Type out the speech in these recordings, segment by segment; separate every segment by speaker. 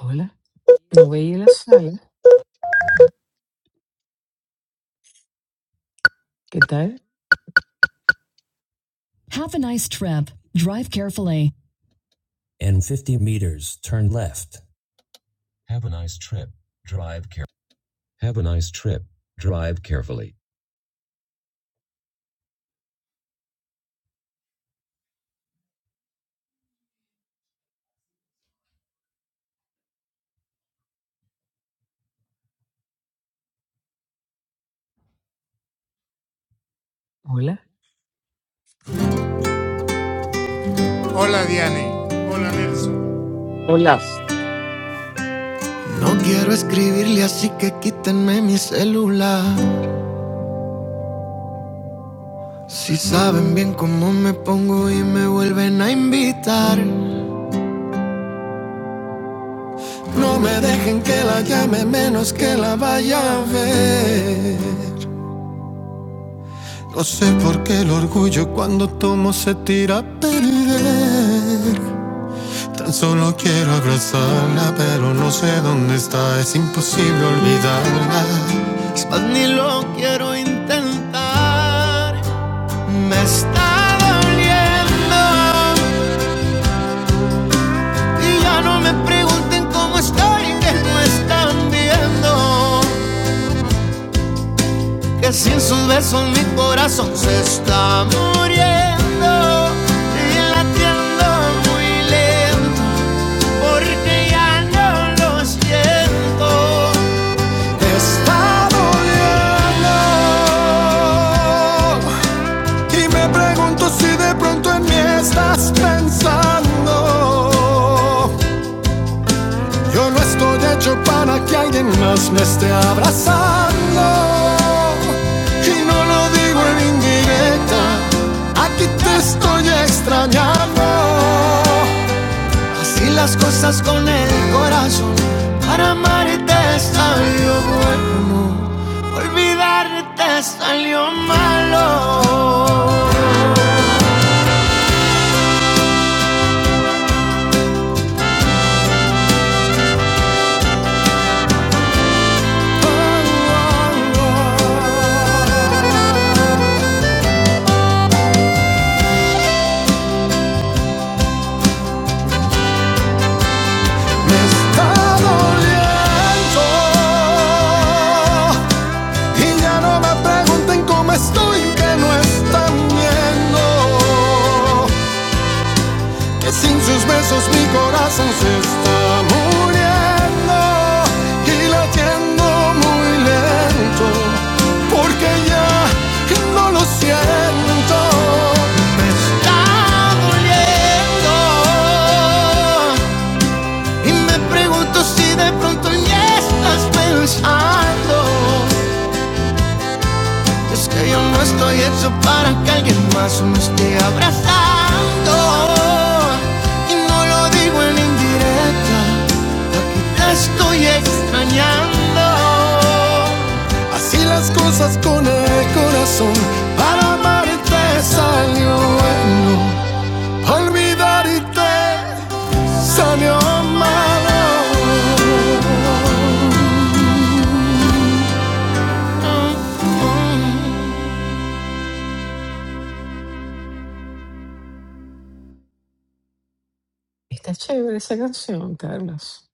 Speaker 1: Hola, no veía la sala. ¿Qué tal? Hola.
Speaker 2: Hola,
Speaker 3: No quiero escribirle así que quítenme mi celular. Si saben bien cómo me pongo y me vuelven a invitar. No me dejen que la llame menos que la vaya a ver. No sé por qué el orgullo cuando tomo se tira a perder. Tan solo quiero abrazarla, pero no sé dónde está. Es imposible olvidarla. Es más, ni lo quiero intentar. Me está doliendo y ya no me pregunten cómo estoy, que no están viendo que sin sus besos mi corazón se está muriendo y latiendo muy lento porque ya no lo siento. Está doliendo. Y me pregunto si de pronto en mí estás pensando. Yo no estoy hecho para que alguien más me esté abrazando. Y no lo digo en indirecta, aquí te estoy extrañando. Así las cosas con el corazón. Para amarte salió bueno, olvidarte salió malo. Me está doliendo y ya no me pregunten cómo estoy que no están viendo. Que sin sus besos mi corazón se está muriendo y latiendo muy lento, porque ya no lo siento. Me está doliendo y me pregunto si de pronto ya estás pensando es que yo no estoy hecho para que alguien más me esté abrazando. Y no lo digo en indirecta, la estoy extrañando. Así las cosas con el corazón, para amarte salió bueno, olvidarte salió malo.
Speaker 1: Está chévere esa canción, Carlos.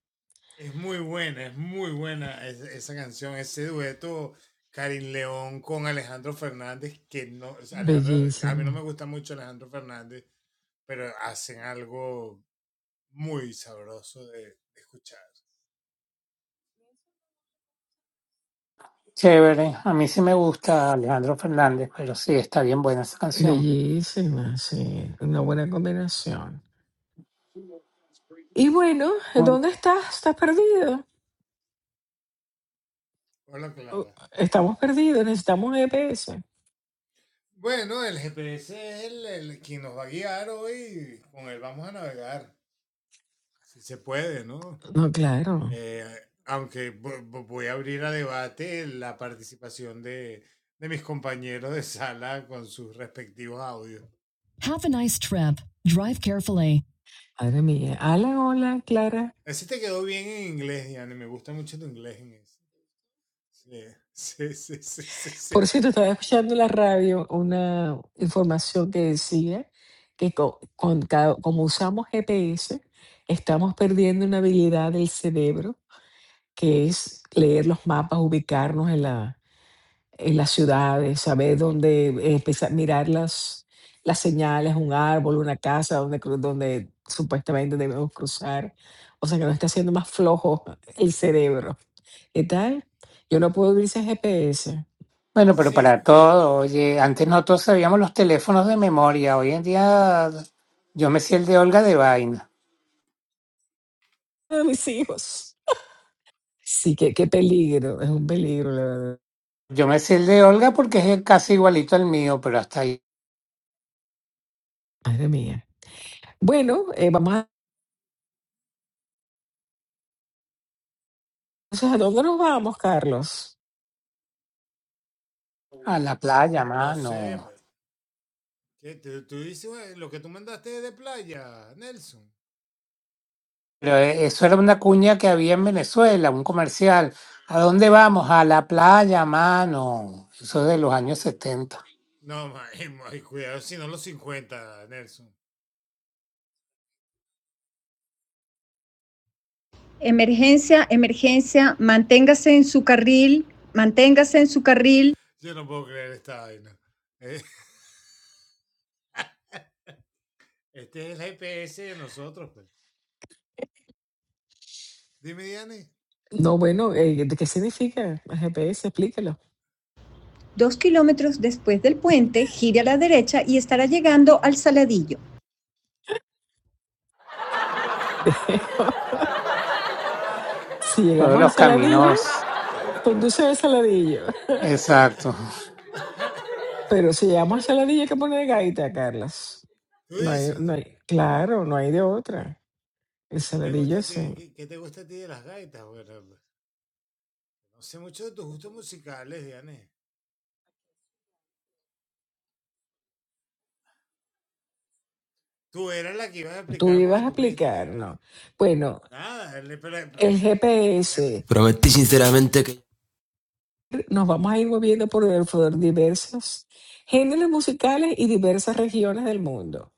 Speaker 1: Bellísima.
Speaker 2: chévere. A mí sí me gusta Alejandro Fernández, pero sí, está bien buena esa canción.
Speaker 1: Bellísima, sí. Una buena combinación. Y bueno,
Speaker 2: Muy-
Speaker 1: ¿dónde estás? ¿Estás perdido? Oh, Estamos perdidos, necesitamos GPS. No, claro. Madre mía. Alan, hola, Clara. Por cierto, estaba escuchando en la radio una información que decía que co- con, cada- como usamos GPS, estamos perdiendo una habilidad del cerebro que es leer los mapas, ubicarnos en la en las ciudades, saber dónde eh, empezar, mirar las las señales, un árbol, una casa, donde cru donde supuestamente debemos cruzar. O sea, que nos está haciendo más flojo el cerebro. ¿Qué tal? Yo no puedo vivir sin GPS.
Speaker 2: Bueno, pero para todo, oye, antes no todos sabíamos los teléfonos de memoria. Hoy en día yo me sé el de Olga de vaina.
Speaker 1: A mis hijos. Sí, qué qué peligro, es un peligro, la verdad.
Speaker 2: Yo me sé el de Olga porque es casi igualito al mío, pero hasta ahí,
Speaker 1: Madre mía. Bueno, eh, vamos a entonces, ¿a dónde nos vamos, Carlos?
Speaker 2: a la playa, mano. Pero e- eso era una cuña que había en Venezuela, un comercial. ¿A dónde vamos? A la playa, mano. Eso es de los años setenta.
Speaker 3: Emergencia, emergencia, manténgase en su carril, manténgase en su carril.
Speaker 1: No, bueno, eh, ¿de qué significa el GPS? Explícalo.
Speaker 3: Dos kilómetros después del puente, gire a la derecha y estará llegando al Saladillo.
Speaker 1: Dejo. si
Speaker 2: Todos
Speaker 1: llegamos al
Speaker 2: los
Speaker 1: saladillo,
Speaker 2: caminos.
Speaker 1: conduce al saladillo.
Speaker 2: Exacto.
Speaker 1: Pero si llegamos al saladillo, hay que poner gaita, Carlos. No hay, no hay, claro, no hay de otra. El saladillo sí. Tú ibas a explicar, ¿no? Bueno, el GPS.
Speaker 3: Prometí sinceramente que...
Speaker 1: Nos vamos a ir moviendo por el- por diversos géneros musicales y diversas regiones del mundo.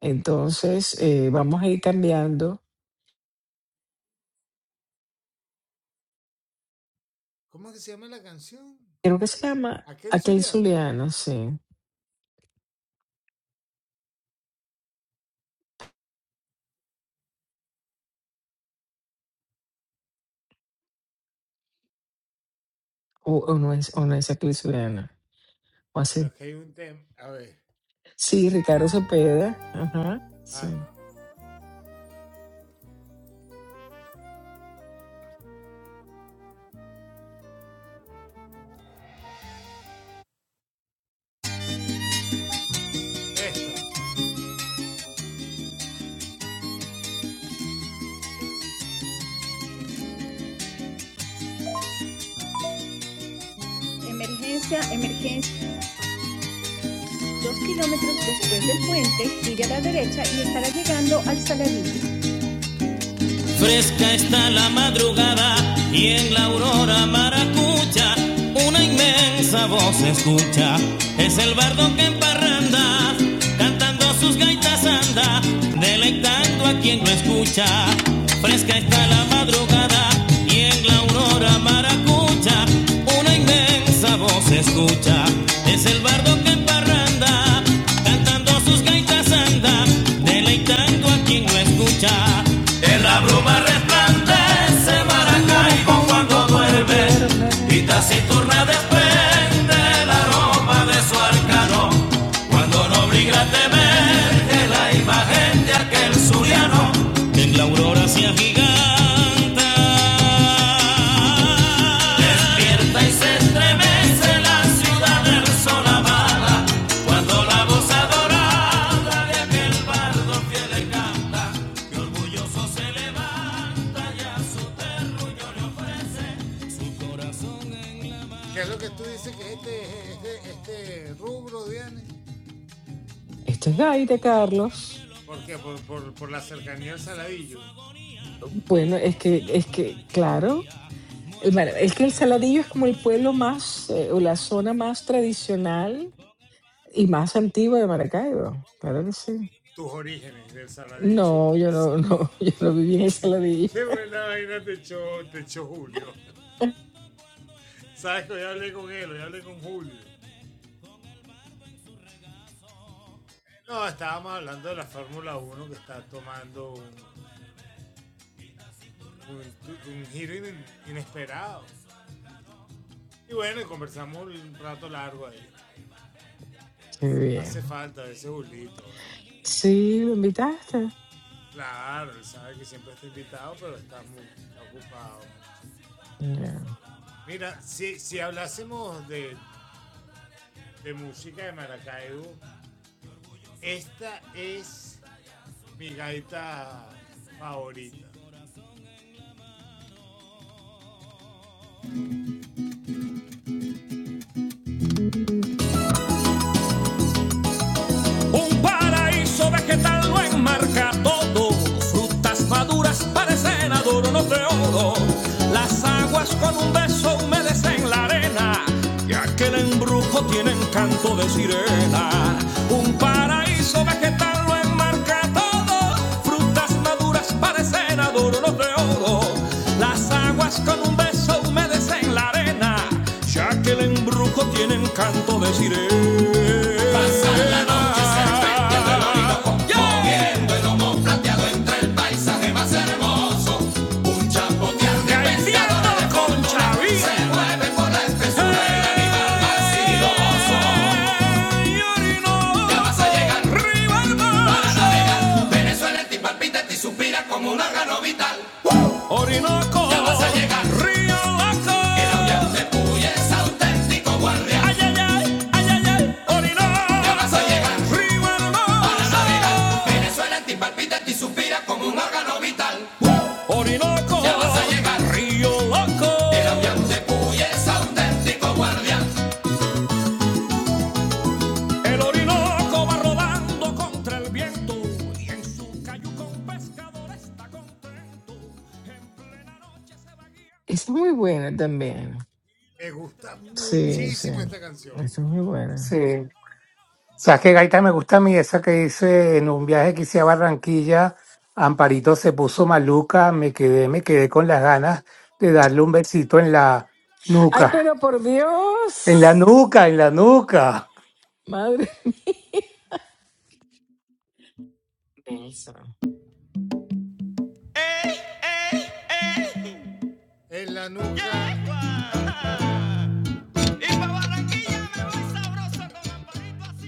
Speaker 1: Entonces, eh, vamos a ir cambiando. Creo que se llama Aquel Zuliano, sí. O, o no es, o no es Aquel Zuliano O Sí, Ricardo Cepeda. Ajá, sí.
Speaker 3: Emergencia, emergencia. Dos kilómetros después del puente, gire a la derecha y estará llegando al Saladillo. Fresca está la madrugada y en la aurora maracucha una inmensa voz se escucha. Es el bardo que en parranda, cantando sus gaitas anda, deleitando a quien lo escucha. Fresca está la madrugada y en la aurora maracucha escucha, una inmensa voz se escucha, es el bardo que en parranda, cantando sus gaitas anda, deleitando a quien lo escucha. En la bruma resplandece
Speaker 1: Se
Speaker 3: Maracaibo
Speaker 1: Maracaibo
Speaker 3: cuando
Speaker 1: cuando
Speaker 3: duerme, y
Speaker 1: duerme.
Speaker 3: taciturna desprende el aroma de su arcano, cuando no briga te emerge la imagen de aquel suriano en la aurora se agiganta. Despierta y se estremece la ciudad resonamada cuando la voz adorada de aquel bardo fiel le canta, que orgulloso se levanta y a su terruño le ofrece su corazón.
Speaker 1: Esto es Gaita, Carlos. Bueno, es que, es que, claro, el Mara- es que el Saladillo es como el pueblo más, eh, o la zona más tradicional y más antigua de Maracaibo. Claro que sí. No, yo no, no, yo no viví en el Saladillo. Qué bien. Sí, lo invitaste. Ya.
Speaker 3: Y Es auténtico guardián. Vas a llegar la Venezuela ti palpita, ti suspira como un órgano vital. Va a llegar El avión de Puy es auténtico guardián.
Speaker 1: Esa es muy buena también. Sí, sí. Esa es muy buena.
Speaker 2: Sí. ¿Sabes qué gaita me gusta a mí? Esa que hice en un viaje que hice a Barranquilla. Amparito se puso maluca, me quedé, me quedé con las ganas de darle un besito en la
Speaker 1: Ay,
Speaker 2: nuca.
Speaker 1: pero por
Speaker 2: En la
Speaker 1: Dios.
Speaker 2: nuca, en la nuca.
Speaker 1: Madre mía. Denso.
Speaker 3: ¡Ey, ey, ey! Y pa' Barranquilla me voy sabroso con Amparito así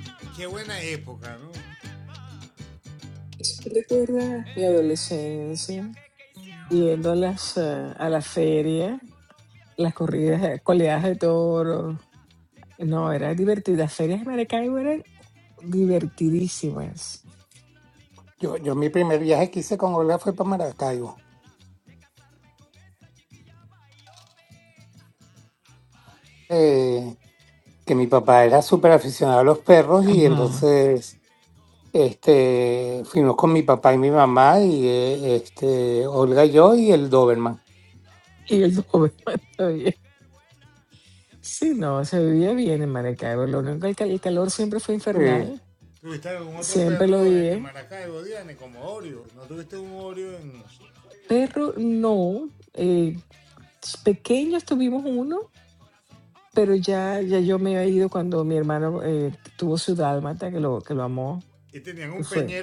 Speaker 1: Recuerda mi
Speaker 3: En un
Speaker 1: adolescencia,
Speaker 3: viaje que hicieron.
Speaker 1: yendo a las, eh, a la feria, las corridas, eh, coleadas de toros. No, era divertida. Las ferias de Maracaibo eran divertidísimas.
Speaker 2: Yo, yo mi primer viaje que hice con Olga fue para Maracaibo. Eh, que mi papá era súper aficionado a los perros y
Speaker 1: Ajá.
Speaker 2: entonces este, fuimos con mi papá y mi mamá y eh, este, Olga y yo y el Doberman.
Speaker 1: Y el domingo también. Sí, no, se vivía bien en Maracaibo. Lo único que el el calor siempre fue
Speaker 2: Sí. Eh,
Speaker 1: infernal. Siempre lo dije. Pero no. eh, pequeños tuvimos uno Pero ya, ya yo me había ido cuando mi hermano eh, tuvo su dálmata, que lo, que lo amó, que fue.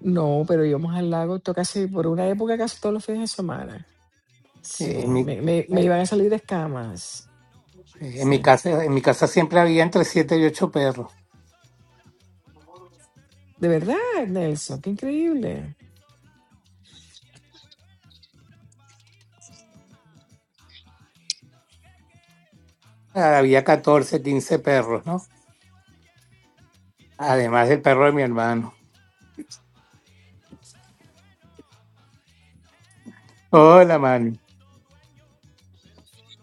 Speaker 1: No, pero íbamos al lago to- casi por una época, casi todos los fines de semana. Sí,
Speaker 2: eh, mi-
Speaker 1: me, me, me iban a salir de escamas.
Speaker 2: Eh, En
Speaker 1: Sí.
Speaker 2: mi casa, en mi casa siempre había entre siete y ocho perros.
Speaker 1: De verdad, Nelson, qué increíble.
Speaker 2: Ah, Había 14, 15 perros, ¿no? Además del perro de mi hermano. Hola, Manu.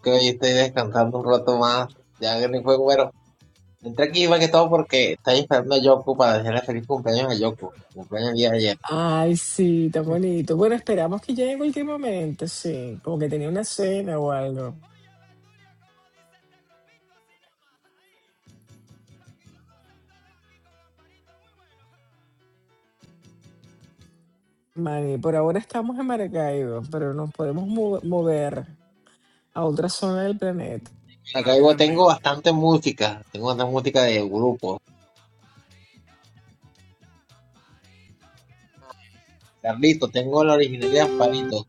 Speaker 4: que hoy estoy descansando un rato más. Ya que ni juego, pero entré aquí más que todo porque estaba esperando a Yoko para decirle feliz cumpleaños a Yoko. Cumpleaños el día de ayer.
Speaker 1: Ay, sí, tan bonito. Bueno, esperamos que llegue en cualquier momento, sí, como que tenía una cena o algo. Mari, por ahora estamos en Maracaibo, pero nos podemos mo- mover a otra zona del planeta.
Speaker 4: Acá vivo tengo bastante música. Tengo bastante música de grupo. Carlito, tengo la original de Amparito.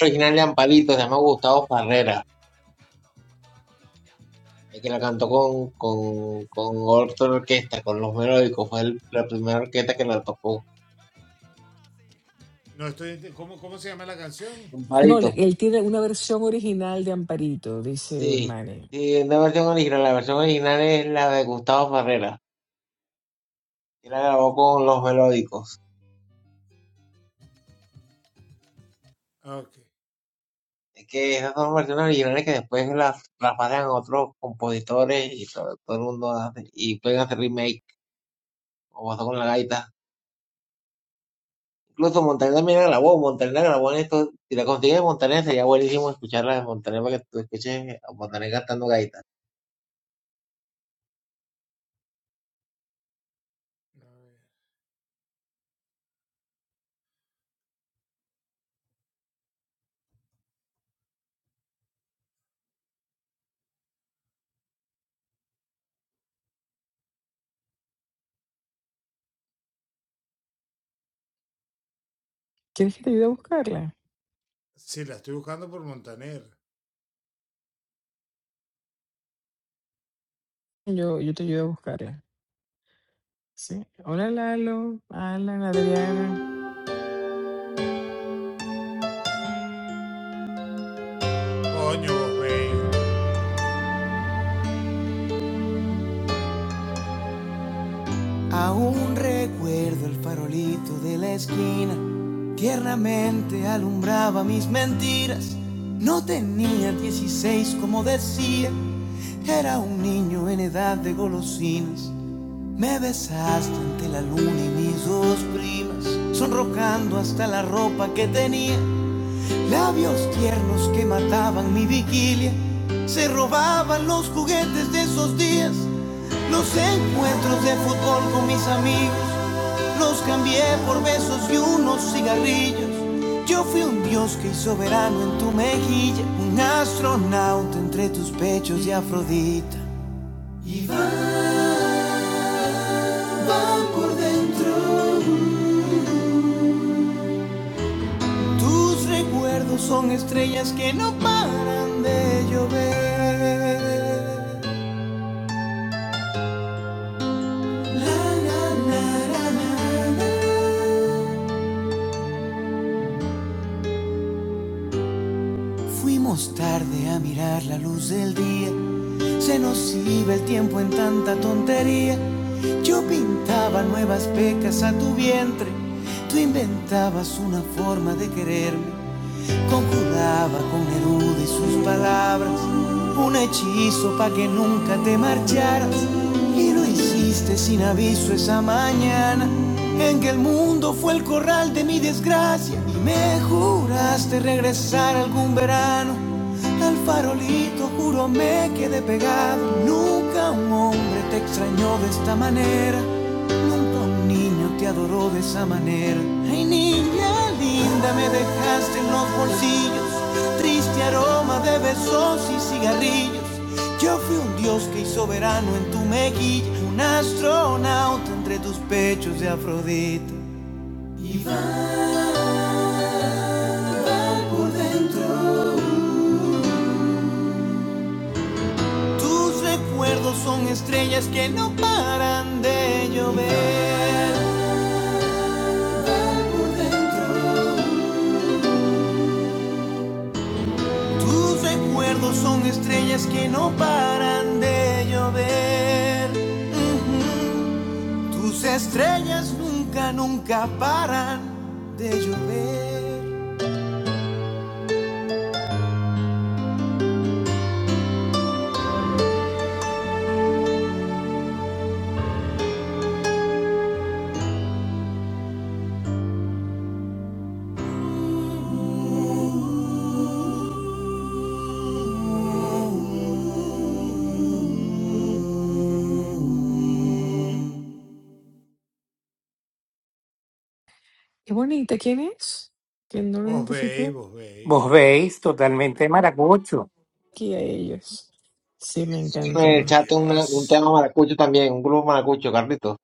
Speaker 4: La original de Amparito se llama Gustavo Farrera. El que la cantó con, con, con otra orquesta, con los melódicos. Fue el- la primera orquesta que la tocó.
Speaker 1: No, le-
Speaker 4: Amparito.
Speaker 1: él tiene una versión original de Amparito, dice
Speaker 4: Sí.
Speaker 1: Mane.
Speaker 4: Sí, es la versión original. La versión original es la de Gustavo Farrera. y la grabó con los melódicos. Es que esas son versiones originales que después las, las pasan a otros compositores y todo, todo el mundo hace, y pueden hacer remake, como pasó con la gaita. Incluso Montaner también la grabó, Montaner la grabó en esto, si la consigues de Montaner sería buenísimo escucharla de Montaner para que tú escuches a Montaner cantando gaita.
Speaker 1: ¿Quieres que te ayude a buscarla? Yo, yo te ayudo a buscarla. Sí. Hola Lalo, Alan, Adriana.
Speaker 3: Aún recuerdo el farolito de la esquina, tiernamente alumbraba mis mentiras. No tenía 16 como decía, era un niño en edad de golosinas. Me besaste ante la luna y mis dos primas, sonrojando hasta la ropa que tenía. Labios tiernos que mataban mi vigilia, se robaban los juguetes de esos días. Los encuentros de fútbol con mis amigos, los cambié por besos y unos cigarrillos. Yo fui un dios que hizo verano en tu mejilla, un astronauta entre tus pechos y Afrodita. Y van, van por dentro. Tus recuerdos son estrellas que no paran de llover. La, la, la, la, la, la. Fuimos tarde a mirar la luz del día. Se nos iba el tiempo en tanta tontería. Yo pintaba nuevas pecas a tu vientre. Tú inventabas una forma de quererme. Conjuraba con Neruda y sus palabras un hechizo para que nunca te marcharas. Y lo hiciste sin aviso esa mañana en que el mundo fue el corral de mi desgracia. Y me juraste regresar algún verano. Al farolito juro me quedé pegado. Nunca un hombre te extrañó de esta manera. Nunca un Niño te adoró de esa manera. Ay, niña linda, me dejaste en los bolsillos. Triste aroma de besos y cigarrillos. Yo fui un dios que hizo verano en tu mejilla. Un astronauta entre tus pechos de Afrodita. Y va por dentro. Tus recuerdos son estrellas que no paran de llover. Y va por dentro. Tus recuerdos son estrellas que no paran de llover. Ujú. Tus estrellas nunca, nunca paran de llover.
Speaker 1: Qué bonita, ¿quién es? Que no lo identifiqué
Speaker 2: Vos veis totalmente maracucho.
Speaker 1: aquí a ellos. Sí, me
Speaker 4: En el
Speaker 1: encanta.
Speaker 4: chat una- un tema maracucho también, un grupo maracucho, Carlitos,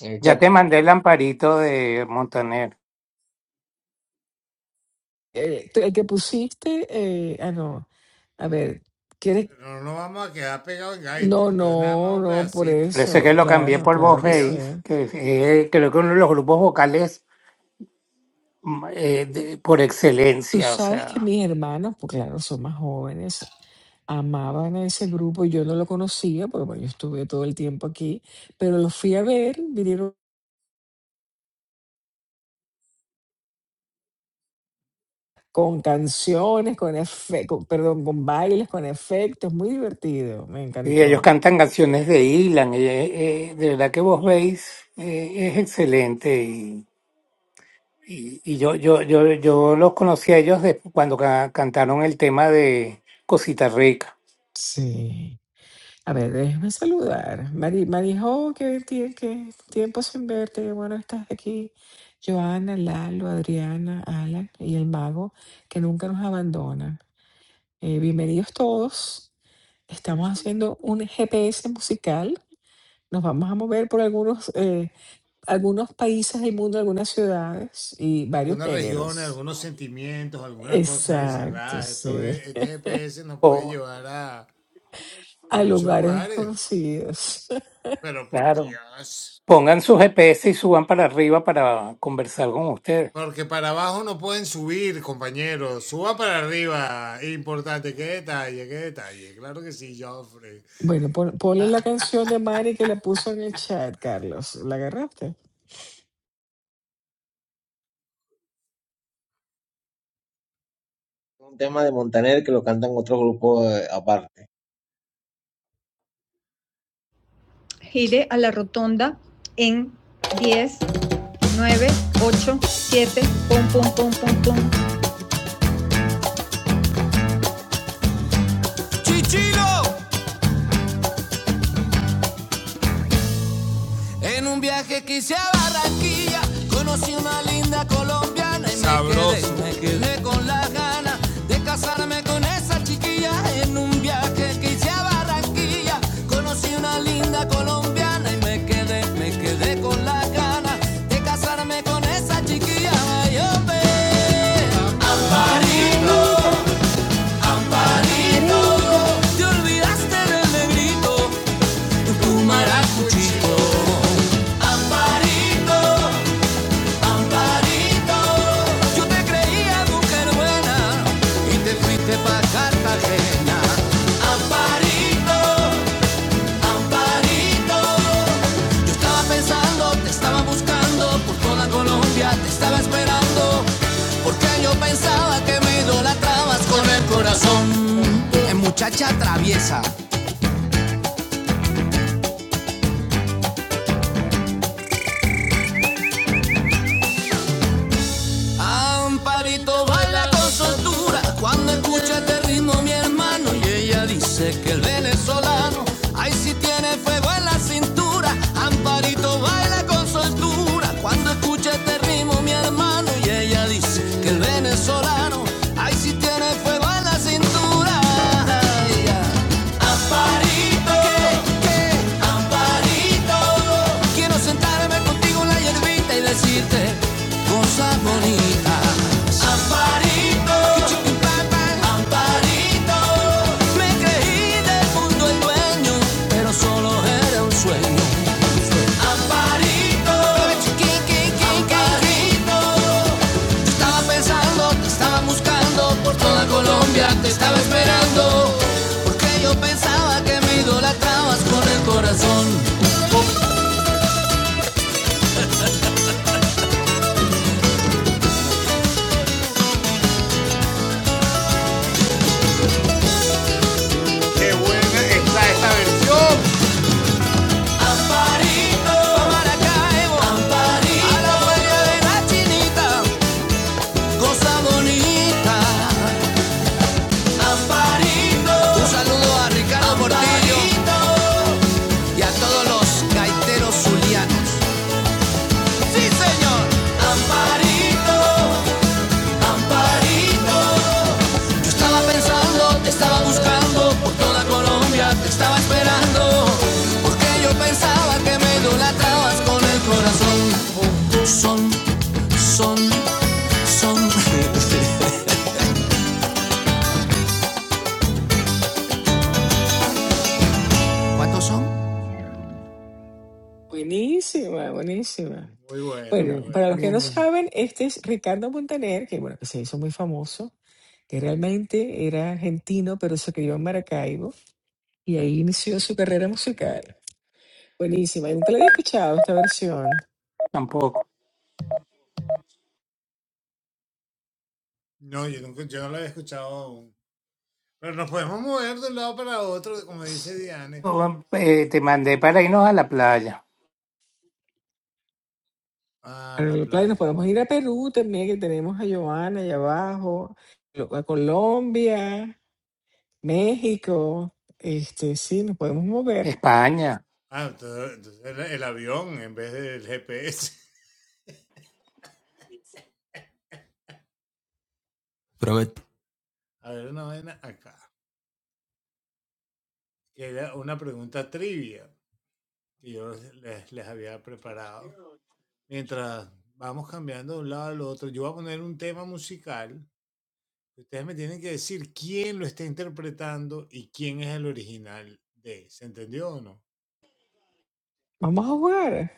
Speaker 4: en el
Speaker 2: Ya
Speaker 4: chat.
Speaker 2: te mandé el amparito de Montaner.
Speaker 1: Eh, tú- el que pusiste, eh, ah, no. A ver, ¿quieres? No, no, no, por
Speaker 2: Parece
Speaker 1: eso.
Speaker 2: que lo cambié
Speaker 1: Claro,
Speaker 2: por
Speaker 1: claro
Speaker 2: Vos
Speaker 1: que sí.
Speaker 2: veis, que es, eh, creo que uno de los grupos vocales mm, eh, de- por
Speaker 1: Tú
Speaker 2: excelencia, o
Speaker 1: sabes que
Speaker 2: sea.
Speaker 1: mis hermanos, pues claro, son más jóvenes, amaban a ese grupo. Yo no lo conocía, porque bueno, yo estuve todo el tiempo aquí, pero los fui a ver, vinieron con canciones, con efectos, perdón, con bailes, con efectos, muy divertido, me
Speaker 2: Y ellos
Speaker 1: encantó.
Speaker 2: cantan canciones de Ilan, y, eh, eh, de verdad que Vos veis eh, es excelente Y, y yo, yo, yo, yo los conocí a ellos de- cuando ca- cantaron el tema de Cosita Rica.
Speaker 1: Sí. A ver, déjame saludar. Mari, Marijo, qué, tie- qué tiempo sin verte, qué bueno que estás aquí. Joana, Lalo, Adriana, Alan y el mago que nunca nos abandonan. Eh, bienvenidos todos. Estamos haciendo un GPS musical, nos vamos a mover por algunos, eh, algunos países del mundo, algunas ciudades y varios géneros. Exacto, sí.
Speaker 2: Oh,
Speaker 1: A lugares desconocidos.
Speaker 2: claro. Pongan su GPS y suban para arriba para conversar con ustedes.
Speaker 1: Bueno, pon- ponle la canción de Mari que la puso en el chat, Carlos. ¿La agarraste?
Speaker 4: Un tema de Montaner que lo cantan otro grupo eh, aparte.
Speaker 3: Gire a la rotonda en 10, 9, 8, 7, pum, pum, pum, pum, pum. ¡Chichilo! En un viaje que hice a Barranquilla, conocí una linda colombiana y Sabroso. me, quedé, me quedé con la gana de casarme con esa chiquilla. En un viaje que hice a Barranquilla, conocí una linda colombiana y me quedé, me quedé con la gana de casarme con esa chiquilla. Ay, hombre, Amparito,
Speaker 1: Amparita,
Speaker 3: Amparito,
Speaker 1: Amparita.
Speaker 3: te olvidaste del negrito tu maracuchito. Amparito, Amparito, yo te creía mujer buena y te fuiste pa' Cartagena. Amparito, Amparito, yo estaba pensando, te estaba buscando por toda Colombia, te estaba esperando, porque yo pensaba que me idolatrabas con el corazón. Eh, Muchacha traviesa, Amparito baila con soltura cuando escucha este ritmo mi hermano y ella dice que el venezolano, ay si tiene fuego en la cintura. Amparito baila con soltura cuando escucha este ritmo mi hermano y ella dice que el venezolano, ay si tiene fuego en la cintura. Amparito, Amparito, quiero sentarme contigo en la hierbita y decirte cosas bonitas. Amparito, Amparito, me creí del mundo el dueño, pero solo era un sueño. Amparito, Amparito. Estaba pensando, te estaba buscando por toda Colombia, te estaba esperando. Porque yo pensaba que me idolatrabas con el corazón. Amparito, a Maracaibo, Amparito, a la playa de la chinita, cosa bonita. Amparito, un saludo a Ricardo Portillo y a todos los gaiteros zulianos. Sí, señor. Amparito, Amparito. Yo estaba pensando, te estaba buscando por toda Colombia, te estaba esperando. Porque yo pensaba que me idolatrabas con el corazón. Son, son, son. ¿Cuántos son?
Speaker 1: Buenísima, buenísima.
Speaker 2: Sí,
Speaker 1: Bueno, para los que no
Speaker 2: bien, bien.
Speaker 1: saben, este es Ricardo Montaner, que bueno, que se hizo muy famoso que realmente era argentino, pero se crió en Maracaibo y ahí inició su carrera musical. Buenísima, y nunca la había escuchado esta versión.
Speaker 2: Tampoco. Oh, eh, te mandé para irnos a la playa,
Speaker 1: Para el play nos podemos ir a Perú también, que tenemos a Joana allá abajo, lo- a Colombia, México. Este, sí, nos podemos mover.
Speaker 2: España.
Speaker 3: Probet.
Speaker 1: Vamos a jugar.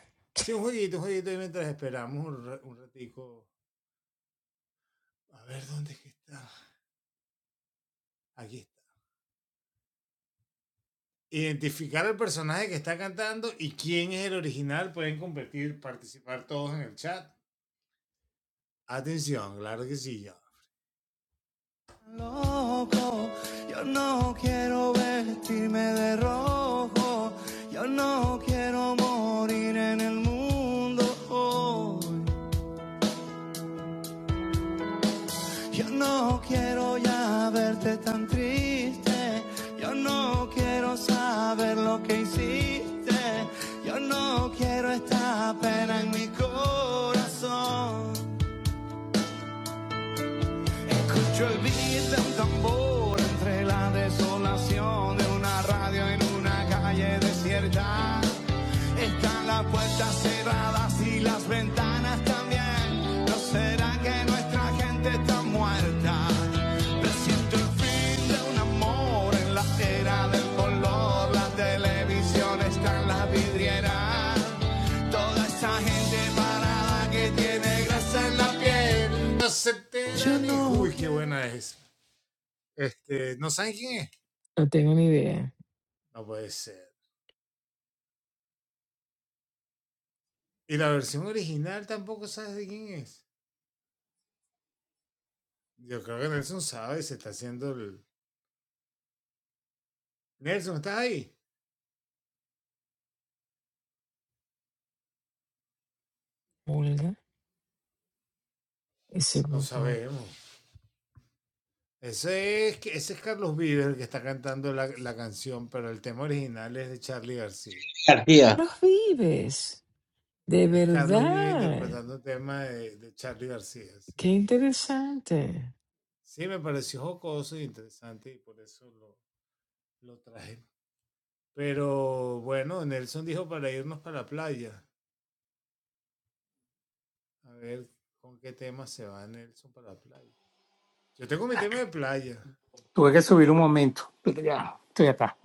Speaker 3: No, no quiero vestirme de rojo. Yo no quiero morir en el mundo hoy. Yo no quiero ya verte tan triste. Yo no quiero saber lo que hiciste. Yo no quiero esta pena en mi corazón. Escucho el beat de un tambor entre la desolación de una radio en una calle desierta. Están las puertas cerradas y las ventanas también. ¿No será que nuestra gente está muerta? Presiento el fin de un amor en la era del color. La televisión está en la vidriera. Toda esa gente parada que tiene grasa en la...
Speaker 1: No tengo ni idea. Olga, ese grupo.
Speaker 4: García,
Speaker 1: Los vives, de verdad. Qué interesante.
Speaker 2: Tuve que subir un momento, pero ya estoy acá.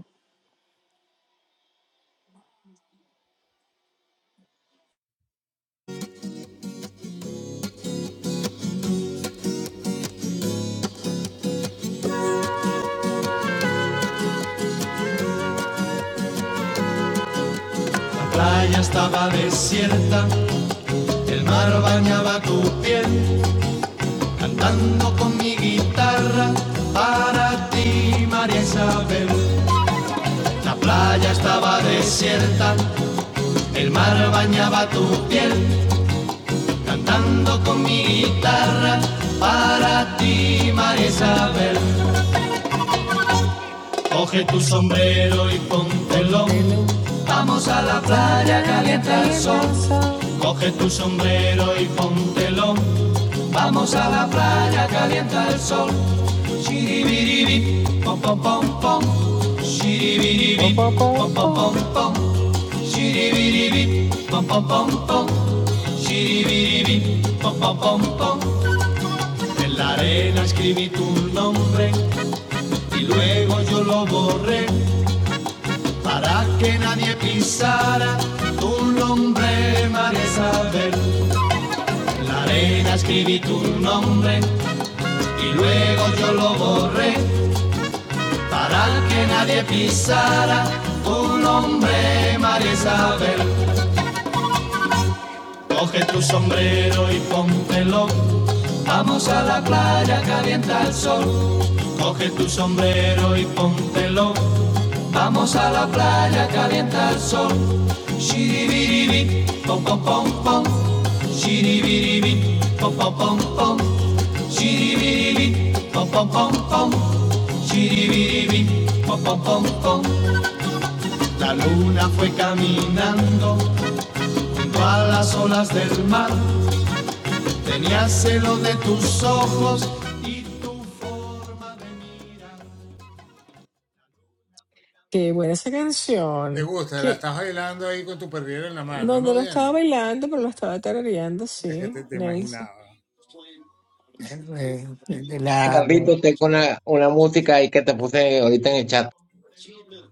Speaker 3: piel. guitarra para ti, Isabel, Isabel. Coge tu sombrero y póntelo,
Speaker 1: Póntelo Sal en la playa, calienta el sol.
Speaker 3: coge tu sombrero y póntelo. Shiribiribip, pom pom pom pom.
Speaker 1: Pop,
Speaker 3: Shiribiribip,
Speaker 1: pop,
Speaker 3: pom
Speaker 1: pop,
Speaker 3: pom
Speaker 1: pop.
Speaker 3: pom pom. Shiribiribip, pom pom pom pom. Shiribiribip, pom pom pom pom. En la arena escribí tu nombre y luego yo lo borré. para que nadie pisara tu nombre, María Isabel. En la arena escribí tu nombre y luego yo lo borré, al que nadie pisara. Coge tu sombrero y póntelo, oh. shiribiribi, pom pom pom pom, shiribiribi, pom pom pom pom, shiribiribi, pom pom pom pom. Shiribiribi, pom, pom, pom, pom. La luna fue caminando.
Speaker 1: Qué buena esa canción. Que no, no la estaba bailando, pero la estaba tarareando, sí, Nelson.
Speaker 2: Eh, eh, de la, de,
Speaker 4: Carlitos, tengo una, una música ahí que te puse ahorita en el chat.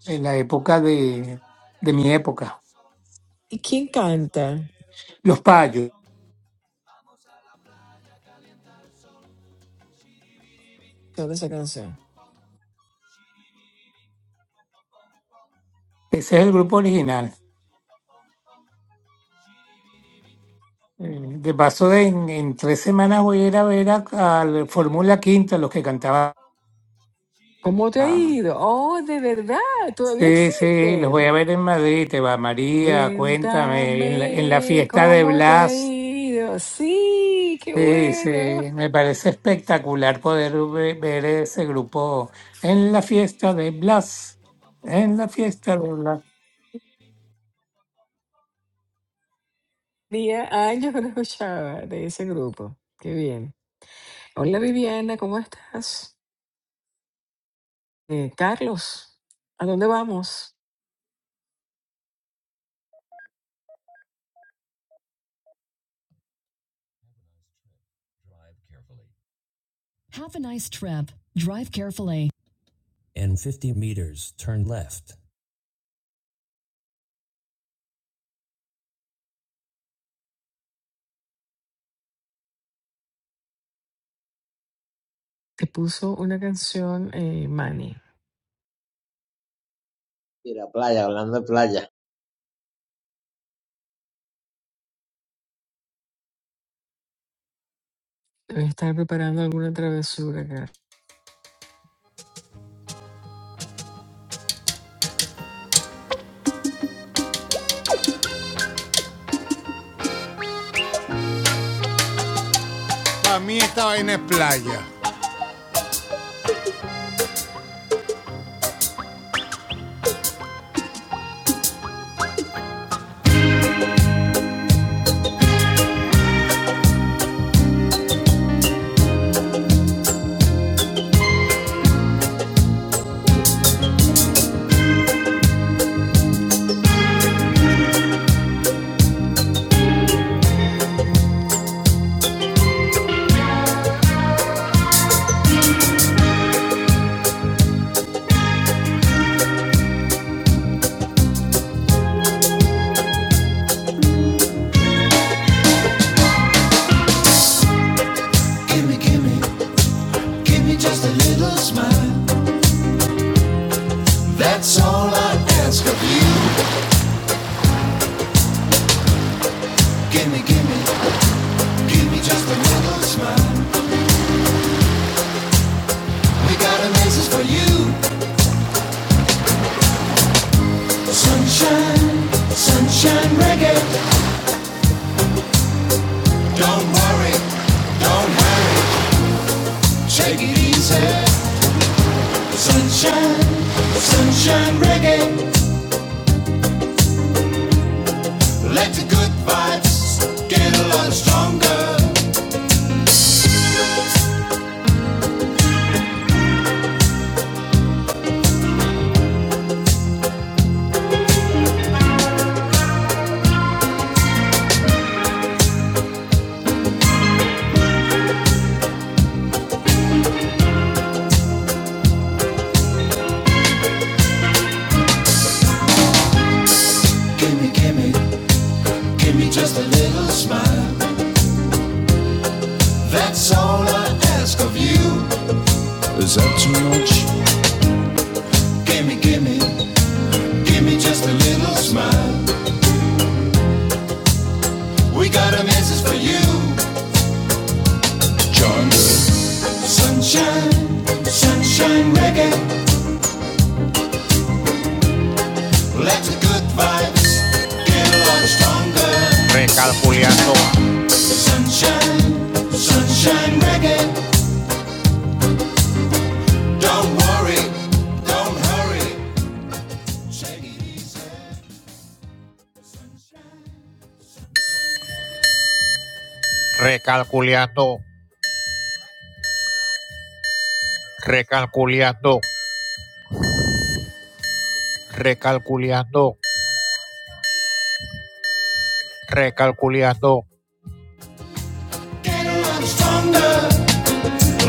Speaker 2: de la época de, de mi época.
Speaker 1: ¿Y quién canta
Speaker 2: Los Payos.
Speaker 1: toda esa canción?
Speaker 2: Ese es el grupo original. Eh, De paso, de- en, en tres semanas voy a ir a ver a, a la Fórmula Quinta, los que cantaban.
Speaker 1: ¿Cómo te ha ido? Oh, de verdad, todavía
Speaker 2: Sí, sí, los voy
Speaker 1: existen.
Speaker 2: a ver en Madrid, te va María, cuéntame, en la, en la
Speaker 1: Cuéntame
Speaker 2: fiesta de
Speaker 1: cómo te ha
Speaker 2: Blas.
Speaker 1: ido. Sí, qué
Speaker 2: Sí, sí,
Speaker 1: bueno.
Speaker 2: me parece espectacular poder ve- ver ese grupo en la fiesta de Blas, en la fiesta de Blas.
Speaker 1: Tenía años que no escuchaba de ese grupo. Qué bien. Hola Viviana, ¿cómo estás? Eh, Carlos, ¿a dónde vamos? Te puso una canción, eh, Manny.
Speaker 4: Y la playa, hablando de playa.
Speaker 1: Debes estar preparando alguna travesura, Carlos.
Speaker 3: Gimme, gimme. Give me just a little smile. That's all I ask of you. Give me, give me, give me just a little smile. We got a message for you. Sunshine, sunshine reggae. Don't worry, don't worry. Take it easy. Sunshine, sunshine reggae. Let the good vibes get a lot stronger.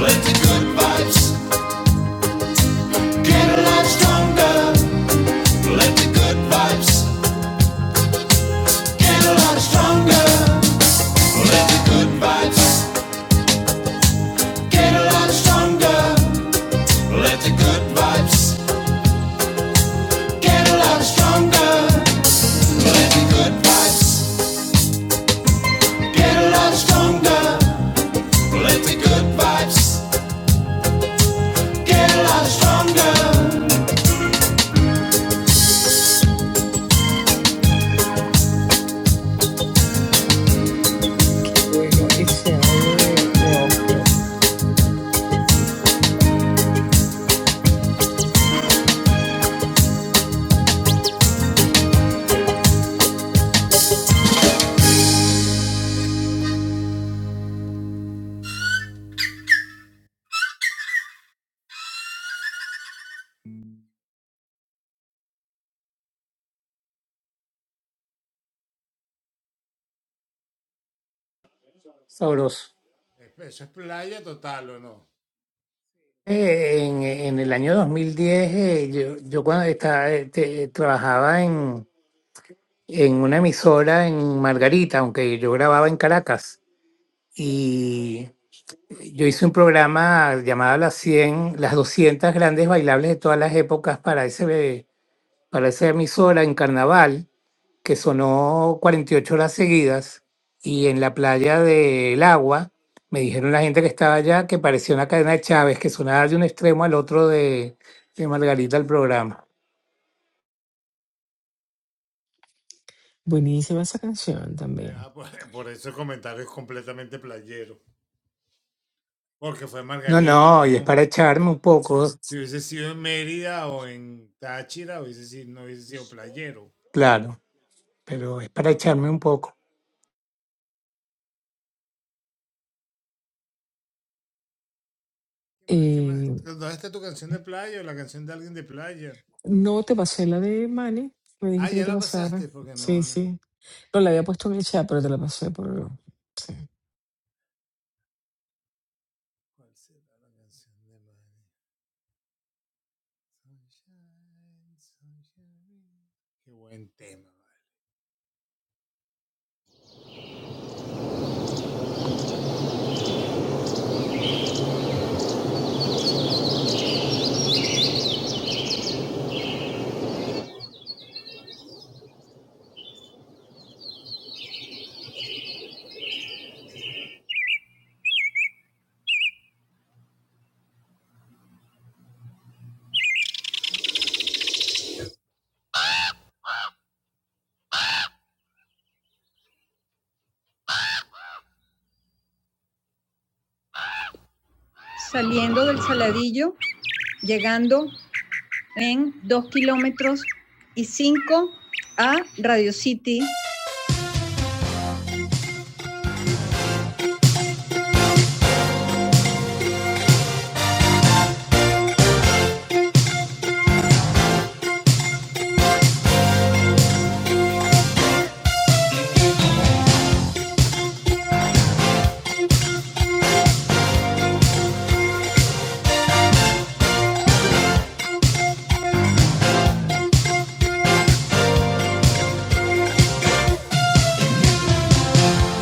Speaker 3: Let the good get a lot stronger.
Speaker 1: Qué bueno ese audio de, de Oscar.
Speaker 2: Sabroso. Eh, en, en el año 2010, eh, yo, yo cuando estaba, este, trabajaba en una emisora en Margarita, aunque yo grababa en Caracas. Y yo hice un programa llamado Las 100, las 200 grandes bailables de todas las épocas para, ese, para esa emisora en carnaval, que sonó 48 horas seguidas. Y en la playa del Agua, me dijeron la gente que estaba allá que parecía una cadena de Chávez, que sonaba de un extremo al otro de, de Margarita el programa.
Speaker 1: Buenísima esa canción también.
Speaker 2: No, no, y es para echarme un poco, claro. pero es para echarme un poco.
Speaker 1: Eh, no te pasé la de Manny. Me dijiste que te pasara. Sí, sí. No la había puesto en el chat, pero te la pasé por.
Speaker 3: Saliendo del Saladillo, llegando en 2 kilómetros y 5 a Radio City.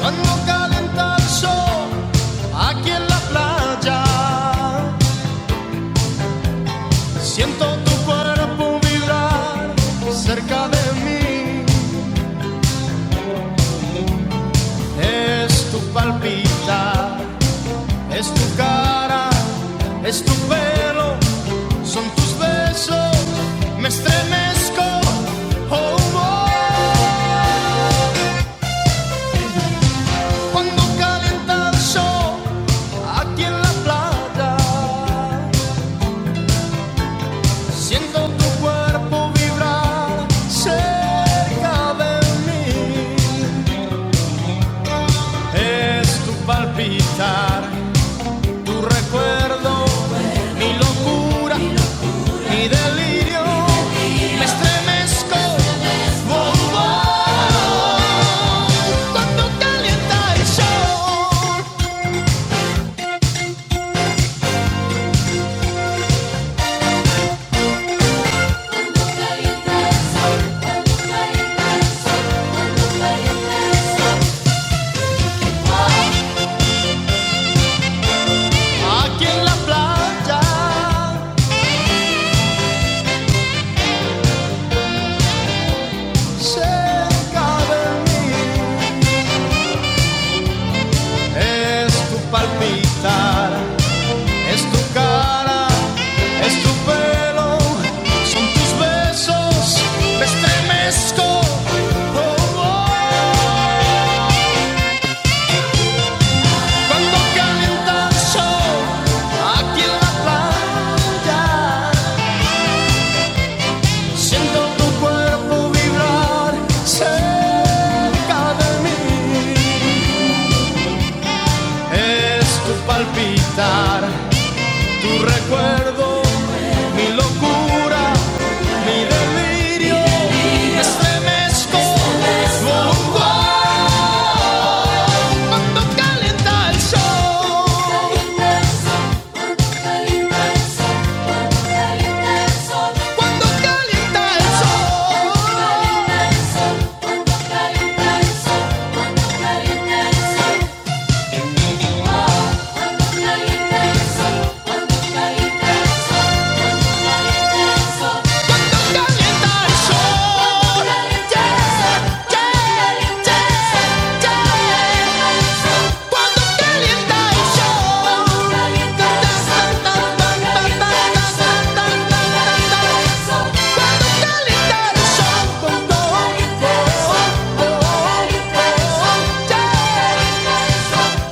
Speaker 3: Cuando calienta el sol aquí en la playa, siento tu cuerpo vibrar cerca de mí. Es tu palpita, es tu cara, es tu pelo, son tus besos. Me estremezco, oh, oh. Cuando calienta el sol aquí en la playa, siento tu cuerpo vibrar cerca de mí. Es tu palpitar, tu recuerdo, mi locura, mi delirio. Me estremezco, bombón. Cuando calienta el sol aquí en la playa. cerca de mí. Es tu palpitar, es tu cara, es tu pelo, son tus besos, me estremezco. Oh, oh. Cuando calienta el sol aquí en la playa, siento tu cuerpo vibrar cerca de mí. Es tu cura, Mi delirio se cuando calienta el sol, cuando calienta el sol. Cuando calienta el sol, cuando calienta el sol,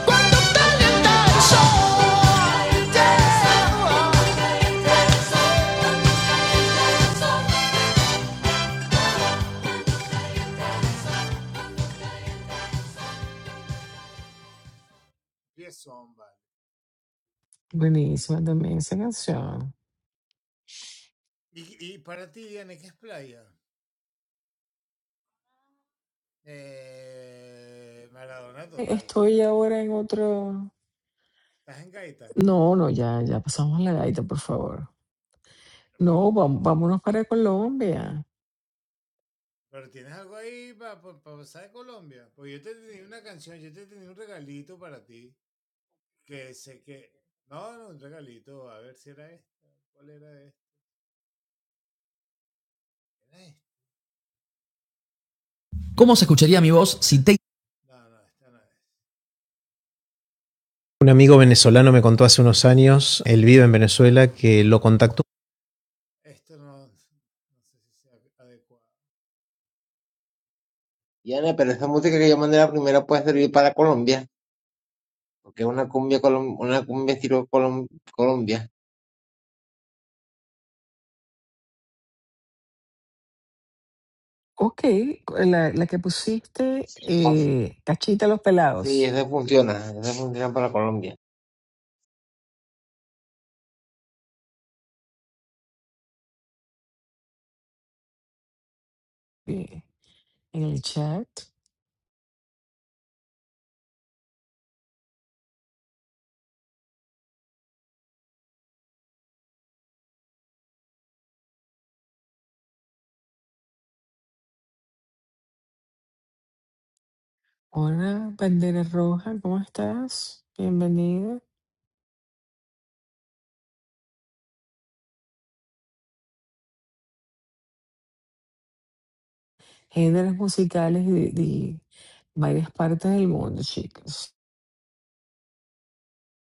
Speaker 3: Cuando
Speaker 1: Buenísima también esa canción. Estoy ahora en otro... No, no, ya, ya pasamos la gaita, por favor. No, vam- vámonos para Colombia.
Speaker 4: Yane, pero esa música que yo mandé la primera puede servir para Colombia, porque es una cumbia, colom- una cumbia estilo colom- Colombia.
Speaker 1: Ok, la, la que pusiste, eh, cachita a los
Speaker 4: Sí,
Speaker 1: pelados.
Speaker 4: esa funciona, esa funciona para Colombia.
Speaker 1: Eh, En el chat. Hola, bandera roja, ¿cómo estás? Bienvenida. Géneros musicales de, de varias partes del mundo, chicos.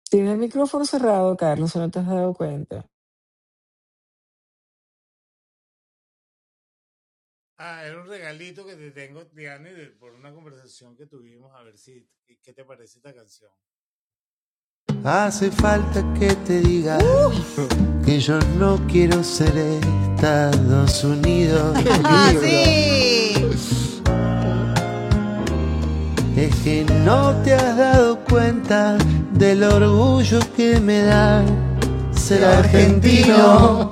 Speaker 1: Tiene el micrófono cerrado, Carlos, si no te has dado cuenta.
Speaker 3: Hace falta que te diga uh. que yo no quiero ser Estados Unidos. Ah, sí. Es que no te has dado cuenta del orgullo que me da ser argentino. argentino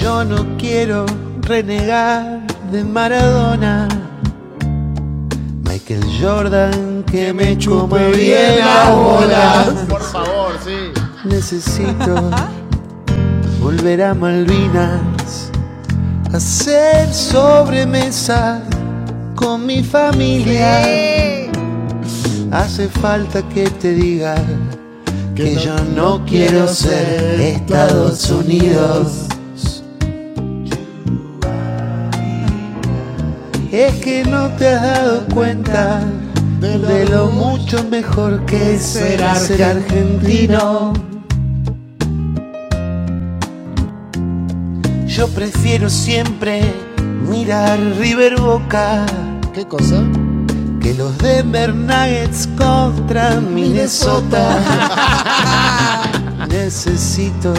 Speaker 3: Yo no quiero renegar de Maradona. Michael Jordan, que me chupe bien agua. Necesito volver a Malvinas, hacer sobremesa con mi familia. Hace falta que te diga que yo no quiero ser Estados Unidos. Es que no te has dado cuenta de lo mucho mejor que es ser argentino. Yo prefiero siempre mirar River Boca ¿Qué cosa? que los Denver Nuggets contra Minnesota. Minnesota. Necesito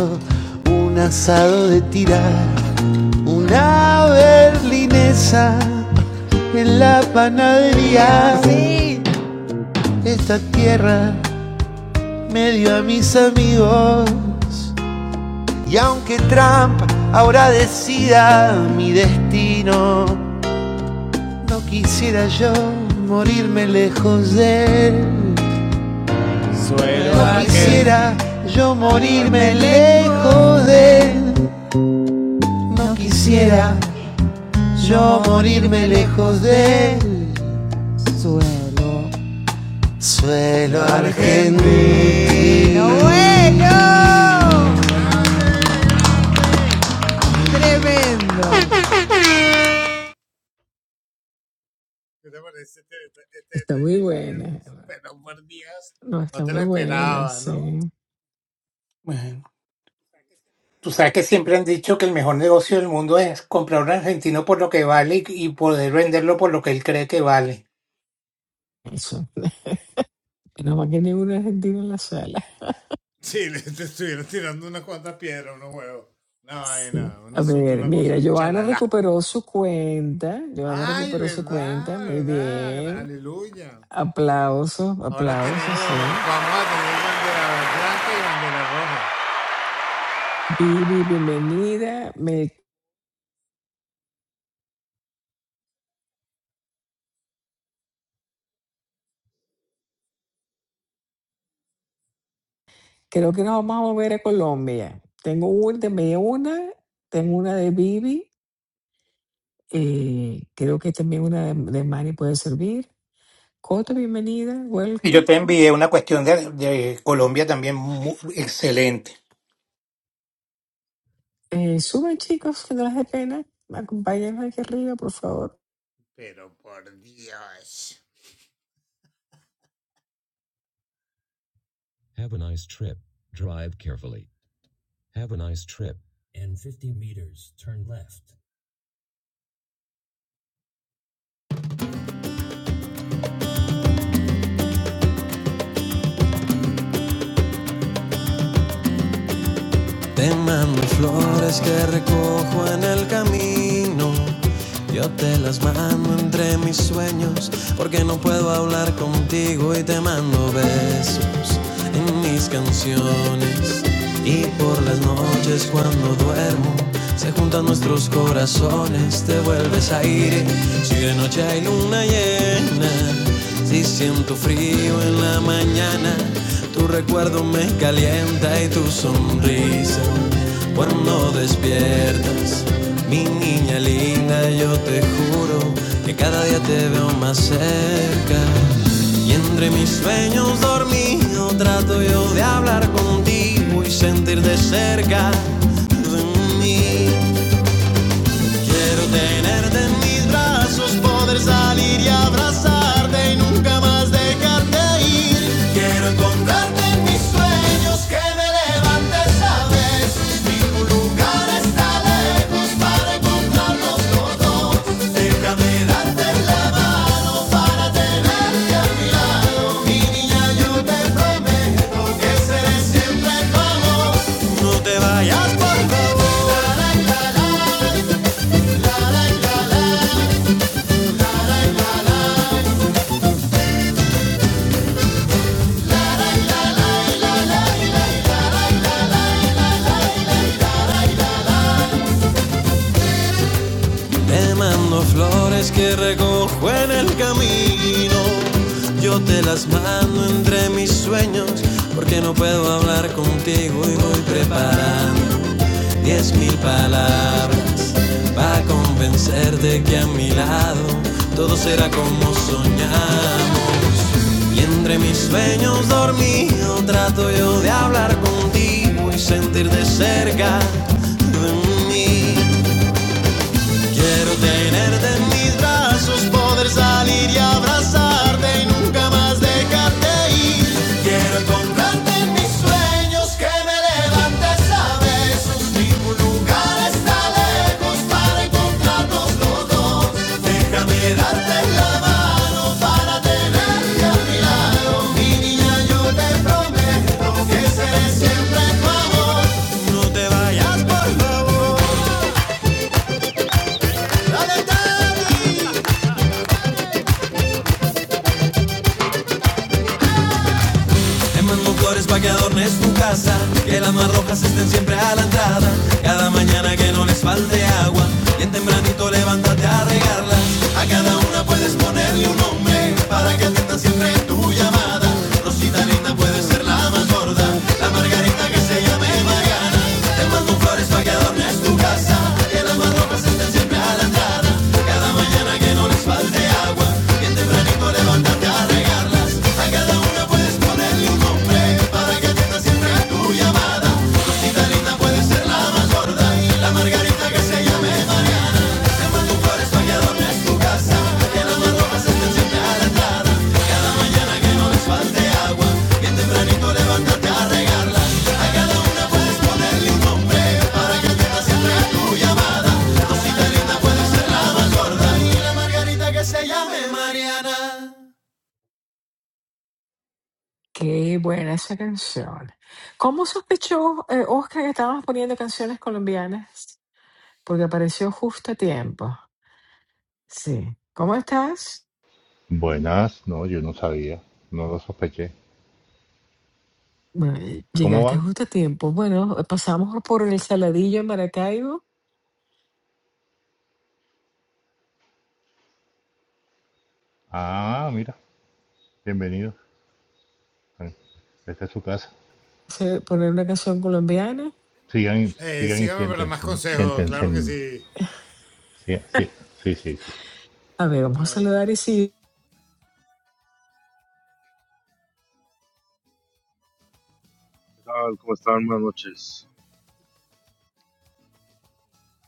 Speaker 3: un asado de tirar, una berlinesa en la panadería. Sí. Esta tierra me dio a mis amigos. Y aunque Trump ahora decida mi destino, No quisiera yo morirme lejos de él. Quisiera yo morirme lejos de él. No quisiera yo morirme lejos de él. Suelo argentino.
Speaker 1: Está muy buena. No, está muy buena, sí.
Speaker 2: Bueno, tú sabes que siempre han dicho que el mejor negocio del mundo es comprar un argentino por lo que vale y poder venderlo por lo que él cree que vale.
Speaker 1: Eso. No más que ningún argentino en la sala. Sí. A ver, mira, Joana recuperó su cuenta. Joana recuperó su cuenta. Muy bien. Aplausos, aplausos, sí. Vivi, bienvenida. Me, creo que nos vamos a mover a Colombia. Tengo un, me una, tengo una de Vivi. eh, creo que también una de, de Mari puede servir. Coto, bienvenida,
Speaker 2: Y yo
Speaker 1: welcome.
Speaker 2: te envié una cuestión de, de Colombia también muy excelente.
Speaker 1: Eh, suben chicos, que no les dé pena. Acompáñenos aquí arriba, por favor.
Speaker 3: Te mando flores que recojo en el camino. Yo te las mando entre mis sueños porque no puedo hablar contigo y te mando besos en mis canciones. Y por las noches cuando duermo se juntan nuestros corazones, te vuelves aire. Si de noche hay luna llena si siento frío en la mañana, tu recuerdo me calienta y tu sonrisa. Cuando despiertas, mi niña linda, yo te juro que cada día te veo más cerca. Y entre mis sueños dormido trato yo de hablar contigo y sentir de cerca de mí. Quiero tenerte en mis brazos, poder salir y abrazarte y nunca más dejarte ir. Quiero encontrarte en mis sueños, que me levantes a vez. Ningún lugar está lejos para encontrarnos los dos. Déjame darte la mano para tenerte a mi lado. Mi niña, yo te prometo que seré siempre tu amor. No te vayas, por favor. Te mando flores que recojo en el camino. Yo te las mando entre mis sueños porque no puedo hablar contigo y voy preparando diez mil palabras para convencerte que a mi lado todo será como soñamos. Y entre mis sueños dormido trato yo de hablar contigo y sentir de cerca de mí. Quiero tenerte en mis brazos, poder salir y abrazarte y nunca más dejarte ir. Quiero encontrarte en mis sueños, que me levantes a besos. Ningún lugar está lejos para encontrarnos los dos. Déjame darte la mano para tenerte a mi lado. Mi niña, yo te prometo que seré siempre tu amor. No te vayas, por favor. Dale, Tati. Quemando flores pa que adornes tu casa, que las más rojas estén siempre a la entrada, cada mañana que no les falte agua, bien tempranito levántate a regarlas, a cada una puedes ponerle un nombre, para que atiendan siempre esta margarita que se llame Mariana.
Speaker 1: Qué buena esa canción. ¿Cómo sospechó eh, Oscar que estábamos poniendo canciones colombianas? Porque apareció justo a tiempo. Sí. ¿Cómo estás?
Speaker 5: Buenas, no, yo no sabía, no lo sospeché.
Speaker 1: Bueno, eh,
Speaker 5: ¿Cómo
Speaker 1: llegaste
Speaker 5: van?
Speaker 1: justo a tiempo. Bueno, eh, pasamos por el Saladillo en Maracaibo,
Speaker 5: Ah, mira, bienvenidos. Eh, Esta es su casa.
Speaker 1: se- poner una canción colombiana.
Speaker 5: Sigan, sigan y siéntense, siéntense. Sí, sí, sí, sí, sí.
Speaker 1: A ver, vamos a saludar y sí.
Speaker 6: ¿Qué tal? ¿Cómo están? Buenas noches.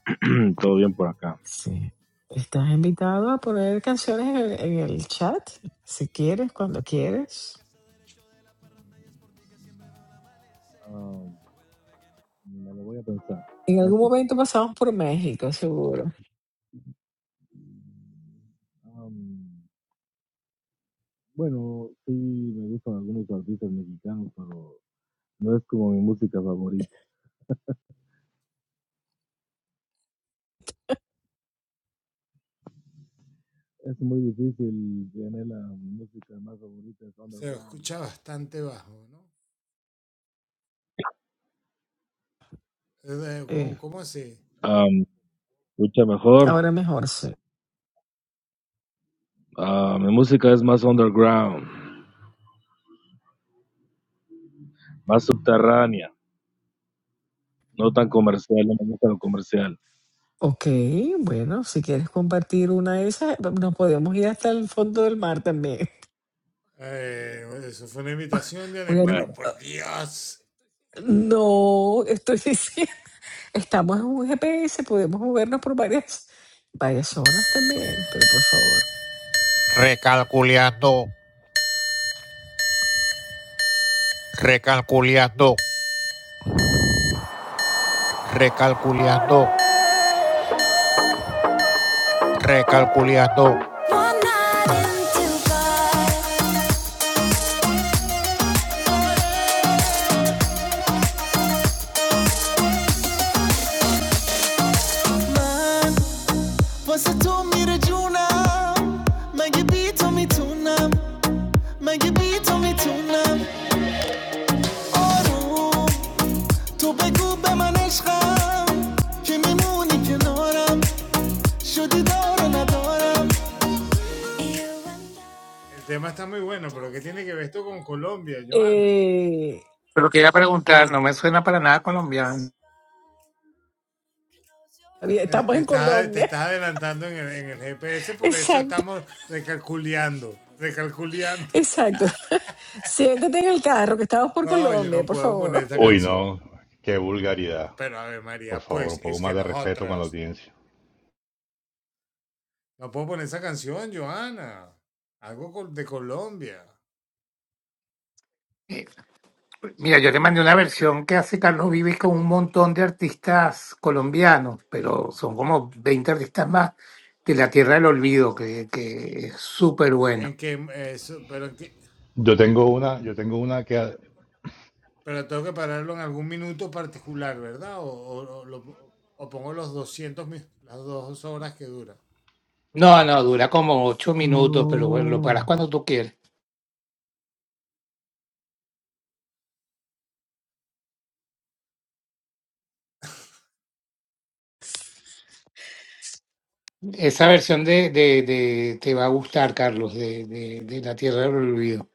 Speaker 6: Todo bien por acá.
Speaker 1: Sí. Estás invitado a poner canciones en el, en el chat, si quieres, cuando quieres.
Speaker 6: Am, me lo voy a pensar.
Speaker 1: En algún
Speaker 6: Gracias.
Speaker 1: momento pasamos por México, seguro.
Speaker 6: Am, bueno, sí, me gustan algunos artistas mexicanos, pero no es como mi música favorita. Es muy difícil, Dianela. Mi música más favorita es underground.
Speaker 1: Eh,
Speaker 6: Am, mucho mejor.
Speaker 1: ahora mejor, sí.
Speaker 6: Ah, mi música es más underground, más subterránea, no tan comercial, no me gusta lo comercial.
Speaker 1: Ok, bueno, si quieres compartir una de esas, nos podemos ir hasta el fondo del mar también. Voy a- No, estoy diciendo, estamos en un GPS, podemos movernos por varias, varias zonas también, pero por favor.
Speaker 3: Recalco, recalculiando, recalculiando, recalculiando. Man, você tog me det juna Men jag biter mitt tunna Men تو بگو به من عشقم که میمونی کنارم شدی دار ندارم
Speaker 1: Eh,
Speaker 2: Pero quería preguntar, no me suena para nada colombiano.
Speaker 1: estamos en Colombia, exacto, exacto. Siéntate en el carro, que estamos por Colombia, por favor.
Speaker 5: Uy, no, qué vulgaridad. Por favor, un poco más de respeto con la audiencia.
Speaker 2: Eh, Mira, yo le mandé una versión que hace Carlos Vives con un montón de artistas colombianos, pero son como 20 artistas más de la Tierra del Olvido, que, que es súper bueno.
Speaker 5: Yo tengo una, yo tengo una que... a-
Speaker 2: No, no, dura como ocho minutos, pero bueno, lo paras
Speaker 1: No,
Speaker 2: cuando tú quieras. Esa versión de, de, de- te va a gustar, Carlos, de, de, de La Tierra del Olvido.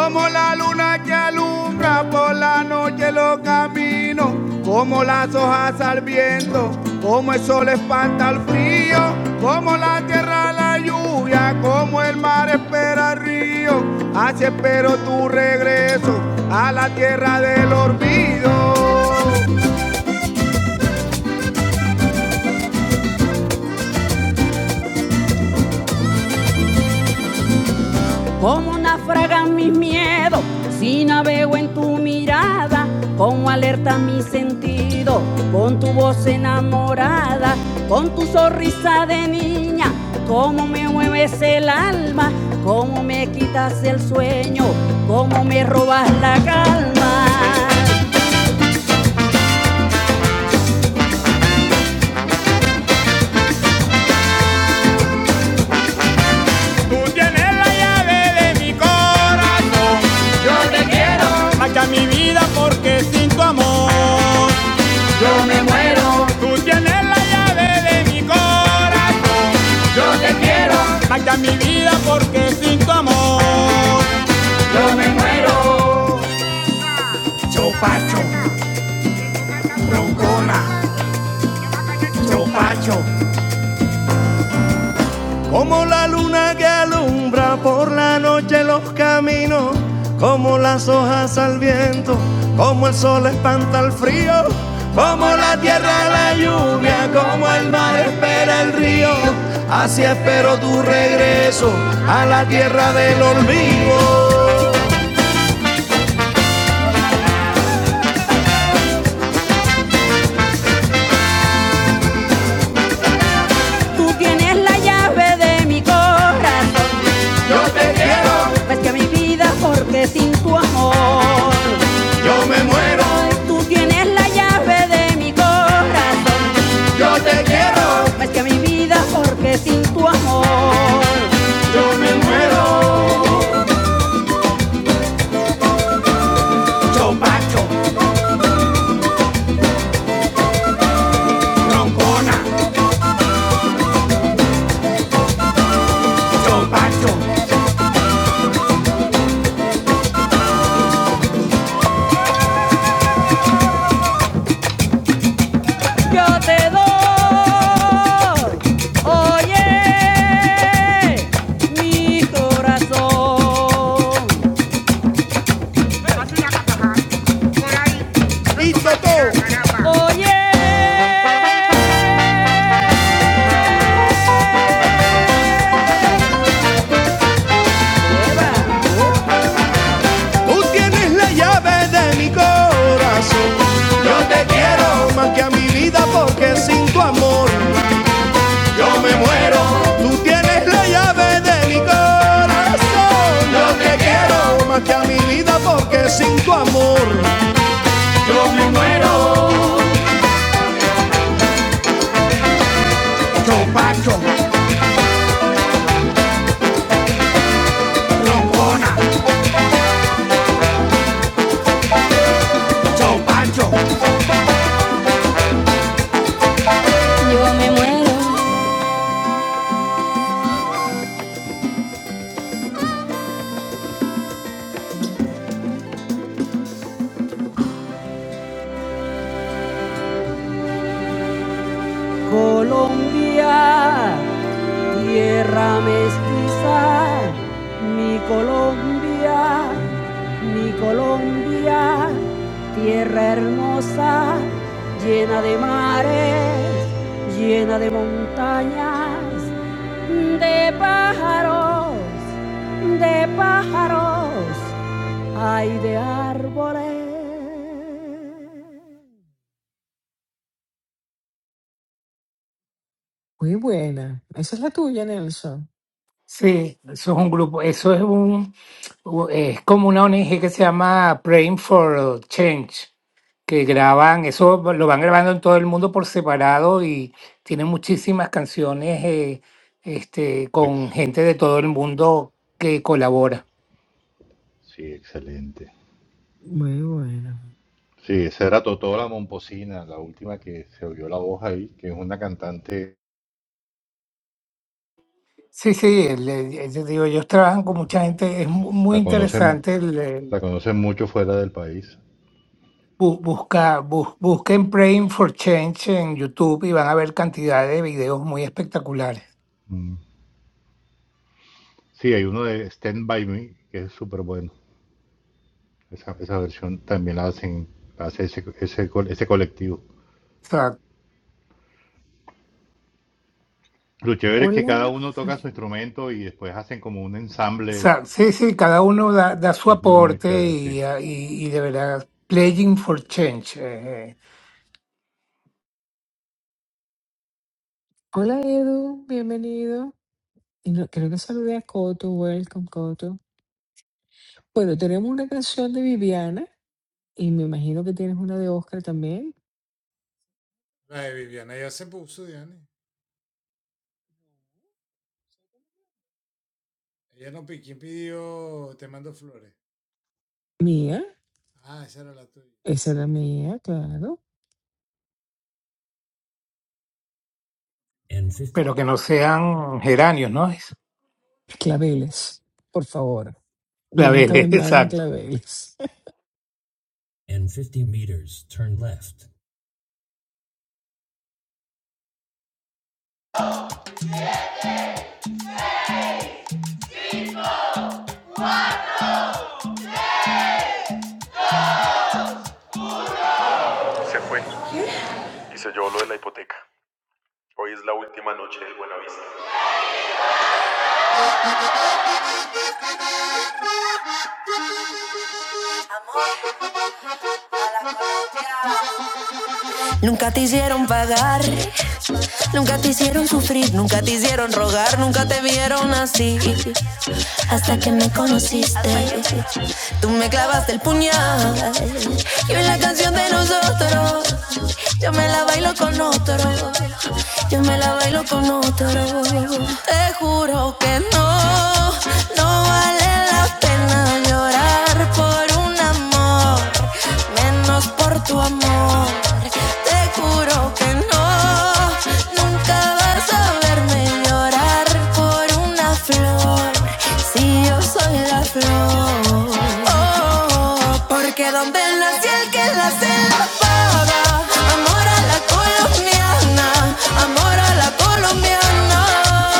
Speaker 3: Como la luna que alumbra por la noche los caminos, como las hojas al viento, como el sol espanta el frío, como la tierra la lluvia, como el mar espera el río, así espero tu regreso a la tierra del olvido. Como naufragan mis miedos, si navego en tu mirada, como alerta mi sentido, con tu voz enamorada, con tu sonrisa de niña, cómo me mueves el alma, cómo me quitas el sueño, cómo me robas la calma. Tú tienes la llave de mi corazón, saca mi vida porque sin tu amor. Tú tienes la llave de mi corazón, Mata mi vida porque sin tu amor yo me muero. Chopacho, broncona, chopacho. Como la luna que alumbra por la noche los caminos, como las hojas al viento, como el sol espanta el frío, como la tierra la lluvia, como el mar espera el río. Así espero tu regreso a la tierra del olvido. Tú tienes la llave de mi corazón, ves que mi vida porque sin tu amor. Pero Tú tienes la llave de mi corazón, Yo te quiero. ves que mi vida porque sin tu amor. Yo te doy, oye, mi corazón, oye. Tú tienes la llave de mi corazón. Yo te quiero más que a mi vida porque sin tu amor yo me muero. Tú tienes la llave de mi corazón. Yo te quiero más que a mi vida porque sin tu amor yo me muero. Chopacho, trompona, chopacho. Yo me muero. Colombia, Tierra mestiza, mi Colombia, mi Colombia, tierra hermosa, llena de mares, llena de montañas, de pájaros, de pájaros, hay de árboles.
Speaker 1: muy buena. Esa es la tuya, Nelson.
Speaker 2: Sí, eso es un grupo, eso es un, es como una ONG que se llama Praying for Change, que graban, eso lo van grabando en todo el mundo por separado y tienen muchísimas canciones eh, este, con
Speaker 5: ex-
Speaker 2: gente de todo el mundo que colabora.
Speaker 5: sí, excelente.
Speaker 1: Muy buena.
Speaker 5: Sí, esa era Totó la Momposina, la última que se oyó la voz ahí, que es una cantante,
Speaker 2: Sí, sí, el- el- yo digo, ellos trabajan con mucha gente, es mu- muy
Speaker 5: la conocen,
Speaker 2: interesante. el, el,
Speaker 5: la conocen mucho fuera del país.
Speaker 2: bu- busca, bus- busquen Praying for Change en YouTube y van a ver cantidad de videos muy espectaculares.
Speaker 5: Sí, hay uno de Stand By Me que es súper bueno. Esa, esa versión también la hacen, la hace ese, ese, co- ese colectivo.
Speaker 2: O sea,
Speaker 5: Lo chévere es que
Speaker 1: Hola.
Speaker 5: cada uno toca su instrumento y después hacen como un
Speaker 2: o
Speaker 5: ensamble.
Speaker 2: sea, sí, sí, cada uno da, da su
Speaker 5: Es muy, muy
Speaker 2: aporte
Speaker 5: chévere, sí.
Speaker 2: y, ah, y, y de verdad, Playing for Change, eh,
Speaker 1: Hola Edu, bienvenido. Y no, creo que saludé a Coto, welcome Coto. Bueno, tenemos una canción de Viviana y me imagino que tienes una de Oscar también. Mía, esa era mía, claro.
Speaker 2: pero que no sean geranios, ¿no? Es
Speaker 1: Claveles, por favor, nunca me
Speaker 2: claveles,
Speaker 1: manden
Speaker 2: exacto.
Speaker 1: claveles.
Speaker 3: Nunca te hicieron pagar Nunca te hicieron sufrir, nunca te hicieron rogar, nunca te vieron así. Hasta que me conociste, tú me clavaste el puñal. Y hoy la canción de nosotros, yo me la bailo con otro. Yo me la bailo con otro. Te juro que no, no vale la pena llorar por una el amor, menos por tu amor. Te juro que no, nunca vas a verme llorar por una flor, si yo soy la flor. Oh, oh, oh, porque donde nació el que la se la paga. Amor a la colombiana, amor a la colombiana.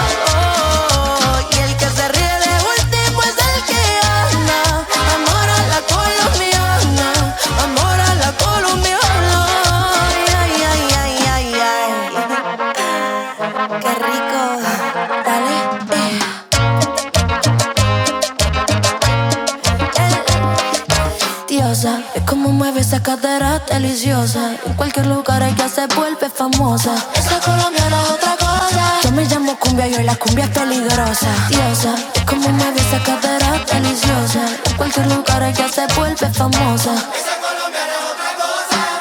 Speaker 3: Oh, oh, oh, y el que se ríe de último es como mueve esa cadera deliciosa. En cualquier lugar ella se vuelve famosa. Esa colombiana es otra cosa. Yo me llamo cumbia y la cumbia es peligrosa. Diosa, es como mueve esa cadera deliciosa. En cualquier lugar ella se vuelve famosa.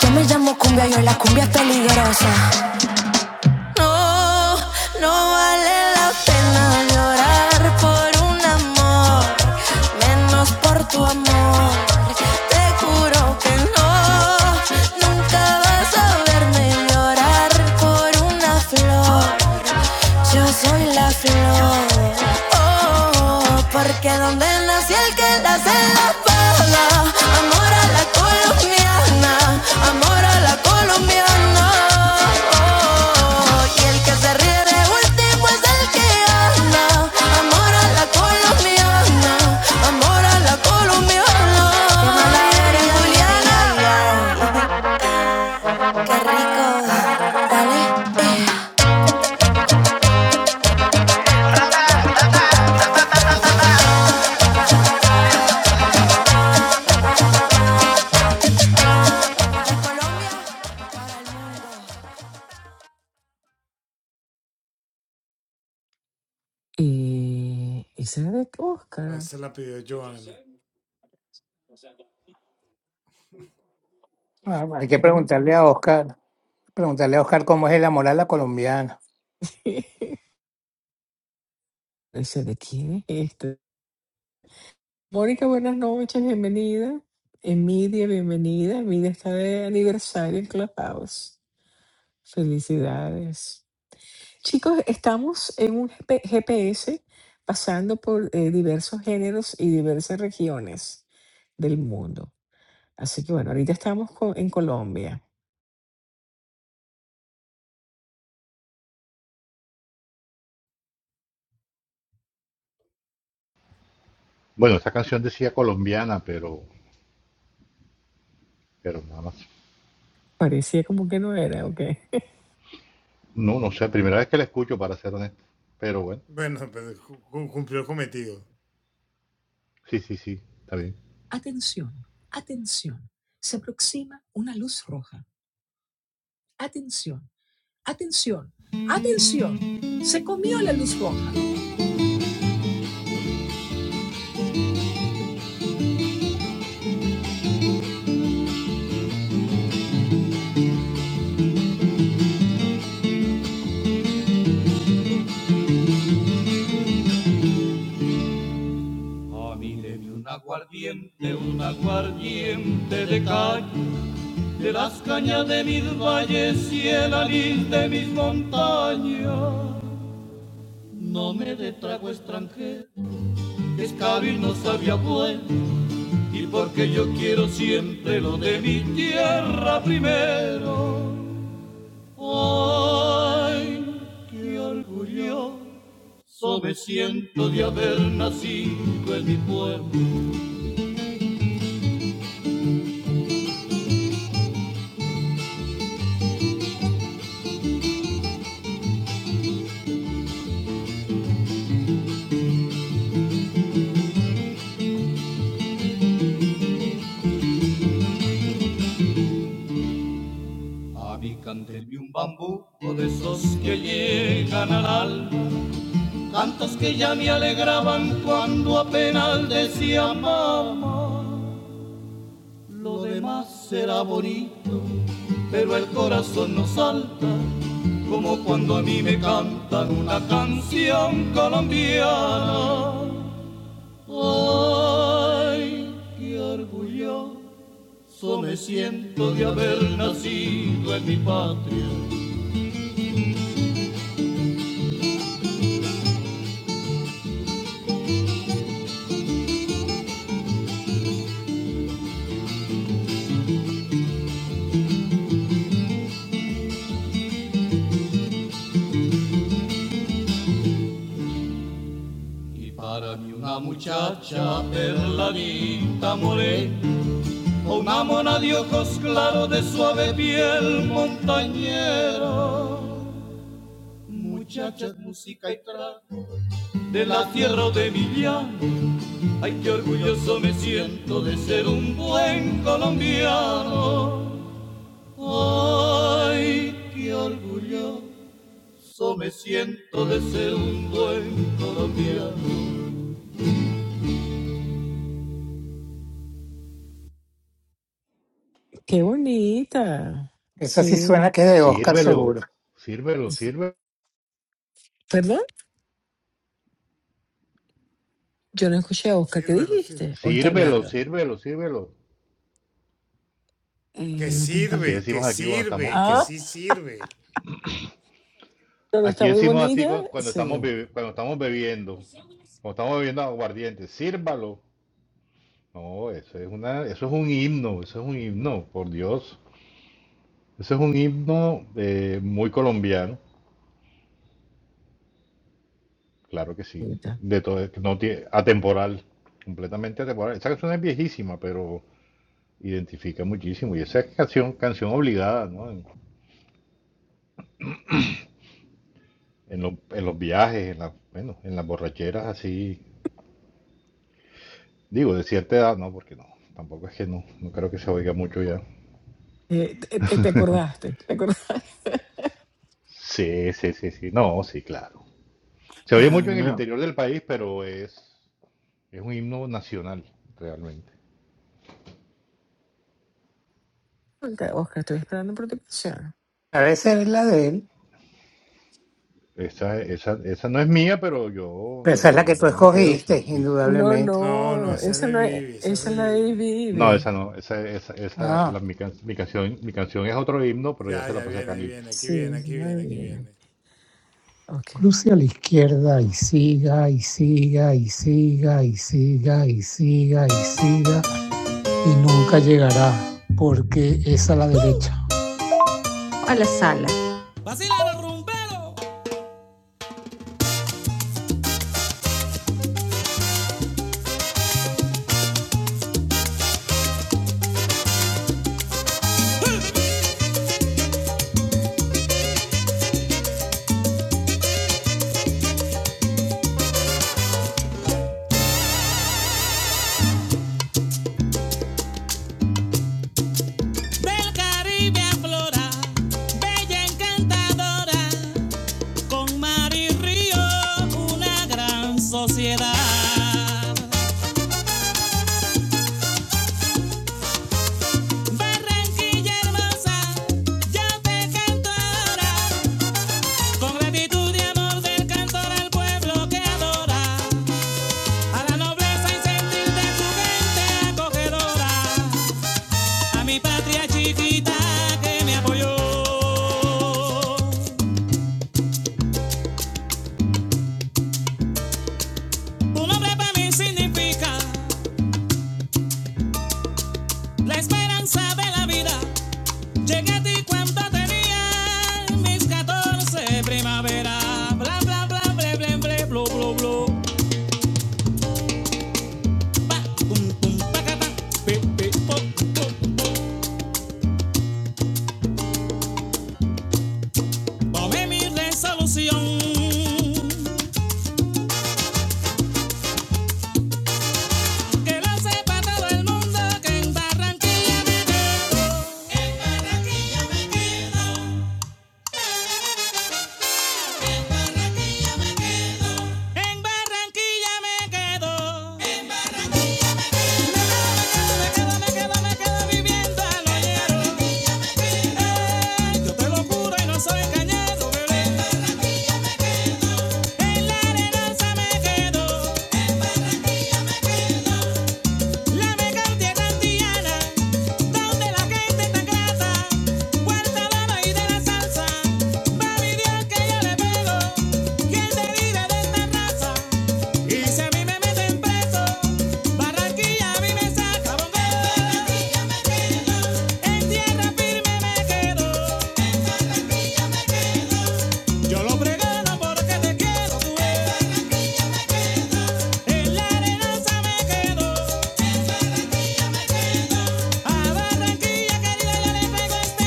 Speaker 3: Yo me llamo cumbia, yo la cumbia es peligrosa. No, no vale la pena llorar por un amor, menos por tu amor. Te juro que no, nunca vas a verme llorar por una flor. Yo soy la flor, oh, porque
Speaker 1: Y esa era de Oscar.
Speaker 2: Ah, Hay que preguntarle a Oscar, preguntarle a Oscar cómo es el amor a la colombiana.
Speaker 1: Esa de quién es esta. Mónica, buenas noches, bienvenida. Emilia, bienvenida. Emilia está de aniversario en Clubhouse. Felicidades. Chicos, estamos en un GP GPS pasando por eh, diversos géneros y diversas regiones del mundo. Así que bueno, ahorita estamos co- en Colombia.
Speaker 5: Bueno, esa canción decía colombiana, pero, pero nada más.
Speaker 1: Parecía como que no era, ¿ok?
Speaker 5: No, no sé, primera vez que la escucho, para ser honesto. Pero bueno, sí, sí, sí, está bien.
Speaker 3: aguardiente, un aguardiente de calle de las cañas de mis valles y el alís de mis montañas. No me de trago extranjero, escabio y no sabía buen, y porque yo quiero siempre lo de mi tierra primero. Ay, qué orgulloso me siento de haber nacido en mi pueblo. A mí cántenme un bambuco de esos que llegan al alma. tantas que ya me alegraban cuando apenas decía mamá. Lo demás será bonito, pero el corazón no salta, como cuando a mí me cantan una canción colombiana. Ay, qué orgulloso me siento de haber nacido en mi patria. Ni una muchacha perladita, amona de ojos claros, de suave piel, de la tierra de mi llano Ay, qué orgulloso me siento de ser un buen colombiano. Ay, qué orgulloso me siento de ser un buen colombiano.
Speaker 1: Qué bonita.
Speaker 2: Esa sí
Speaker 1: Sí.
Speaker 2: suena que es de Oscar seguro.
Speaker 5: Sírvelo, sírvelo,
Speaker 1: Es-
Speaker 5: sírvelo,
Speaker 1: Perdón, yo no escuché a Oscar. ¿Qué dijiste? Hoy está
Speaker 5: sírvelo,
Speaker 1: hablando.
Speaker 5: sírvelo, sírvelo.
Speaker 1: Eh,
Speaker 5: Así,
Speaker 1: no
Speaker 5: es,
Speaker 1: te
Speaker 5: así
Speaker 1: entiendo.
Speaker 5: decimos aquí cuando estamos, cuando
Speaker 1: Ah, pero está
Speaker 5: Aquí
Speaker 1: muy
Speaker 5: decimos así
Speaker 1: bonita.
Speaker 5: cu- cuando estamos
Speaker 1: Sí.
Speaker 5: bebe- cuando estamos bebiendo, cuando estamos bebiendo aguardiente, sírvalo. No, eso es una, eso es un himno, eso es un himno, por Dios. Eso es un himno eh, muy colombiano, claro que sí,
Speaker 1: Bonita.
Speaker 5: de todo, que no tiene, atemporal, completamente atemporal. Esa canción es viejísima, pero identifica muchísimo. Y esa es canción, canción obligada, ¿no? En, en los, en los viajes, en las, bueno, en las borracheras así, digo, de cierta edad, ¿no? Porque no, tampoco es que no, no creo que se oiga mucho ya.
Speaker 1: Eh, te, te- te acordaste, te acordaste.
Speaker 5: Sí, sí, sí, sí. No, sí, claro. Se oye
Speaker 2: Ah,
Speaker 5: mucho en el
Speaker 2: no.
Speaker 5: interior del país, pero es, es un himno nacional, realmente.
Speaker 1: Oscar, Oscar, estoy esperando por tu canción.
Speaker 2: Debe ser la de él,
Speaker 5: Esa, esa, esa no es mía, pero yo,
Speaker 2: pero
Speaker 5: pero
Speaker 2: esa es
Speaker 5: yo,
Speaker 2: la que tú
Speaker 5: yo me la quedo, sí,
Speaker 2: escogiste,
Speaker 5: sí.
Speaker 1: No,
Speaker 2: indudablemente.
Speaker 1: no, esa no es, esa es la de
Speaker 5: No,
Speaker 1: Vivi.
Speaker 5: esa no, esa, esa, esa,
Speaker 2: Ah,
Speaker 5: la- mi, can- mi canción, mi canción es otro himno, pero ya se la pasé a Carlitos.
Speaker 1: Sí, esa es la de Vivi. Ok.
Speaker 3: Cruce a la izquierda y siga y siga y siga y siga y siga y siga y nunca llegará porque es a la derecha. Del Caribe aflora, bella encantadora, Con Mar y Río, una gran sociedad. Barranquilla hermosa, yo te canto ahora. Con gratitud y amor del cantor al pueblo que adora. A la nobleza y sentir de su gente acogedora. A mi patria chiquita que me apoyó. Un hombre para mí significa la esperanza de la vida. Llegué a ti cuando tenía mis 14 primavera. Bla, bla, bla, bla, bla, bla, blu, blu, blu. Tomé mi resolución. Que lo sepa todo el mundo que en Barranquilla me quedo. En Barranquilla me quedo. Barranquilla me Barranquilla me quedo. Me quedo, me quedo, me quedo viviendo al oyeron. Yo te lo juro y no soy engañado. En la arenosa me quedo. Me canté en Diana. de la gente tan grasa, calama y de la salsa, mi Dios que yo le pego, ¿quién te vive de esta raza? Y si a mí me meten preso, Barranquilla a mí me saca, bombero. En Barranquilla me quedo, en tierra firme me quedo, en Barranquilla me quedo, yo lo pregono porque te quiero, tú en Barranquilla me quedo, en la arenanza me quedo, a Barranquilla querida yo le pego este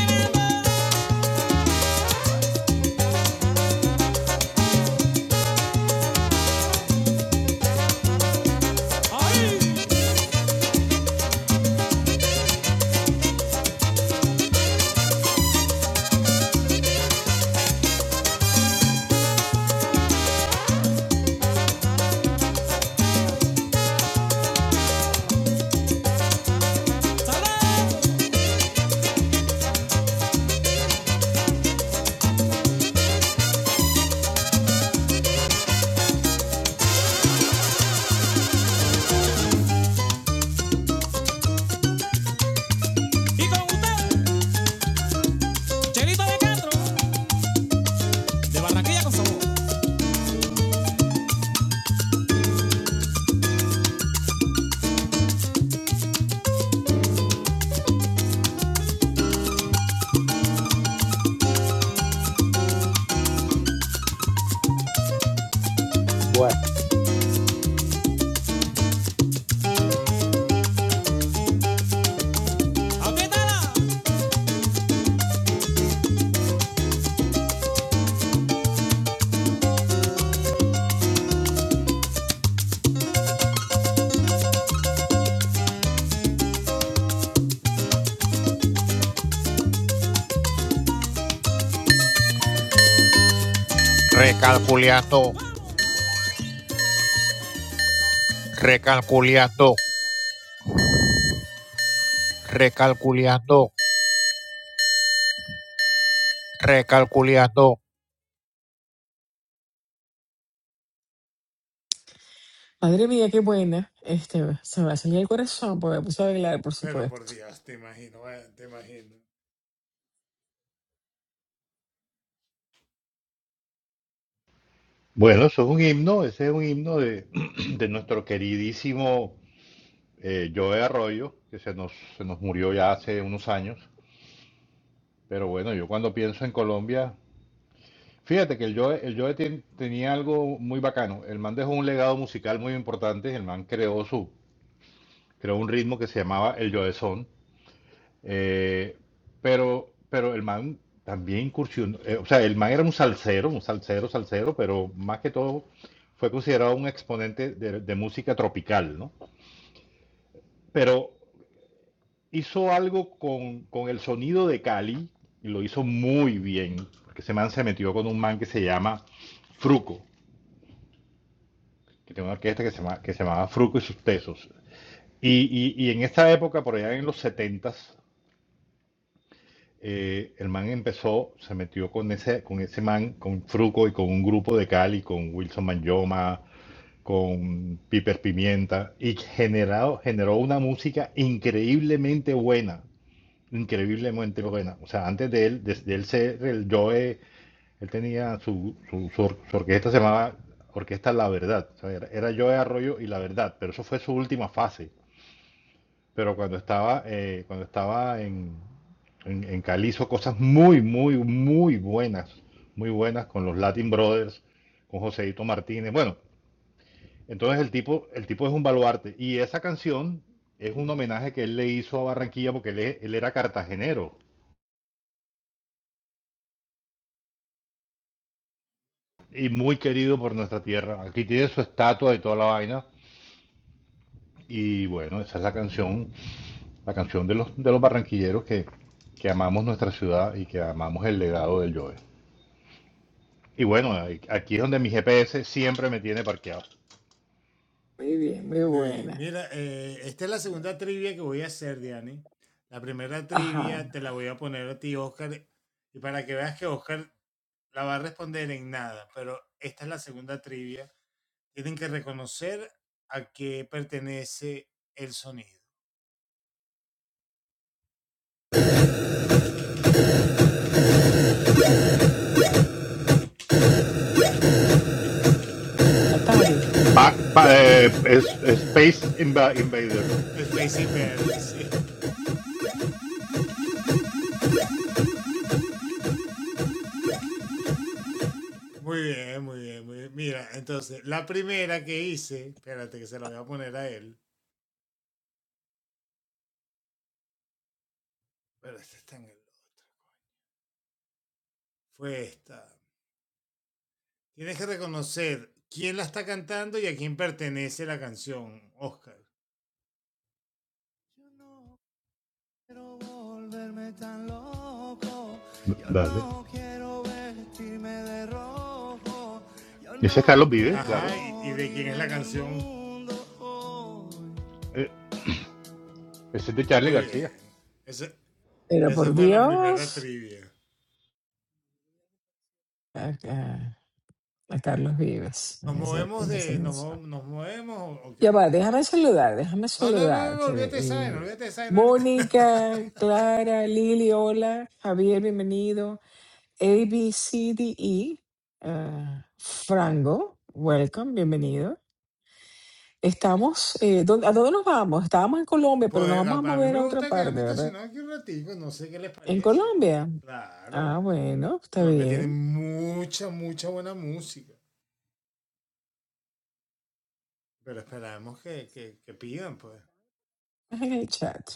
Speaker 3: beso, y con usted. Chelito de Castro, de Barranquilla con sabor. Recalculiato, recalculiato, recalculiato, recalculiato.
Speaker 1: Madre mía, qué buena. Este, se me va a salir el corazón porque me puse a bailar, por supuesto.
Speaker 5: Bueno, eso es un himno, ese es un himno de, de nuestro queridísimo eh, Joe Arroyo, que se nos, se nos murió ya hace unos años. Pero bueno, yo cuando pienso en Colombia, Fíjate que el Joe, el Joe ten- tenía algo muy bacano. El man dejó un legado musical muy importante. El man creó su, creó un ritmo que se llamaba el Joe Son. Eh, pero, pero el man también incursionó. eh, o sea, el man era un salsero, un salsero, salsero, pero más que todo fue considerado un exponente de, de música tropical, ¿no? Pero hizo algo con, con el sonido de Cali y lo hizo muy bien. Porque ese man se metió con un man que se llama Fruco. que tenía una orquesta que se, llama, que se llamaba Fruco y sus Tesos. Y, y, y en esa época, por allá en los setentas eh, el man empezó, se metió con ese, con ese man, con Fruco y con un grupo de Cali, con Wilson Manyoma, con Piper Pimienta, y generado, generó una música increíblemente buena, increíblemente buena. O sea, antes de él, desde él ser el Joe él tenía su, su, su, or- su orquesta, se llamaba Orquesta La Verdad. O sea, era, era Joe Arroyo y La Verdad, pero eso fue su última fase. Pero cuando estaba, eh, cuando estaba en, en, en Cali hizo cosas muy, muy, muy buenas. Muy buenas con los Latin Brothers, con Joseito Martínez. Bueno, entonces el tipo, el tipo es un baluarte. Y esa canción es un homenaje que él le hizo a Barranquilla porque él, es- él era cartagenero y muy querido por nuestra tierra. Aquí tiene su estatua y toda la vaina. Y bueno, esa es la canción, la canción de los, de los barranquilleros que, que amamos nuestra ciudad y que amamos el legado del Joe. Y bueno, aquí es donde mi GPS siempre me tiene parqueado.
Speaker 1: Muy bien, muy buena. Ajá. Atari.
Speaker 5: Pa- pa- eh, es- Space Inva- Invader.
Speaker 3: quiero volverme tan loco. Yo
Speaker 5: Dale.
Speaker 3: no quiero vestirme de rojo. Yo
Speaker 5: Ese es
Speaker 3: no
Speaker 5: Carlos
Speaker 3: quiero
Speaker 5: Vives, claro.
Speaker 3: mundo hoy.
Speaker 5: Eh, Ese es de Charlie García.
Speaker 1: Pero por Dios. Acá, a Carlos Vives en esa, en esa canción. Ya va, déjame saludar, déjame saludar. Que, eh, Mónica, Clara, Lili, hola. Javier, bienvenido. A, B, C, D, E. ah, Frango, welcome, bienvenido. Estamos, eh, ¿dó- ¿a dónde nos vamos? Estábamos en Colombia, pero nos vamos a mover a otra parte, ¿verdad? En Colombia. Ah, bueno, está bien. En el chat.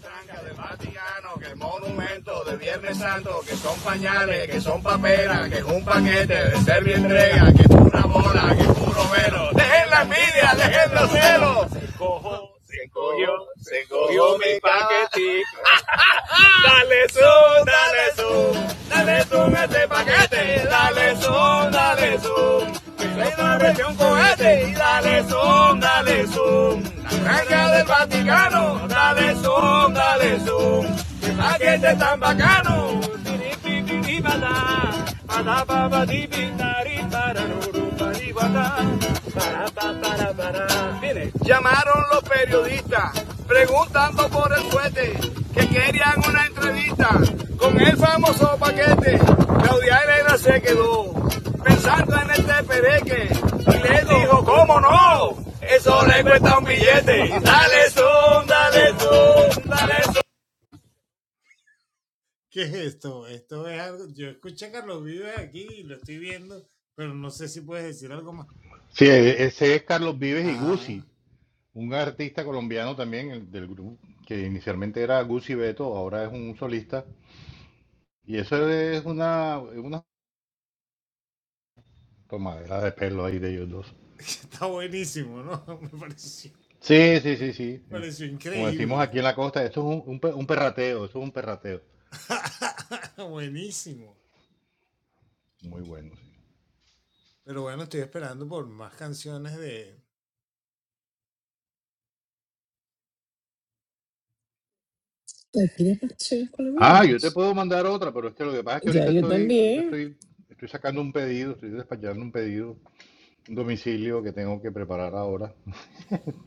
Speaker 3: tranca del Vaticano, que el monumento de Viernes Santo, que son pañales, que son paperas, que es un paquete de ser entrega, que es una bola, que es puro velo. Dejen la envidia, dejen los celos. Se cogió, se cogió, se cogió mi paquetico. Dale zoom, dale zoom, dale zoom a este paquete. Dale zoom, dale zoom. Que le parece un cohete. Y dale zoom, dale zoom. La granja del Vaticano. Dale zoom, dale zoom. Que paquete tan bacano. Llamaron los periodistas preguntando por el fuete que querían una entrevista con el famoso paquete. Claudia Elena se quedó pensando en este pereque y le dijo, ¿cómo no? Eso le cuesta un billete. Dale son, dale son, dale son.
Speaker 5: Sí, e- ese es Carlos Vives y Guzzi un artista colombiano también el del grupo, que inicialmente era Guzzi Beto, ahora es un solista. Y eso es una, unas Tomadera de pelo ahí de ellos dos. Sí, sí, sí, sí. Es- Como decimos aquí en la costa, esto es un, un pe- un perrateo, eso es un perrateo. Muy bueno, sí.
Speaker 1: ¿tienes las conexiones
Speaker 5: Ah, yo te
Speaker 1: colombianas.
Speaker 5: puedo mandar otra, pero es que lo que pasa es que
Speaker 1: Ya,
Speaker 5: ahorita
Speaker 1: yo
Speaker 5: estoy, ahorita
Speaker 1: también.
Speaker 5: estoy, estoy sacando un pedido, estoy despachando un pedido, un domicilio que tengo que preparar ahora.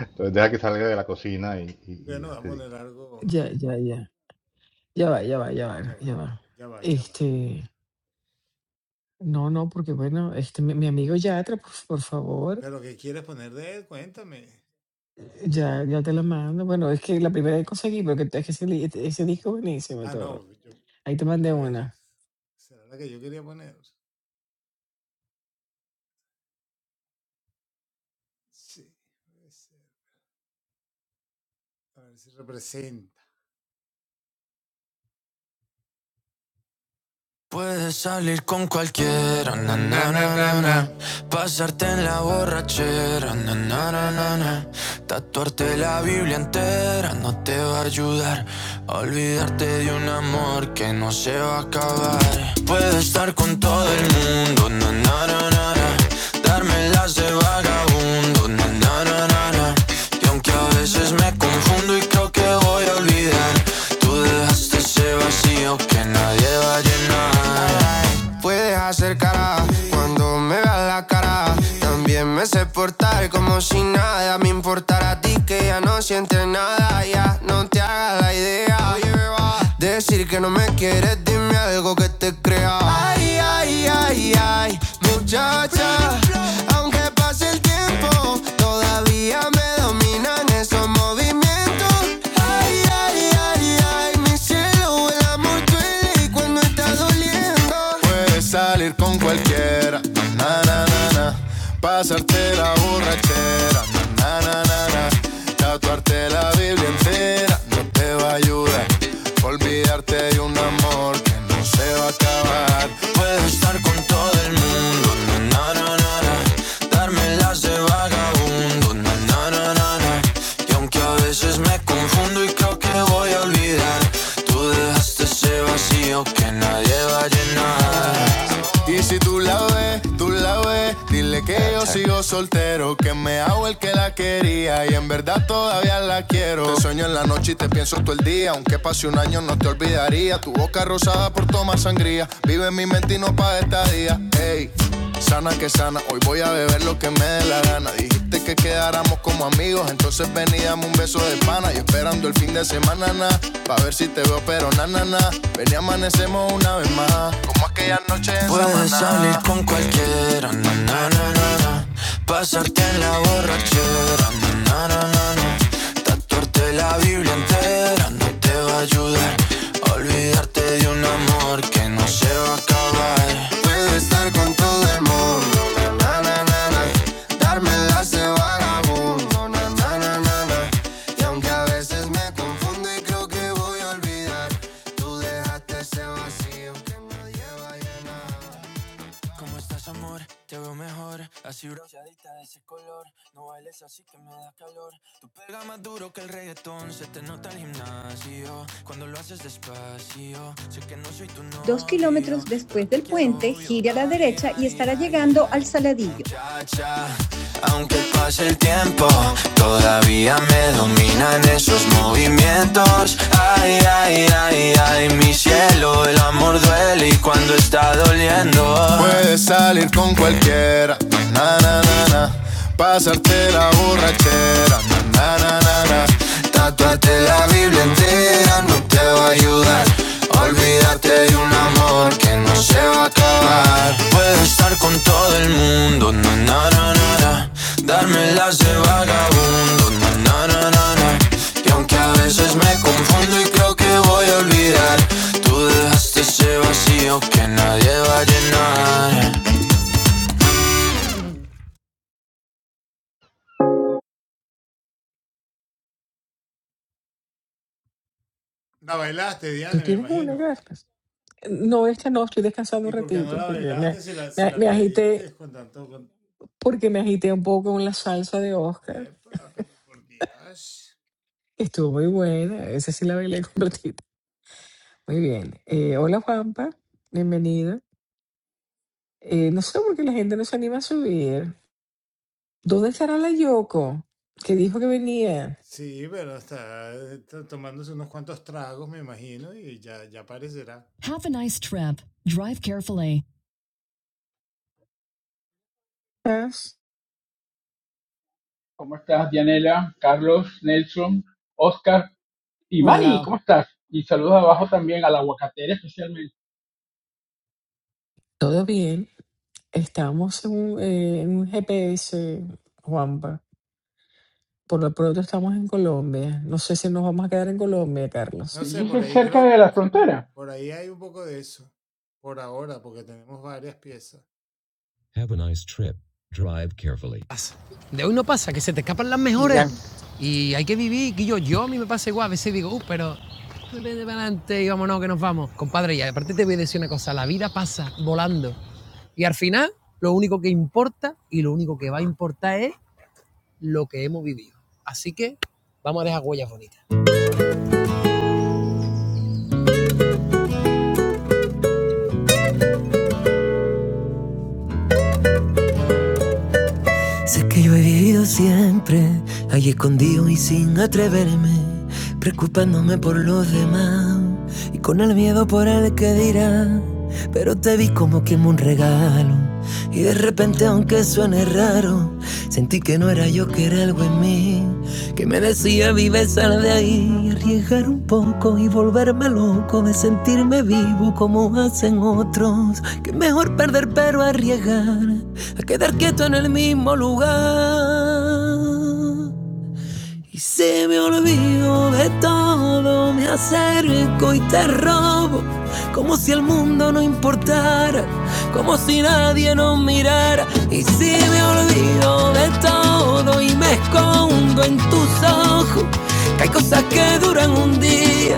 Speaker 5: Entonces deja que salga de la cocina y, y- y ya te digo.
Speaker 1: Ya, ya, ya. Ya va, ya va, ya va, ya va. Este, no, no, porque bueno, este, mi, mi amigo Yatra, por, por favor, ya, ya te la mando. Bueno, es que la primera que conseguí, porque es que ese, li- ese disco es buenísimo todo. Ahí te mandé una.
Speaker 3: Puedes salir con cualquiera, na, na. pasarte en la borrachera, na, na, na, na, na. tatuarte la Biblia entera no te va a ayudar a olvidarte de un amor que no se va a acabar. Puedo estar con todo el mundo, na, na, na, na, na. darme las de vagabundo, na, na, na, na, na. y aunque a veces me confundo y creo que voy a olvidar, tú dejaste ese vacío vacío que nadie va a llenar. Puedes hacer cara cuando me veas la cara. También me sé portar como si nada me importara a ti que ya no sientes nada. Ya no te hagas la idea. Decir que no me quieres, dime algo que te crea. Ay, ay, ay, ay, muchacha. Aunque pase el tiempo, todavía me dominan esos movimientos. Ay, ay, ay, ay, mi cielo, el amor duele cuando está doliendo. Puedes salir con cualquiera, na na na na. Pasarte la borrachera, na na na na Tatuarte la Biblia entera no te va a ayudar. Olvidarte de un amor que no se va a acabar. Puedo estar con todo el mundo, na na na na. na. Darme la hace vagabundo, na, na, na, na, na. Y aunque a veces me confundo y creo que voy a olvidar, tú dejaste ese vacío que nadie va a Pa' ver si lo na na na Ven y amanecemos una vez más Como aquella noche en Puedes Samaná. salir con cualquiera, na, na, na, na, na. pasarte en la borrachera, na, na, na, na, na. Tuerte la Biblia entera no te va a ayudar. Olvidarte de un amor que no se va a acabar. Cerca ese vagabundo, na, na, na, na, na. Y aunque a veces me confundo y creo que voy a olvidar, tú dejaste ese vacío que nadie vaya. ¿Cómo estás, amor? Te veo mejor. Así bronceadita de ese color. No bailes así que me da calor. Tú pega más duro que el reggaetón. Se te nota el gimnasio. Cuando lo haces despacio. Sé que no soy tu novio. Dos kilómetros después del puente, gire a la derecha y estará llegando al Saladillo. Que pase el tiempo, todavía me dominan esos movimientos. Ay, ay, ay, ay, mi cielo, el amor duele y cuando está doliendo, tatuate la Biblia entera, no te vayas. Olvídate de un amor que no se va a acabar. Puedo estar con todo el mundo, na na na na, na. darme de vagabundo, na na na na na. Y aunque a veces me confundo y creo que voy a olvidar, tú dejaste ese vacío que nadie va a llenar.
Speaker 1: ¿Tú tienes una, Carlos? No, esta no, estoy descansando un ratito porque me, me, me agité, porque me agité un poco con la salsa de Oscar. Estuvo muy buena, esa sí la bailé completita. Muy bien. Eh, hola, Juanpa, Bienvenida. Eh, no sé por qué la gente no se anima a subir. ¿Dónde estará la Yoko? Que dijo que venía. ¿Estás?
Speaker 7: ¿Cómo estás, Dianela, Carlos, Nelson, Oscar y Manny?
Speaker 2: hola.
Speaker 7: ¿Cómo estás? Y saludos abajo también al aguacatera especialmente.
Speaker 1: Todo bien. Estamos en un, eh, en un GPS, Juanpa. Por lo pronto estamos en Colombia. No sé si nos vamos a quedar en Colombia, Carlos.
Speaker 7: Yo soy cerca de la frontera.
Speaker 3: De hoy no pasa, que se te escapan las
Speaker 2: Y
Speaker 3: mejores
Speaker 2: ya,
Speaker 3: y hay que vivir. Y yo, yo a mí me pasa igual, a veces digo, uh, pero vete para adelante y vámonos que nos vamos. Compadre, y aparte te voy a decir una cosa, la vida pasa volando. Y al final, lo único que importa y lo único que va a importar es lo que hemos vivido. Así que Yo siempre ahí escondido y sin atreverme, preocupándome por los demás y con el miedo por el que dirá. Pero te vi como quien un regalo y de repente aunque suene raro, Sentí que no era yo, que era algo en mí, que me decía vive, sal de ahí, arriesgar un poco y volverme loco de sentirme vivo como hacen otros, que mejor perder pero arriesgar, a quedar quieto en el mismo lugar. Y se me olvido de todo, me acerco y te robo, como si el mundo no importara, como si nadie nos mirara. Y si me olvido de todo y me escondo en tus ojos, que hay cosas que duran un día,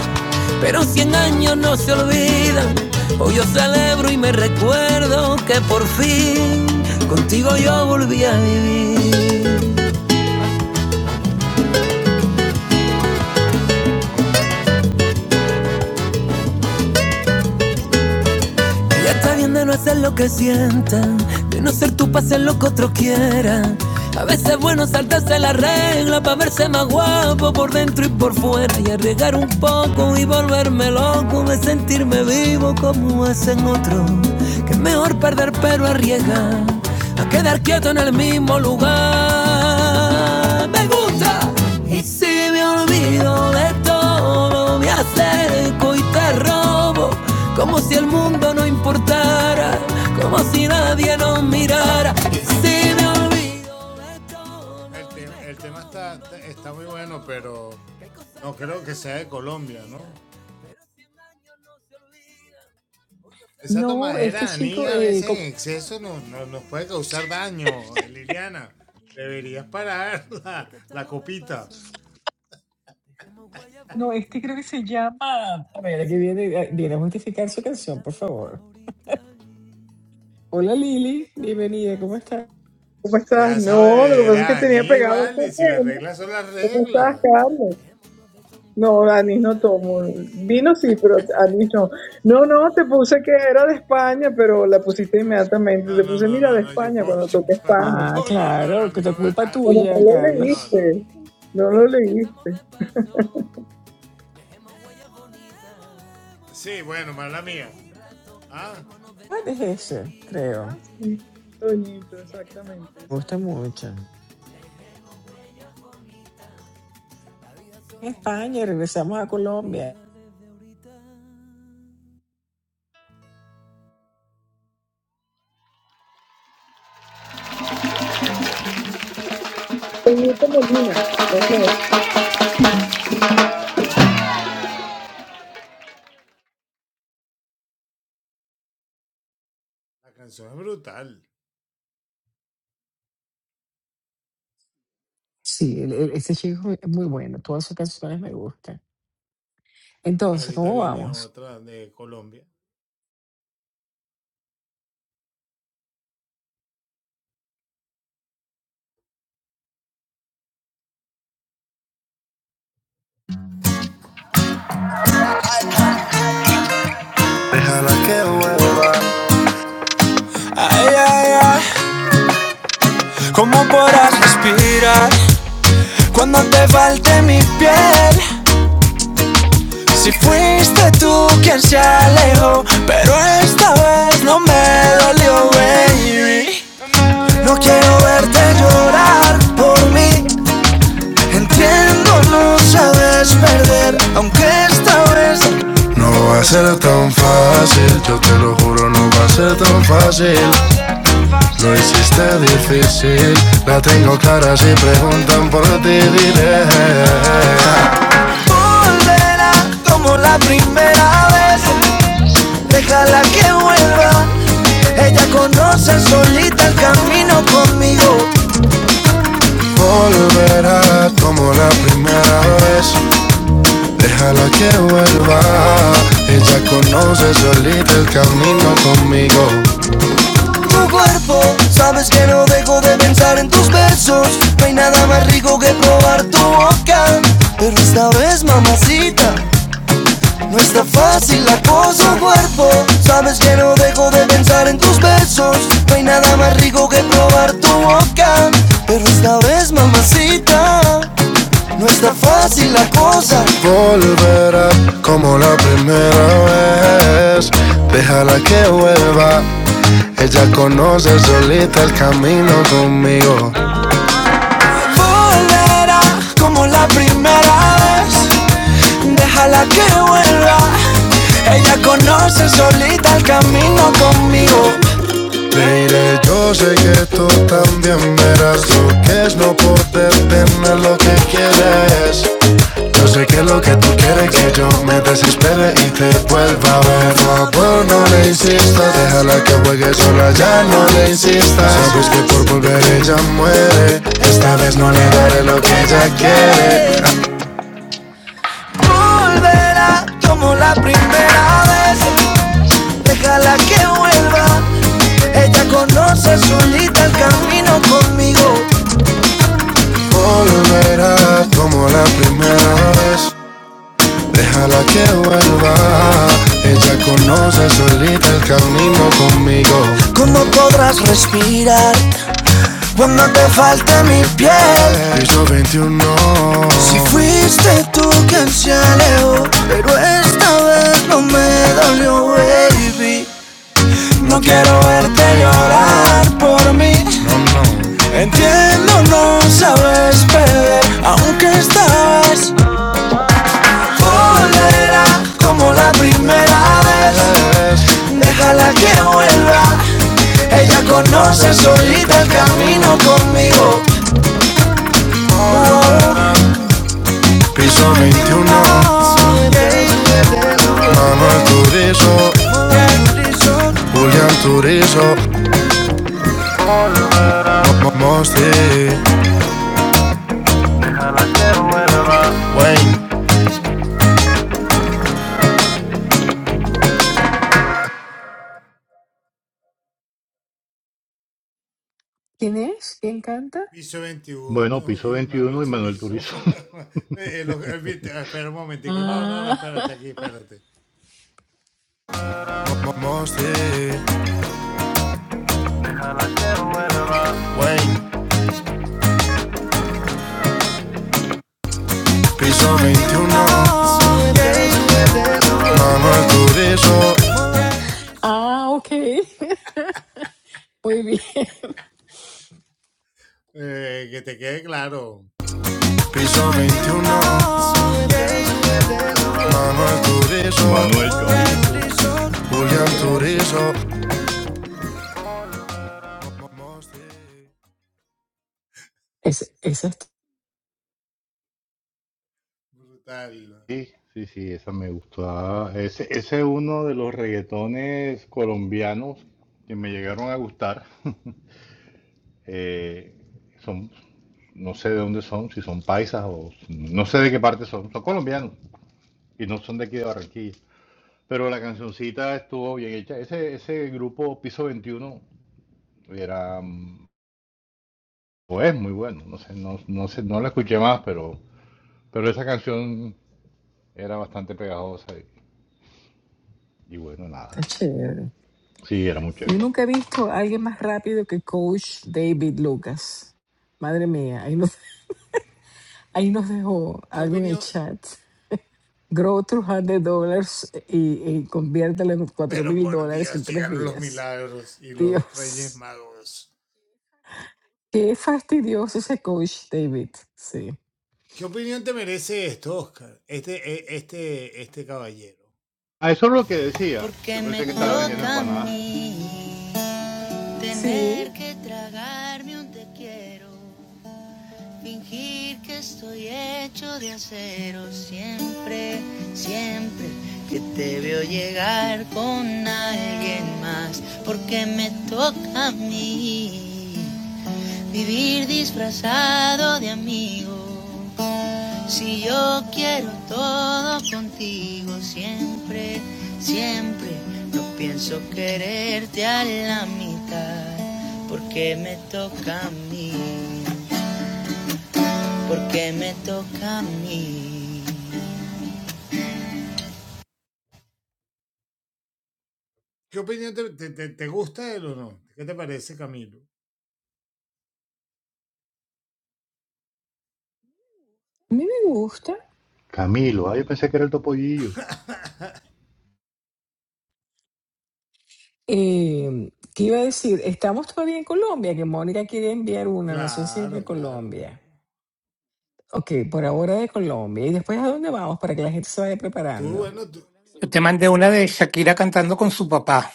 Speaker 3: pero cien años no se olvidan. Hoy yo celebro y me recuerdo que por fin contigo yo volví a vivir. Ya está bien de no hacer lo que sientan, de no ser tú para hacer lo que otros quieran. A veces es bueno saltarse la regla para verse más guapo por dentro y por fuera y arriesgar un poco y volverme loco de sentirme vivo como hacen otros. Que es mejor perder pero arriesgar a quedar quieto en el mismo lugar. Me gusta. Y si me olvido de todo, me acerco y te robo, como si el mundo no importara, como si nadie nos mirara. Si me olvido de todo, no se olvida
Speaker 1: No, este chico, eh, ¿cómo? no, este creo que se llama. A ver, aquí
Speaker 3: solo un
Speaker 1: viene, viene
Speaker 3: rato,
Speaker 1: a
Speaker 3: para
Speaker 1: justificar
Speaker 3: no
Speaker 1: su canción,
Speaker 3: vivirla
Speaker 1: por
Speaker 3: desde
Speaker 1: favor.
Speaker 3: ahorita,
Speaker 1: Hola
Speaker 3: ya que
Speaker 1: Lili,
Speaker 3: estamos de
Speaker 1: bienvenida, ¿cómo
Speaker 3: paso.
Speaker 1: estás?
Speaker 8: ¿Cómo estás? No, lo que pasa es que tenía pegado otro tema. ¿Cómo estás, Carlos? No, anís no tomo. Vino sí, pero anís no. No, no, te puse que era de España, pero la pusiste inmediatamente. Te puse, mira, de España cuando toqué España.
Speaker 1: Ah, claro, que es culpa
Speaker 8: Pero no
Speaker 1: tuya,
Speaker 8: lo
Speaker 1: Carlos.
Speaker 8: leíste. No lo leíste.
Speaker 1: Ah, es ese, creo.
Speaker 8: Ah, sí. Toñito, exactamente.
Speaker 1: Me
Speaker 8: ese
Speaker 1: gusta
Speaker 8: mismo.
Speaker 1: mucho. en España y regresamos a Colombia.
Speaker 8: Toñito Molina. ok.
Speaker 1: Sí, el- el- este chico es muy bueno, todas sus canciones me gustan. Entonces, ¿cómo vamos?
Speaker 3: Ey, ey, ey, ¿Cómo podrás respirar cuando te falte mi piel? Fuiste tú quien se alejó, pero esta vez no me dolió, baby. No quiero verte llorar por mí. Entiendo, no sabes perder, aunque esta vez No va a ser tan fácil, yo te lo juro, no va a ser tan fácil. Lo hiciste difícil, la tengo clara si preguntan por ti, diré. volverá como la primera vez. Déjala que vuelva. Ella conoce solita el camino conmigo. conmigo. Tu cuerpo, sabes que no dejo de pensar en tus besos. No hay nada más rico que probar tu boca. Pero esta vez, mamacita, no está fácil la cosa. Tu cuerpo, sabes que no dejo de pensar en tus besos. No hay nada más rico que probar tu boca. Pero esta vez, mamacita. No está fácil la cosa. Volverá como la primera vez. Déjala que vuelva. Ella conoce solita el camino conmigo. Ah, Como la primera vez. Déjala que vuelva. Ella conoce solita el camino conmigo. Mire, yo sé que tú también verás lo que es no poder tener lo que quieres. Yo sé que lo que tú quieres que yo me desespere y te vuelva a ver. Por favor, no le insistas, déjala que juegue sola, ya no le insistas. Sabes que por volver ella muere, esta vez no le daré lo que ella quiere. Volverá como la primera vez. Déjala que vuelva. Ella conoce solita el camino conmigo. Volverá como la primera vez. Déjala que vuelva, ella conoce cómo podrás respirar cuando te falte mi piel. Si fuiste tú quien se alejó, pero esta vez no me dolió, baby. No quiero verte llorar por mí. Entiendo, no sabes perder, aunque estabas volverá como la primera vez. Déjala que vuelva. Ella conoce solita el camino conmigo. Oh, yeah.
Speaker 1: ¿Quién es? ¿Quién canta?
Speaker 5: Bueno, piso 21 y Manuel Turizo.
Speaker 1: Ah,
Speaker 3: Piso 21, mamá Turizo.
Speaker 1: ah, ok. Muy bien.
Speaker 3: Piso 21, mamá Turizo.
Speaker 5: Manuel Chorizo.
Speaker 1: Qué
Speaker 3: Julián
Speaker 1: gracias.
Speaker 3: Turizo.
Speaker 1: Es, esa está
Speaker 5: Sí, sí, sí, esa me gustaba. Ese, ese es uno de los reggaetones colombianos que me llegaron a gustar. Eh, son, no sé de dónde son, si son paisas o no sé de qué parte son. Son colombianos y no son de aquí de Barranquilla. Pero la cancioncita estuvo bien hecha. Ese, ese grupo Piso 21 era, mm, pues, muy bueno. No sé, no, no sé, no la escuché más, pero, pero esa canción era bastante pegajosa y, y bueno, nada.
Speaker 1: está chévere.
Speaker 5: Sí, era muy
Speaker 1: Yo
Speaker 5: chévere.
Speaker 1: nunca he visto a alguien más rápido que Coach David Lucas. Madre mía, ahí nos, ahí nos dejó algo en el chat. Grow 300 dólares y, y conviértelo en 4 mil dólares en tres días. Dios, qué fastidioso ese coach David. Sí.
Speaker 5: Ah, eso es lo que decía.
Speaker 3: Porque
Speaker 5: Yo
Speaker 3: me
Speaker 5: pensé que estaba vendiendo
Speaker 3: toca a
Speaker 5: empanadas.
Speaker 3: mí tener
Speaker 1: Sí,
Speaker 3: que tragarme un te quiero. Fingir que estoy hecho de acero siempre, siempre que te veo llegar con alguien más, porque me toca a mí vivir disfrazado de amigo. Si yo quiero todo contigo siempre, siempre, no pienso quererte a la mitad, porque me toca a mí porque me toca a mí.
Speaker 1: a mí me gusta.
Speaker 5: Camilo, ah, yo pensé que era el topollillo.
Speaker 1: Eh, ¿qué iba a decir? Estamos todavía en Colombia, que Mónica quiere enviar una, no sé si es de Colombia. Ok, por ahora de Colombia. ¿Y después a dónde vamos para que la gente se vaya preparando?
Speaker 2: yo te mandé una de Shakira cantando con su papá.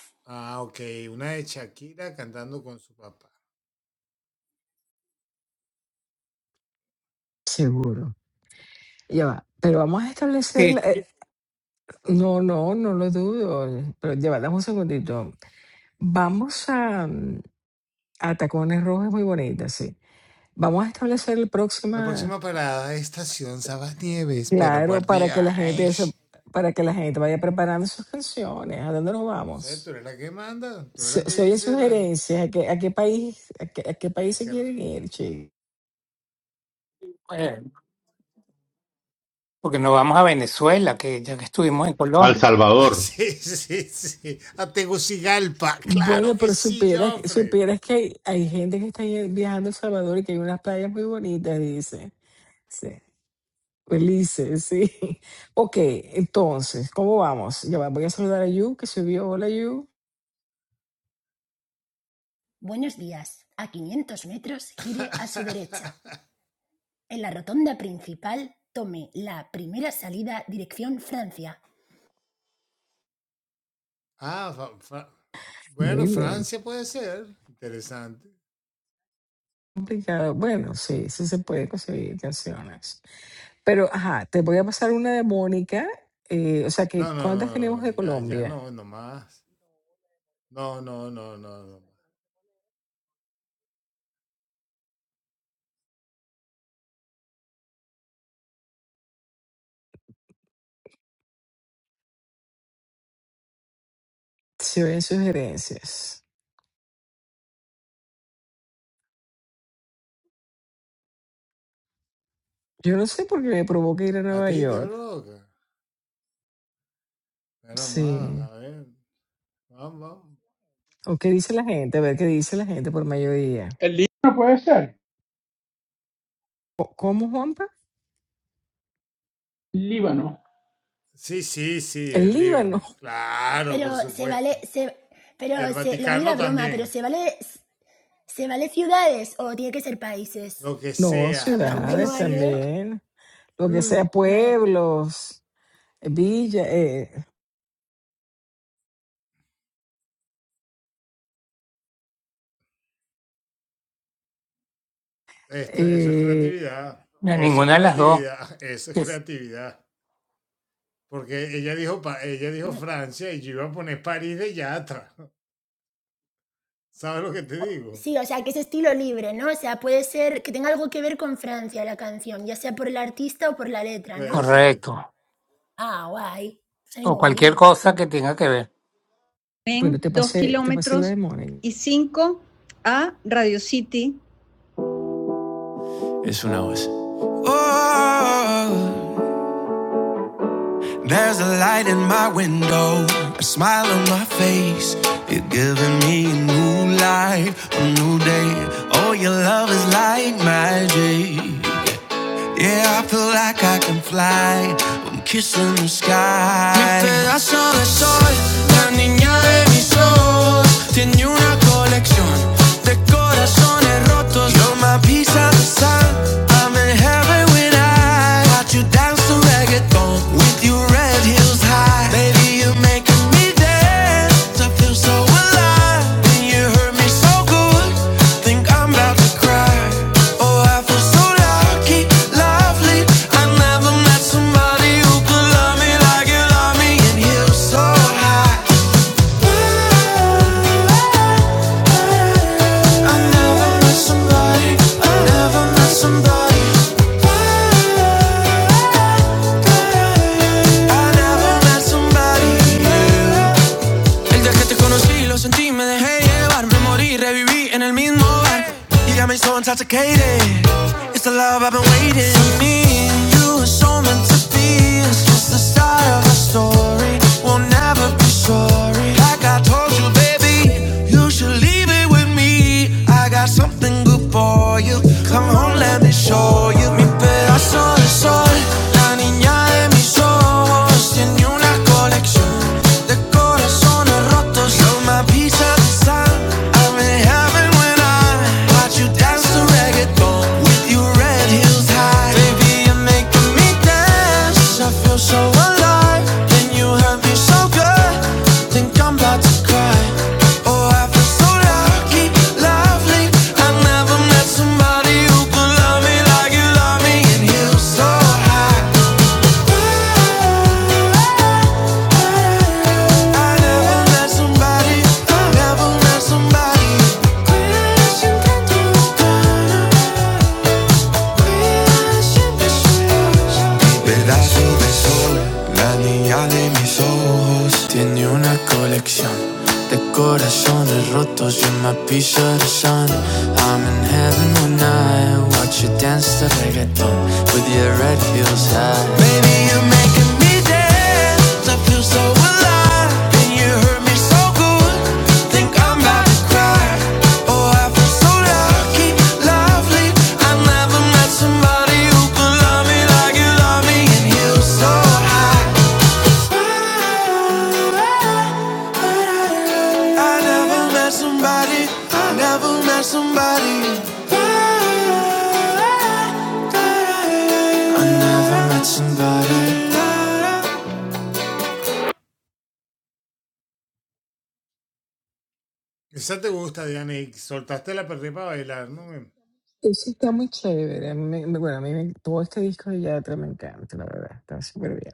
Speaker 1: Seguro. Ya va. Pero vamos a establecer...
Speaker 2: Sí.
Speaker 1: la- eh, no, no, no lo dudo. Pero ya va, dame un segundito. Vamos a, mm, a Tacones Rojos, muy bonita, sí. Vamos a establecer la
Speaker 3: La
Speaker 1: próxima
Speaker 3: próxima parada es Estación Sabanieves, pero
Speaker 1: Claro,
Speaker 3: por
Speaker 1: para que la gente se-
Speaker 3: Dios.
Speaker 1: para que la gente vaya preparando sus canciones. ¿A dónde nos
Speaker 3: No sé, tú
Speaker 1: vamos?
Speaker 3: eres la que manda, tú eres
Speaker 1: Se,
Speaker 3: la que
Speaker 1: se oyen
Speaker 3: dice la... la
Speaker 1: sugerencias. ¿A qué, a qué país, a qué, a qué país se
Speaker 3: que-
Speaker 1: quieren ir, che?
Speaker 2: eh, porque no vamos a Venezuela, que ya que estuvimos en
Speaker 5: Al
Speaker 2: Colombia.
Speaker 3: Ah,
Speaker 5: Salvador.
Speaker 3: sí, sí, sí. A Tegucigalpa, claro
Speaker 1: Bueno,
Speaker 3: que
Speaker 1: pero
Speaker 3: sí,
Speaker 1: supieras,
Speaker 3: Joffre.
Speaker 1: supieras que hay, hay gente que está ahí viajando a El Salvador y que hay unas playas muy bonitas, dice. Sí. Felices, sí. Ok, entonces, ¿cómo vamos? Ya va, voy a saludar a Yu, que subió. Hola, Yu.
Speaker 9: Buenos días, a quinientos metros gire a su derecha. En la rotonda principal tome la primera salida dirección Francia.
Speaker 3: Ah, fa- fa- bueno,
Speaker 1: Muy bien.
Speaker 3: Francia puede ser. Interesante.
Speaker 1: Complicado. Bueno, sí, sí se puede conseguir canciones. Pero, ajá, te voy a pasar una de Mónica. eh, o sea, que
Speaker 3: No, no,
Speaker 1: ¿cuántas
Speaker 3: no, no,
Speaker 1: tenemos de
Speaker 3: no, ya, ya
Speaker 1: Colombia?
Speaker 3: no, no más. No, no, no, no, no.
Speaker 1: Si oyen sugerencias. Yo no sé por qué me provoca ir a Nueva York. Sí. ¿O qué dice la gente? A ver qué dice la gente por mayoría.
Speaker 7: El Líbano puede ser.
Speaker 1: Co- ¿Cómo, Juanpa?
Speaker 7: Líbano.
Speaker 1: El Líbano.
Speaker 9: Pero se vale, se, pero se, lo mío era broma, pero se vale, se vale ciudades o tiene que ser países.
Speaker 1: No,
Speaker 9: O sea, por ejemplo,
Speaker 1: ciudades
Speaker 9: Nueva York,
Speaker 1: también. Lo que
Speaker 9: mm,
Speaker 1: sea,
Speaker 9: vale,
Speaker 1: pueblos, villas. eh, eh,
Speaker 2: A ninguna de las dos, que es
Speaker 9: no. Sí, o sea, que es estilo libre, ¿no? O sea, puede ser que tenga algo que ver con Francia la canción, ya sea por el artista o por la letra, ¿no?
Speaker 2: correcto.
Speaker 9: Ah, guay. O sea, hay
Speaker 2: O cualquier
Speaker 9: mogollón.
Speaker 2: cosa que tenga que ver.
Speaker 1: bueno,
Speaker 3: en
Speaker 1: te
Speaker 3: 2
Speaker 1: pasé, te pasé la
Speaker 3: kilómetros
Speaker 1: de Mónica.
Speaker 3: y 5 a Radio City window, a smile on my face. You're giving me a new life, a new day. Oh, your love is like magic. Yeah, I feel like I can fly. I'm kissing the sky. Mi pedazo de sol, la niña de mis ojos, tiene una colección de corazones rotos. You're my piece of the sun. I'm in heaven when I watch you dance to reggaeton with your red heels high. Baby, you're making me dance. I feel so alive. And you hurt me so good. Think I'm about to cry. El me me me dejé llevar me morí reviví en el mismo barco. You got me so intoxicated It's the love I've been waiting for me. and You were so meant to be. It's just the start of a story. We'll never be sorry. Like I told you, baby, you should leave it with me. I got something good for you. Come home, let me show you. Mi pedazo de sol, la niña de mis ojos tiene una colección de corazones rotos. You're my piece of the sun. Somebody who could love me like you love me, and you so high. Pedazo de sol, la niña de mis ojos Tiene una colección de corazones rotos You're my piece of the sun I'm in heaven when I watch you dance to reggaeton With your red heels Somebody who can love me like you love me, and you so high. I never
Speaker 1: Eso está muy chévere. a mí me- me- bueno, a mí me- todo este disco de Yatra me encanta, la verdad. Está súper bien.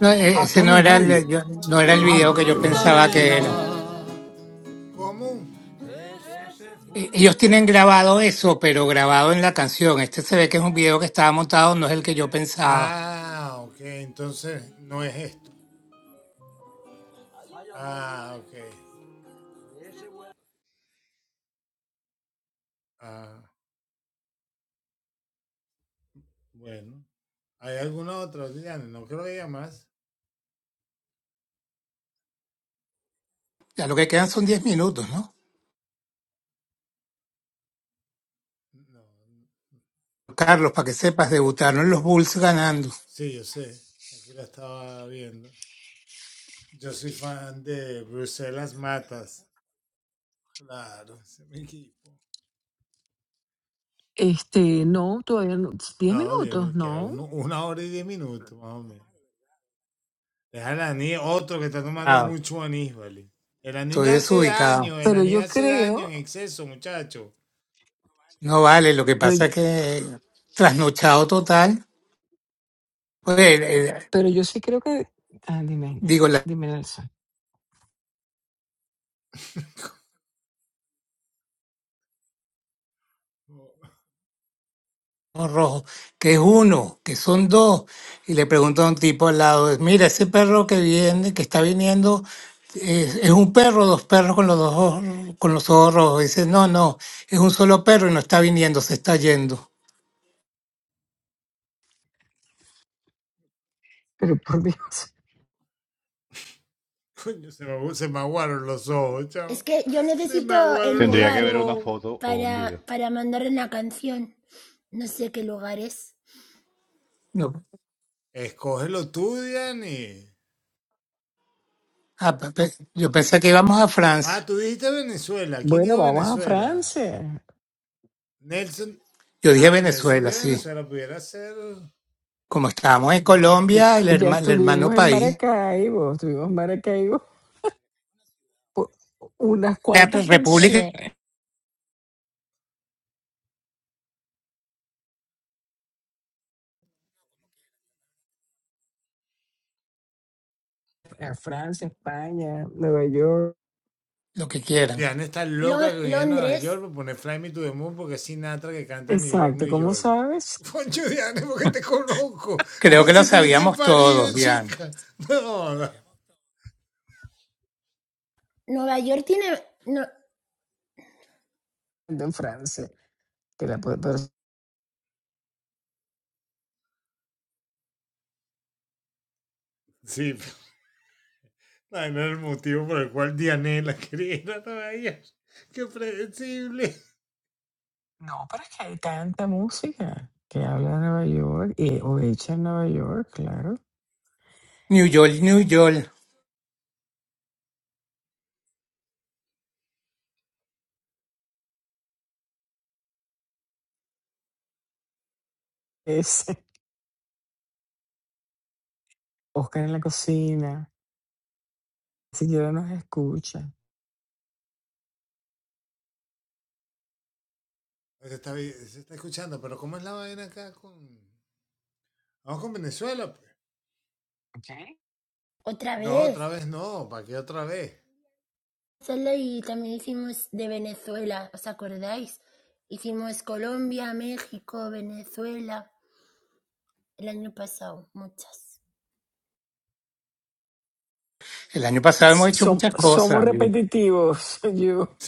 Speaker 2: No, e- ese no era el, yo- no era el video que yo pensaba que era. E- Ellos tienen grabado eso, pero grabado en la canción. Este se ve que es un video que estaba montado, no es el que yo pensaba. Ya lo que quedan son 10 minutos, ¿no? Carlos, para que sepas, debutaron los Bulls ganando.
Speaker 1: Este, no, todavía no. Diez minutos, no.
Speaker 2: Ah, estoy desubicado.
Speaker 1: Pero yo creo,
Speaker 2: No vale, lo que
Speaker 1: pero,
Speaker 2: pasa es que trasnochado total. Pues, eh, eh,
Speaker 1: pero yo sí creo que. Ah, dime,
Speaker 2: digo, la
Speaker 1: dime, Nelson.
Speaker 2: rojo, que es uno, que son dos. Y le pregunto a un tipo al lado, mira, ese perro que viene, que está viniendo, es, es un perro, dos perros con los dos ojos, con los ojos rojos. Dice, no, no, es un solo perro y no está viniendo, se está yendo.
Speaker 1: Pero por Dios.
Speaker 9: Es que yo necesito el
Speaker 5: Tendría que
Speaker 9: lugar
Speaker 5: ver una foto o un
Speaker 9: para,
Speaker 5: video.
Speaker 9: para mandarle una canción. No sé qué lugares.
Speaker 2: No. Ah, pe- pe- yo pensé que íbamos a Francia.
Speaker 1: Bueno, vamos a Francia.
Speaker 2: Yo dije Venezuela, sí. Como estábamos en Colombia, el,
Speaker 1: Ya
Speaker 2: herma- el hermano
Speaker 1: estuvimos en
Speaker 2: país,
Speaker 1: Maracaibo, estuvimos en Maracaibo por unas
Speaker 2: la
Speaker 1: cuantas
Speaker 2: pues, república,
Speaker 1: canciones. A Francia, España, Nueva York.
Speaker 2: lo que quieran.
Speaker 9: Lo- Londres,
Speaker 1: Exacto, ¿cómo sabes?
Speaker 2: Creo que lo sabíamos todos, Diane.
Speaker 9: Nueva York tiene... no-
Speaker 1: Ando En Francia. Que la puedo No, pero es que hay tanta música que habla de Nueva York eh, o hecha en Nueva York, claro.
Speaker 2: New York, New York.
Speaker 1: Es Oscar en la cocina, siquiera nos escucha. Okay.
Speaker 9: otra vez. Solo y también hicimos de Venezuela, ¿os acordáis? Hicimos Colombia, México, Venezuela. El año pasado, muchas.
Speaker 2: El año pasado
Speaker 1: S-
Speaker 2: hemos hecho
Speaker 1: som-
Speaker 2: muchas
Speaker 1: somos
Speaker 2: cosas. Yo,
Speaker 1: repetitivos, yo.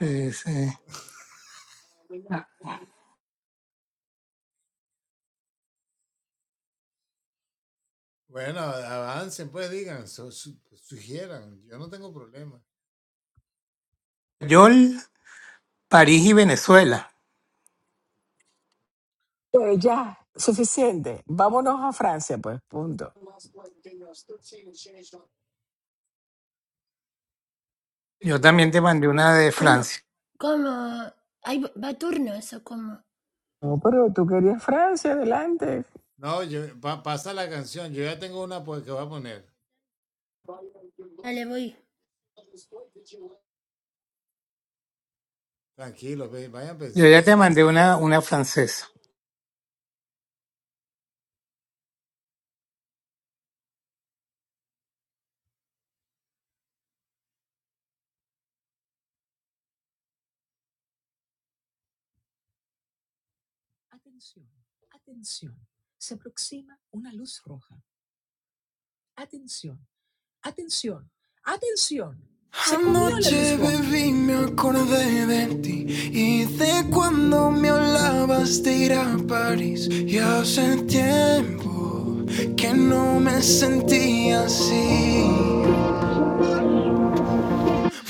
Speaker 2: eh, sí. York, París y Venezuela.
Speaker 1: Pero ya, suficiente. Vámonos a Francia, pues, punto.
Speaker 2: Yo también te mandé una de
Speaker 9: ¿Cómo?
Speaker 2: Francia.
Speaker 9: ¿Cómo? ¿Hay, ¿Va a turnos o cómo?
Speaker 1: No, pero tú querías Francia, adelante.
Speaker 3: No, yo- pa- pasa la canción. Yo ya tengo una pues, que voy a poner.
Speaker 9: Vale, voy.
Speaker 2: Yo ya te mandé una, una francesa.
Speaker 3: Anoche bebí, me acordé de ti y de cuando me hablabas de ir a París. Y hace tiempo que no me sentía así.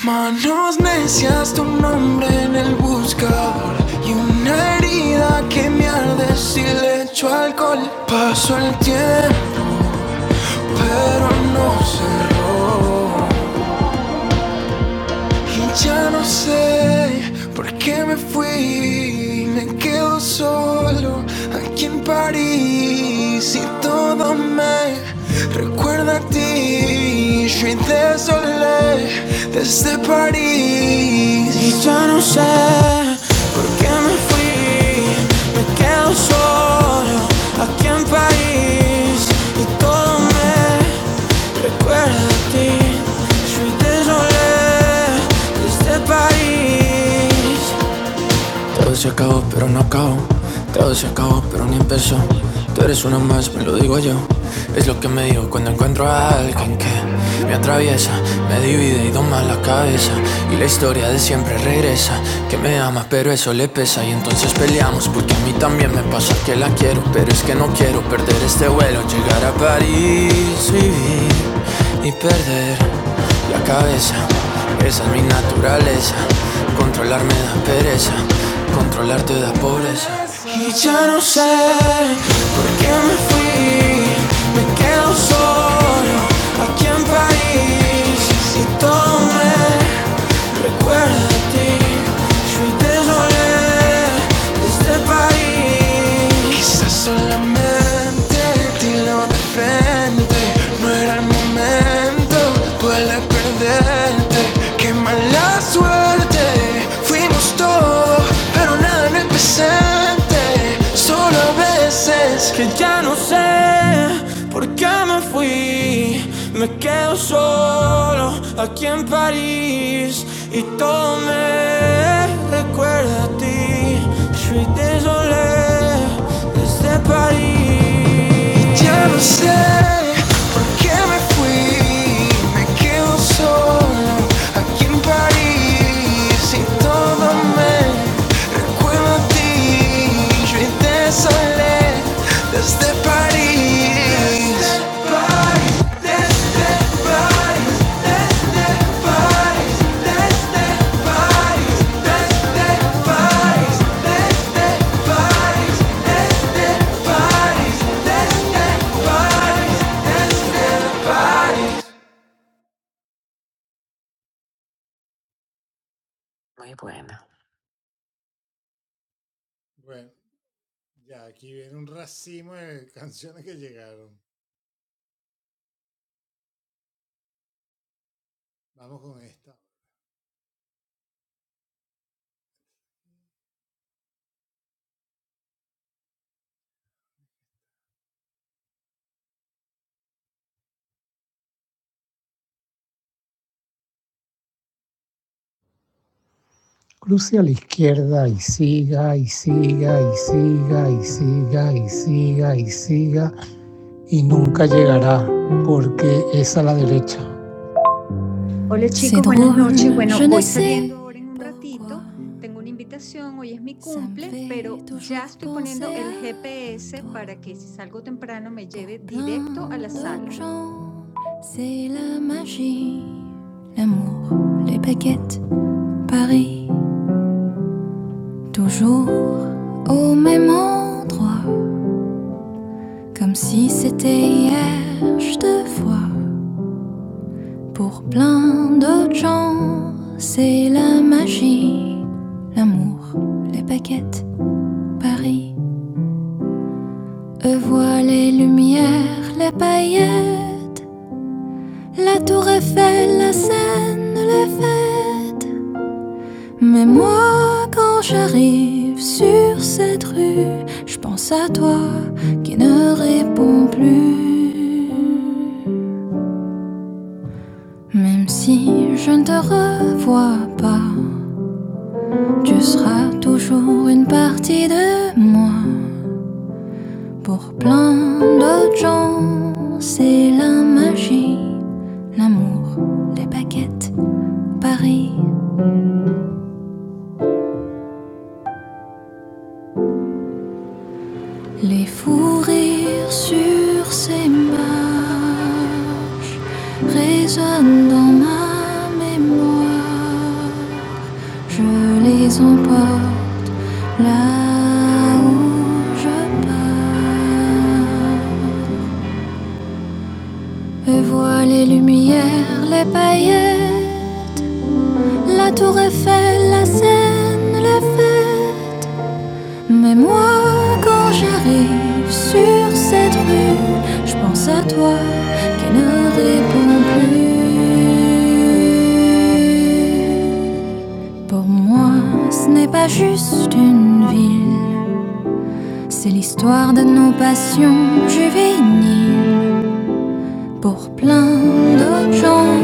Speaker 3: Manos necias, tu nombre en el buscador y una herida que me arde si le echo alcohol. Pasó el tiempo, pero no sé. Y ya no sé por qué me fui. Me quedo solo aquí en París y todo me recuerda a ti. Je suis désolé desde París. Y ya no sé por qué me fui. Me quedo solo aquí en París y todo me da a ti. Todo se acabó, pero no acabó. Todo se acabó, pero ni empezó. Tú eres una más, me lo digo yo. Es lo que me digo cuando encuentro a alguien que me atraviesa, me divide y doma la cabeza. Y la historia de siempre regresa, que me ama, pero. Y ya no sé qué me fui, me quedo solo aquí en París. Y todo me detiene. suis désolé de ce país. Quizás solamente dilo de frente. No era el momento, duele perder. Eh, Qué mala suerte, fuimos todo, pero nada en el presente. Solo a veces que ya no sé por qué me fui. Me quedo solo aquí en París y todo me recuerda a ti. Sweetie, desde París. Me quedo solo aquí en París y todo me
Speaker 1: Muy buena.
Speaker 3: Ahora sí, mueve, canciones que llegaron. Vamos con esta. siga y siga y siga y siga y siga y siga y nunca llegará porque es a la derecha. Hola chicos, buenas noches. Bueno, voy saliendo ahora en un ratito. Tengo una invitación, hoy es mi cumple, pero ya estoy poniendo el GPS para que si salgo temprano me lleve directo a la sala. C'est la Marie, toujours au même endroit, comme si c'était hier, je te vois. Pour plein d'autres gens, c'est la magie, l'amour, les paquettes, Paris. Eux voient les lumières, les paillettes, la tour Eiffel, la Seine, les fêtes. Mais moi, quand j'arrive sur cette rue, je pense à toi qui ne réponds plus. Même si je ne te revois pas, tu seras toujours une partie de moi. Pour plein d'autres gens, c'est la magie, l'amour, les baguettes, Paris. Les fous rires sur ces marches résonnent dans ma mémoire. Je les emporte là où je pars. Et vois les lumières, les paillettes, la tour Eiffel, la Seine, les fêtes. Mais moi, quand j'arrive sur cette rue, je pense à toi qui ne répond plus. Pour moi, ce n'est pas juste une ville, c'est l'histoire de nos passions juvéniles. Pour plein d'autres gens,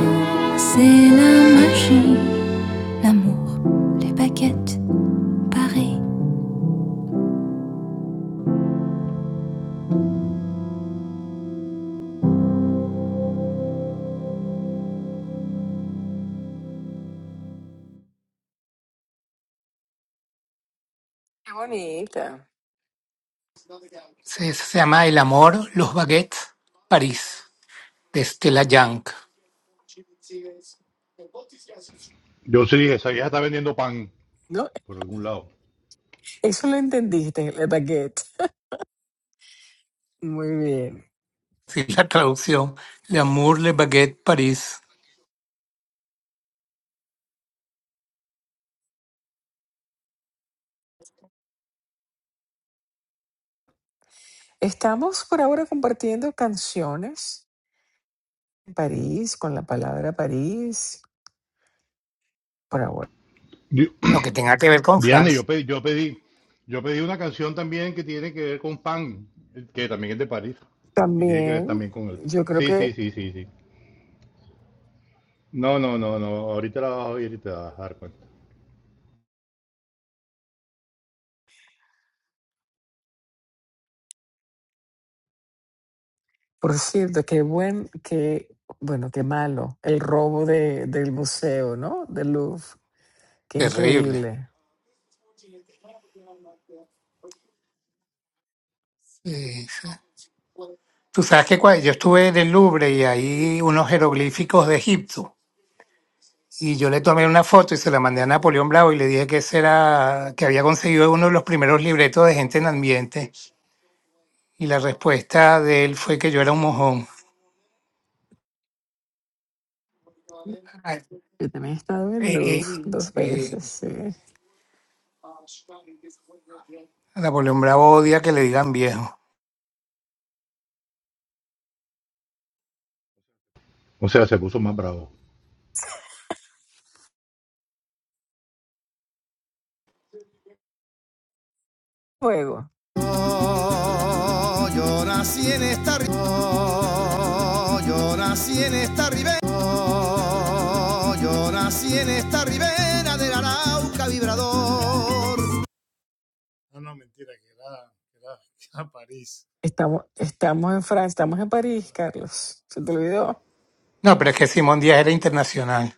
Speaker 3: c'est la magie, l'amour, les baguettes, Paris.
Speaker 1: Qué bonita.
Speaker 2: Se, se llama El amor, los baguettes, París, de Stella Young.
Speaker 5: Yo sí dije, esa vieja está vendiendo pan
Speaker 1: No,
Speaker 5: por algún lado.
Speaker 1: eso lo entendiste, el baguette. Muy bien.
Speaker 2: Sí, la traducción. L'amour, les baguettes, París.
Speaker 1: Estamos por ahora compartiendo canciones París, con la palabra París, por ahora.
Speaker 5: Yo-
Speaker 2: No, que tenga que ver con
Speaker 5: Diana,
Speaker 2: Francia.
Speaker 5: yo pedí, yo pedí, yo pedí una canción también que tiene que ver con pan, que también es de París. Y tiene que ver
Speaker 1: También,
Speaker 5: también con el.
Speaker 1: yo creo
Speaker 5: Sí, sí,
Speaker 1: que,
Speaker 5: sí, sí, sí. No, no, no, no. Ahorita la vas a oír y te vas a dar cuenta.
Speaker 1: por cierto, qué buen, qué, bueno, qué malo, el robo de, del museo, ¿no? Del Louvre. Qué
Speaker 2: Terrible.
Speaker 1: increíble.
Speaker 2: Sí, sí. Tú sabes que cua- yo estuve en el Louvre y hay unos jeroglíficos de Egipto. Y yo le tomé una foto y se la mandé a Napoleón Bravo y le dije que ese era, que había conseguido uno de los primeros libretos de gente en ambiente. Y la respuesta de él fue que yo era un mojón. Ah, eh,
Speaker 1: Yo también he estado en el Louvre
Speaker 2: eh,
Speaker 1: dos
Speaker 2: sí.
Speaker 1: veces, sí.
Speaker 2: Napoleón Bravo odia que le digan viejo.
Speaker 5: O sea, se puso más bravo.
Speaker 1: Luego,
Speaker 3: Yo nací en esta ri- Yo nací en esta ribera. Yo nací en esta ribera del Arauca vibrador.
Speaker 1: estamos, estamos en Francia, estamos en París, Carlos. ¿Se te olvidó?
Speaker 2: No, pero es que Simón Díaz era internacional.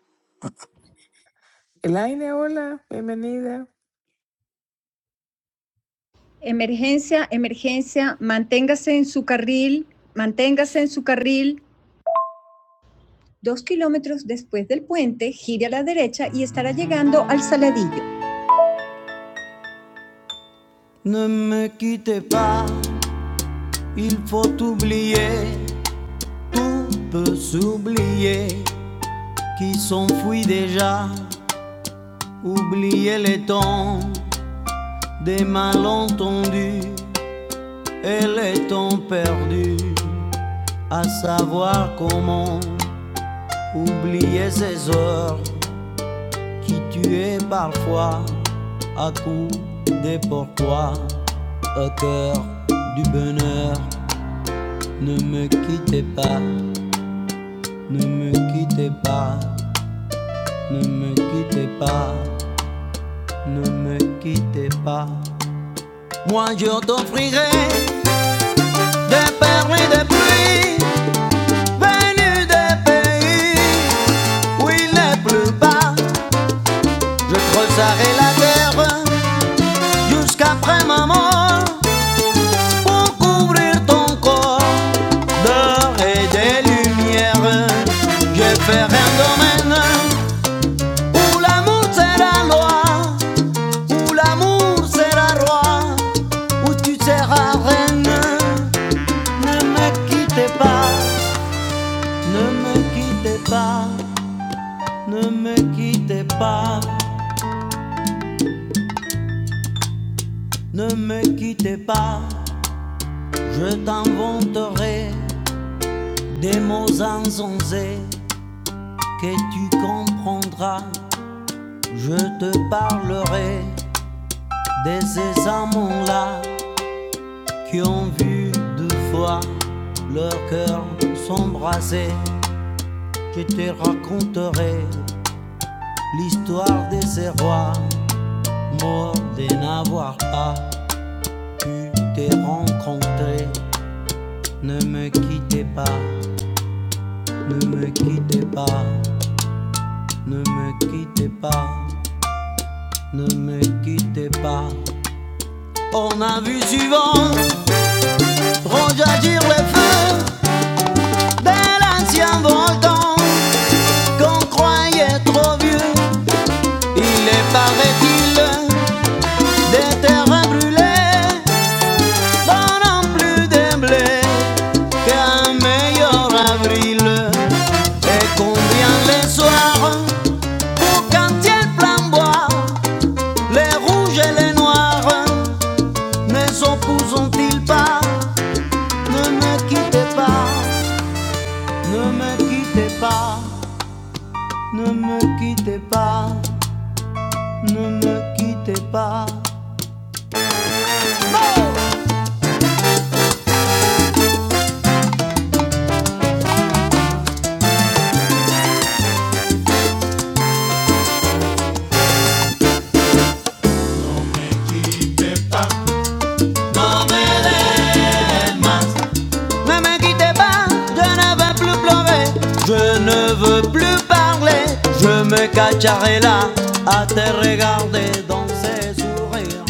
Speaker 1: Elaine, hola, bienvenida.
Speaker 3: Emergencia, emergencia, manténgase en su carril, manténgase en su carril. Dos kilómetros después del puente, gire a la derecha y estará llegando al Saladillo. Ne me quittez pas, il faut oublier, tout peut s'oublier. qui s'enfuit déjà. Oubliez les temps des malentendus et les temps perdus. À savoir comment oublier ces heures qui tuaient parfois à coups des pourquoi. Au cœur du bonheur, ne me quittez pas, ne me quittez pas, ne me quittez pas, ne me quittez pas. Moi je t'offrirai des perles et des pluies venues des pays où il ne pleut pas. Je creuserai la terre jusqu'après ma mort pour couvrir ton corps d'or et des lumières. Je ferai un domaine où l'amour sera loi, où l'amour sera roi, où tu seras reine. Ne me quitte pas. Ne me quittez pas, ne me quittez pas, ne me quittez pas. Je t'inventerai des mots insensés que tu comprendras. Je te parlerai de ces amants-là qui ont vu deux fois leur cœur s'embraser. Je te raconterai l'histoire de ces rois morts de n'avoir pas pu te rencontrer. Ne me quittez pas, ne me quittez pas, ne me quittez pas, ne me quittez pas. On a vu souvent rejaillir les feux de l'ancien volcan qu'on croyait trop vieux. Il est paraît-il des terrains brûlés pendant plus de qu'un meilleur avril. Et combien les soirs pour quand il flamboie, les rouges et les noirs, ne s'opposent-ils pas Ne me quittez pas, ne me quittez pas, ne me quittez pas, ne me quittez pas. Non Ne me quittez pas, je ne veux plus pleurer, je ne veux plus parler, je me cacherai là à te regarder dans ses sourires.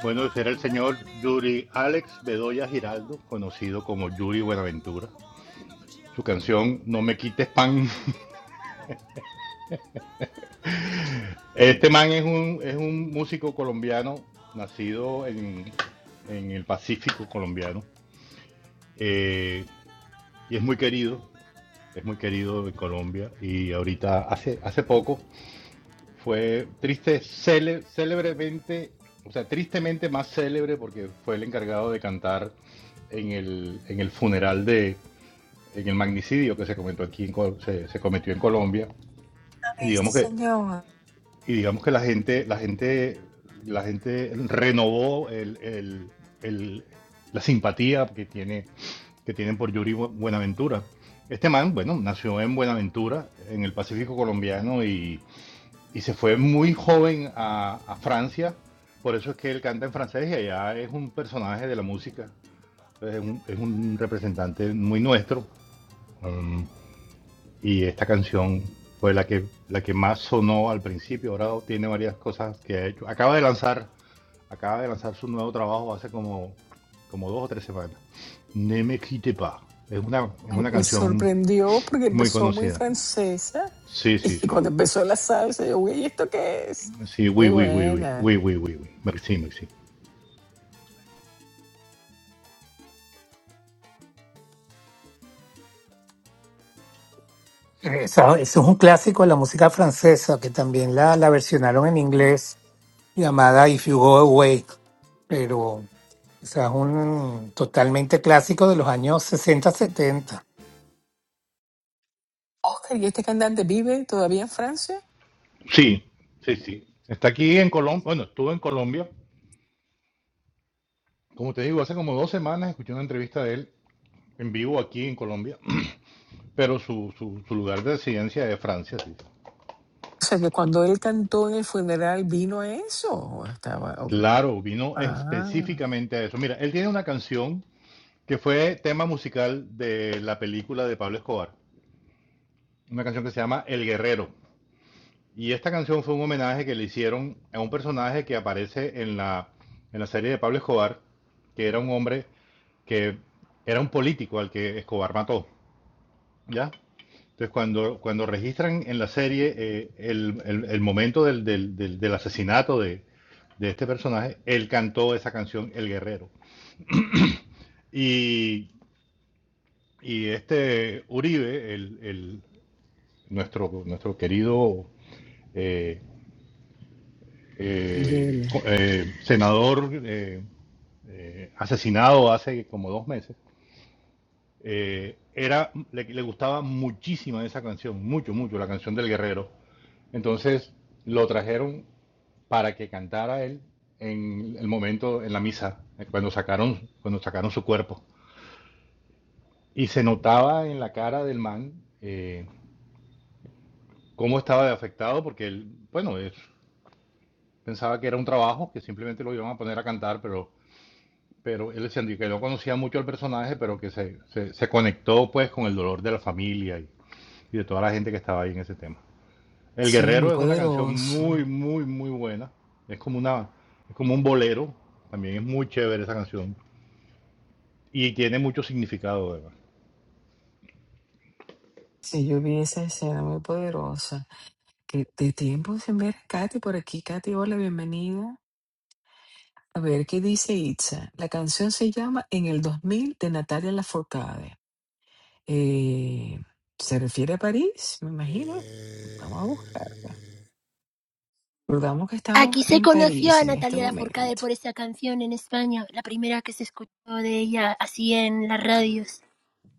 Speaker 5: Bueno, será el señor Yuri Alex Bedoya Giraldo, conocido como Yuri Buenaventura. Su canción No me quites pan. Este man es un, es un músico colombiano nacido en, en el Pacífico colombiano. eh, y es muy querido, es muy querido en Colombia. Y ahorita, hace, hace poco, fue triste, cele- célebremente, o sea, tristemente más célebre porque fue el encargado de cantar en el, en el funeral de, en el magnicidio que se cometió aquí en, se, se cometió en Colombia
Speaker 1: ¿Dónde
Speaker 5: y
Speaker 1: está Este
Speaker 5: digamos que
Speaker 1: señor.
Speaker 5: y digamos que la gente la gente la gente renovó el, el- el- la simpatía que tiene que tienen por Yuri Buenaventura. Este man, bueno, nació en Buenaventura, en el Pacífico colombiano y, y se fue muy joven a, a Francia, por eso es que él canta en francés y allá es un personaje de la música, Entonces, es un, es un representante muy nuestro. Um, y esta canción fue la que, la que más sonó al principio. Ahora tiene varias cosas que ha hecho. Acaba de lanzar, acaba de lanzar su nuevo trabajo hace como, como dos o tres semanas. Ne me quitte pas. Es una, es
Speaker 1: Me,
Speaker 5: una
Speaker 1: me
Speaker 5: canción
Speaker 1: sorprendió porque
Speaker 5: muy
Speaker 1: empezó muy
Speaker 5: conocida.
Speaker 1: francesa
Speaker 5: Sí, sí,
Speaker 1: y
Speaker 5: sí.
Speaker 1: cuando empezó la salsa, yo, güey, ¿esto qué es?
Speaker 5: Sí, oui,
Speaker 1: Muy
Speaker 5: oui, oui, oui.
Speaker 1: buena.
Speaker 5: Oui, oui, oui, oui. Merci, merci.
Speaker 2: Eso, eso es un clásico de la música francesa que también la, la versionaron en inglés llamada If You Go Away, pero esa es un totalmente clásico de los años sesenta setenta.
Speaker 1: Oscar, ¿y este cantante vive todavía en Francia?
Speaker 5: Sí, sí, sí. sí. Está aquí en Colombia. Bueno, estuvo en Colombia. Como te digo, hace como dos semanas escuché una entrevista de él en vivo aquí en Colombia. Pero su, su, su lugar de residencia es Francia, sí.
Speaker 1: O sea, que cuando él cantó en el funeral vino a eso. ¿O Estaba. o-
Speaker 5: Claro, vino
Speaker 1: ah,
Speaker 5: específicamente a eso. Mira, él tiene una canción que fue tema musical de la película de Pablo Escobar, una canción que se llama El Guerrero. Y esta canción fue un homenaje que le hicieron a un personaje que aparece en la, en la serie de Pablo Escobar, que era un hombre que era un político al que Escobar mató, ¿ya? Entonces, cuando, cuando registran en la serie eh, el, el- el momento del, del- del- del asesinato de, de este personaje, él cantó esa canción, El Guerrero. Y, y este Uribe, el, el, nuestro, nuestro querido eh, eh,
Speaker 1: Miguel.
Speaker 5: eh, senador eh, eh, asesinado hace como dos meses, eh, era, le, le, gustaba muchísimo esa canción, mucho, mucho, la canción del guerrero. Entonces lo trajeron para que cantara él en el momento, en la misa, cuando sacaron, cuando sacaron su cuerpo. Y se notaba en la cara del man eh, cómo estaba de afectado, porque él, bueno, él pensaba que era un trabajo, que simplemente lo iban a poner a cantar, pero, pero él decía que no conocía mucho al personaje, pero que se, se, se conectó pues con el dolor de la familia y, y de toda la gente que estaba ahí en ese tema. El
Speaker 1: Sí, muy
Speaker 5: Guerrero es una canción
Speaker 1: poderoso.
Speaker 5: muy, muy, muy buena. Es como una, es como un bolero. También es muy chévere esa canción. Y tiene mucho significado, además.
Speaker 1: Sí, yo vi esa escena muy poderosa. Que de tiempo sin ver a Katy por aquí. Katy, hola, bienvenida. A ver, ¿qué dice Itza? La canción se llama En el 2000 de Natalia Lafourcade. Eh, se refiere a París, me imagino. Vamos a buscarla. Recordamos que estamos
Speaker 9: Aquí se
Speaker 1: en
Speaker 9: conoció
Speaker 1: París
Speaker 9: a
Speaker 1: en este
Speaker 9: Natalia Lafourcade
Speaker 1: momento.
Speaker 9: por esa canción en España, la primera que se escuchó de ella así en las radios.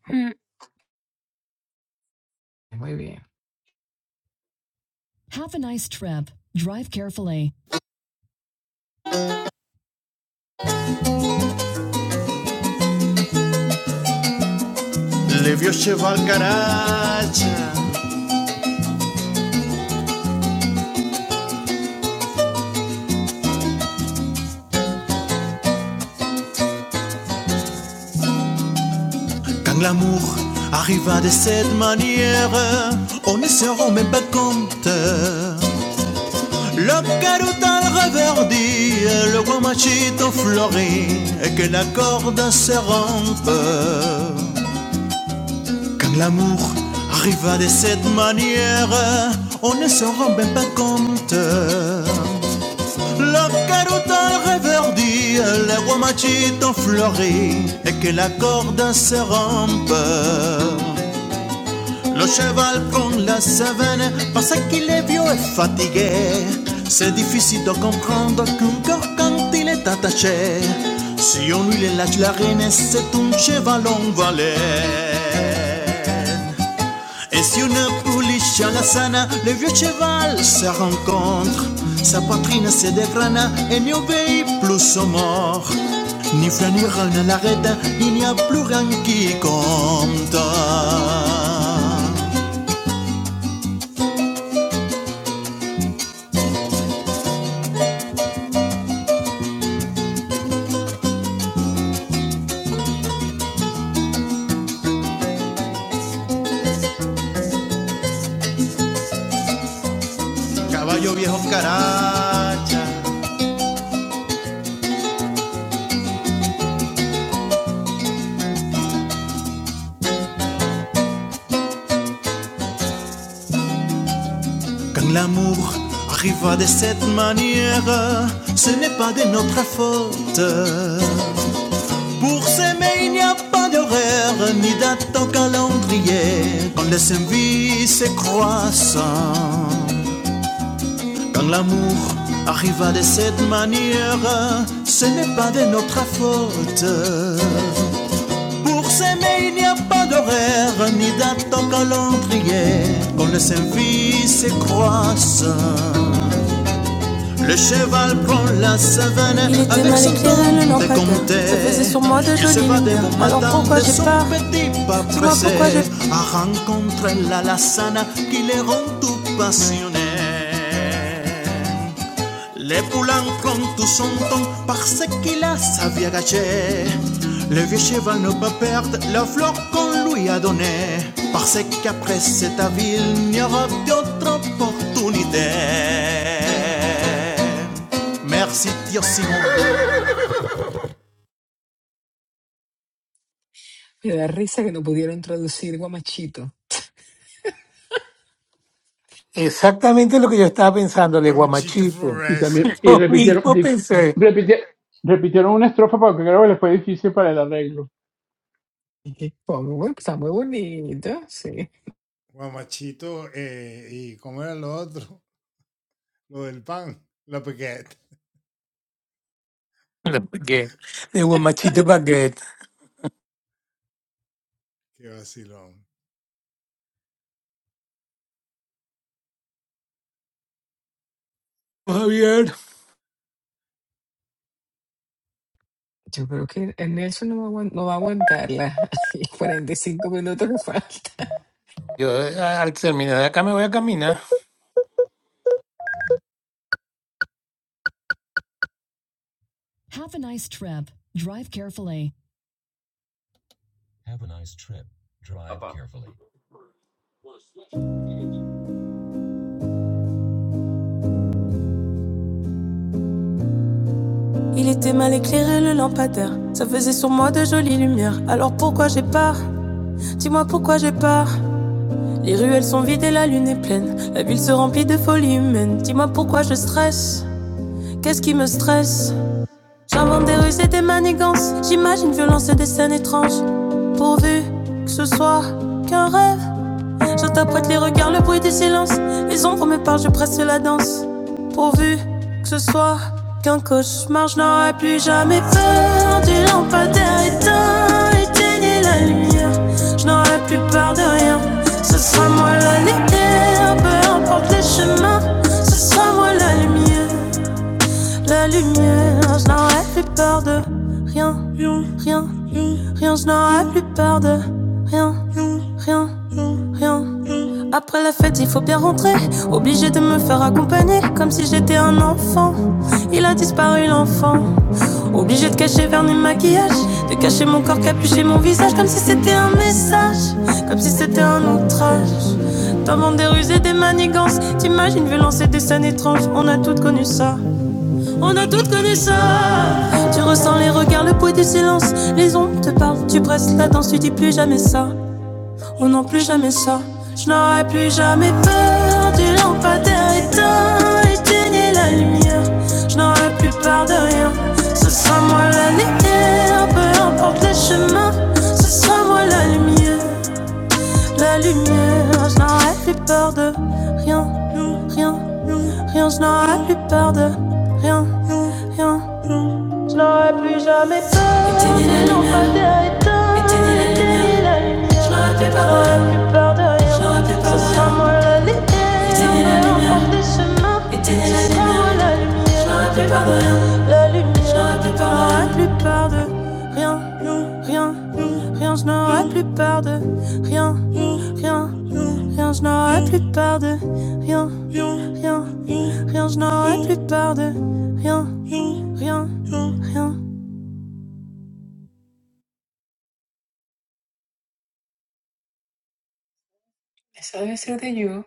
Speaker 9: Mm.
Speaker 1: Muy bien.
Speaker 3: Les vieux chevaux garage, quand l'amour arriva de cette manière, on ne se rend même pas compte. Le carutal reverdit, le guamachito fleurit, et que la corde se rompe. Quand l'amour arriva de cette manière, on ne s'en rend même pas compte. Le carotin reverdit, les rhumatites ont fleuri, et que la corde se rompe. Le cheval prend la savane parce qu'il est vieux et fatigué. C'est difficile de comprendre qu'un corps quand il est attaché, si on lui lâche la rêne, c'est un cheval en valette. Et si une pouliche à la sana, le vieux cheval se rencontre. Sa poitrine se dégrana et n'y obéit plus aux morts. Ni flan ni ral ne l'arrête, il n'y a plus rien qui compte. Caballo viejo caracha. Quand l'amour arriva de cette manière, ce n'est pas de notre faute. Pour s'aimer, il n'y a pas d'horaire, ni date en calendrier. Quand les services croissant, quand l'amour arriva de cette manière, ce n'est pas de notre faute. Pour s'aimer, il n'y a pas d'horaire, ni date en calendrier. Quand les services croissant, le cheval prend la savane Il avec mal son le temps lampadaire. décompté. Ça faisait sur moi de Il jolies lumières. bon Alors pourquoi j'ai peur petit Dis-moi pourquoi j'ai- peur à rencontrer la lassana qui les rend tout passionnés. Les poulains prennent tout son temps parce qu'il a sa vie à gâcher. Le vieux cheval ne peut perdre la fleur qu'on lui a donnée. Parce qu'après cette ville, il n'y aura d'autre opportunité. Merci Tirsimon.
Speaker 1: Me da risa que no pudieron traducir guamachito.
Speaker 2: Exactamente lo que yo estaba pensando de Guamachito.
Speaker 7: Y también, y
Speaker 2: Lo
Speaker 7: repitieron,
Speaker 2: mismo
Speaker 7: di-
Speaker 2: pensé
Speaker 7: repiti- repitieron una estrofa porque creo que les fue difícil para el arreglo.
Speaker 1: Pongo, bueno, está muy bonito, sí.
Speaker 2: de Baguette, de Guamachito Baguette. Javier,
Speaker 1: Yo creo que el Nelson no va a, aguan- no va a aguantar las 45 minutos que falta.
Speaker 2: yo eh, al terminar de acá me voy a caminar.
Speaker 10: Apa,
Speaker 3: Il était mal éclairé le lampadaire. Ça faisait sur moi de jolies lumières. Alors pourquoi j'ai peur Dis-moi pourquoi j'ai peur. Les ruelles sont vides et la lune est pleine. La ville se remplit de folie humaine. Dis-moi pourquoi je stresse. Qu'est-ce qui me stresse J'invente des ruses et des manigances. J'imagine violence et des scènes étranges. Pourvu que ce soit qu'un rêve. Je t'apprête les regards, le bruit des silences. Les ombres me parlent, je presse la danse. Pourvu que ce soit qu'un cauchemar, je n'aurai plus jamais peur du lampadaire éteint. Éteignez la lumière, je n'aurai plus peur de rien. Ce sera moi la lumière, peu importe les chemins. Ce sera moi la lumière la lumière. Je n'aurai plus peur de rien, rien, rien. Je n'aurai plus peur de rien, rien, rien. Après la fête, il faut bien rentrer. Obligé de me faire accompagner, comme si j'étais un enfant. Il a disparu l'enfant. Obligé de cacher vernis maquillage, de cacher mon corps, capucher mon visage, comme si c'était un message, comme si c'était un outrage. T'inventes des ruses et des manigances. T'imagines, vu lancer des scènes étranges, on a toutes connu ça. On a toutes connu ça. Tu ressens les regards, le poids du silence. Les ondes te parlent, tu presses la danse, tu dis plus jamais ça. On n'en plus jamais ça. Je n'aurai plus jamais peur du lampadaire éteint, éteigner la lumière. Je n'aurai plus peur de rien. Ce sera moi la lumière, peu importe les chemins. Ce sera moi la lumière la lumière. Je n'aurais plus peur de rien, rien, rien. Je n'aurais plus peur de rien, rien. Je n'aurais plus jamais peur. Éteignez la lumière. pas Éteignez la lumière. Je n'aurais plus peur de rien. Je n'aurais plus peur de rien. Ce sera moi la lumière. Éteignez la lumière. Éteignez la lumière. Je n'aurais plus peur de rien. La lumière. Je n'aurais plus peur de rien rien, rien, rien, je n'aurai plus peur de rien, rien, rien, je n'aurai plus peur de rien, rien, rien, je n'aurai plus peur de rien, rien, rien.
Speaker 1: Eso debe ser de You.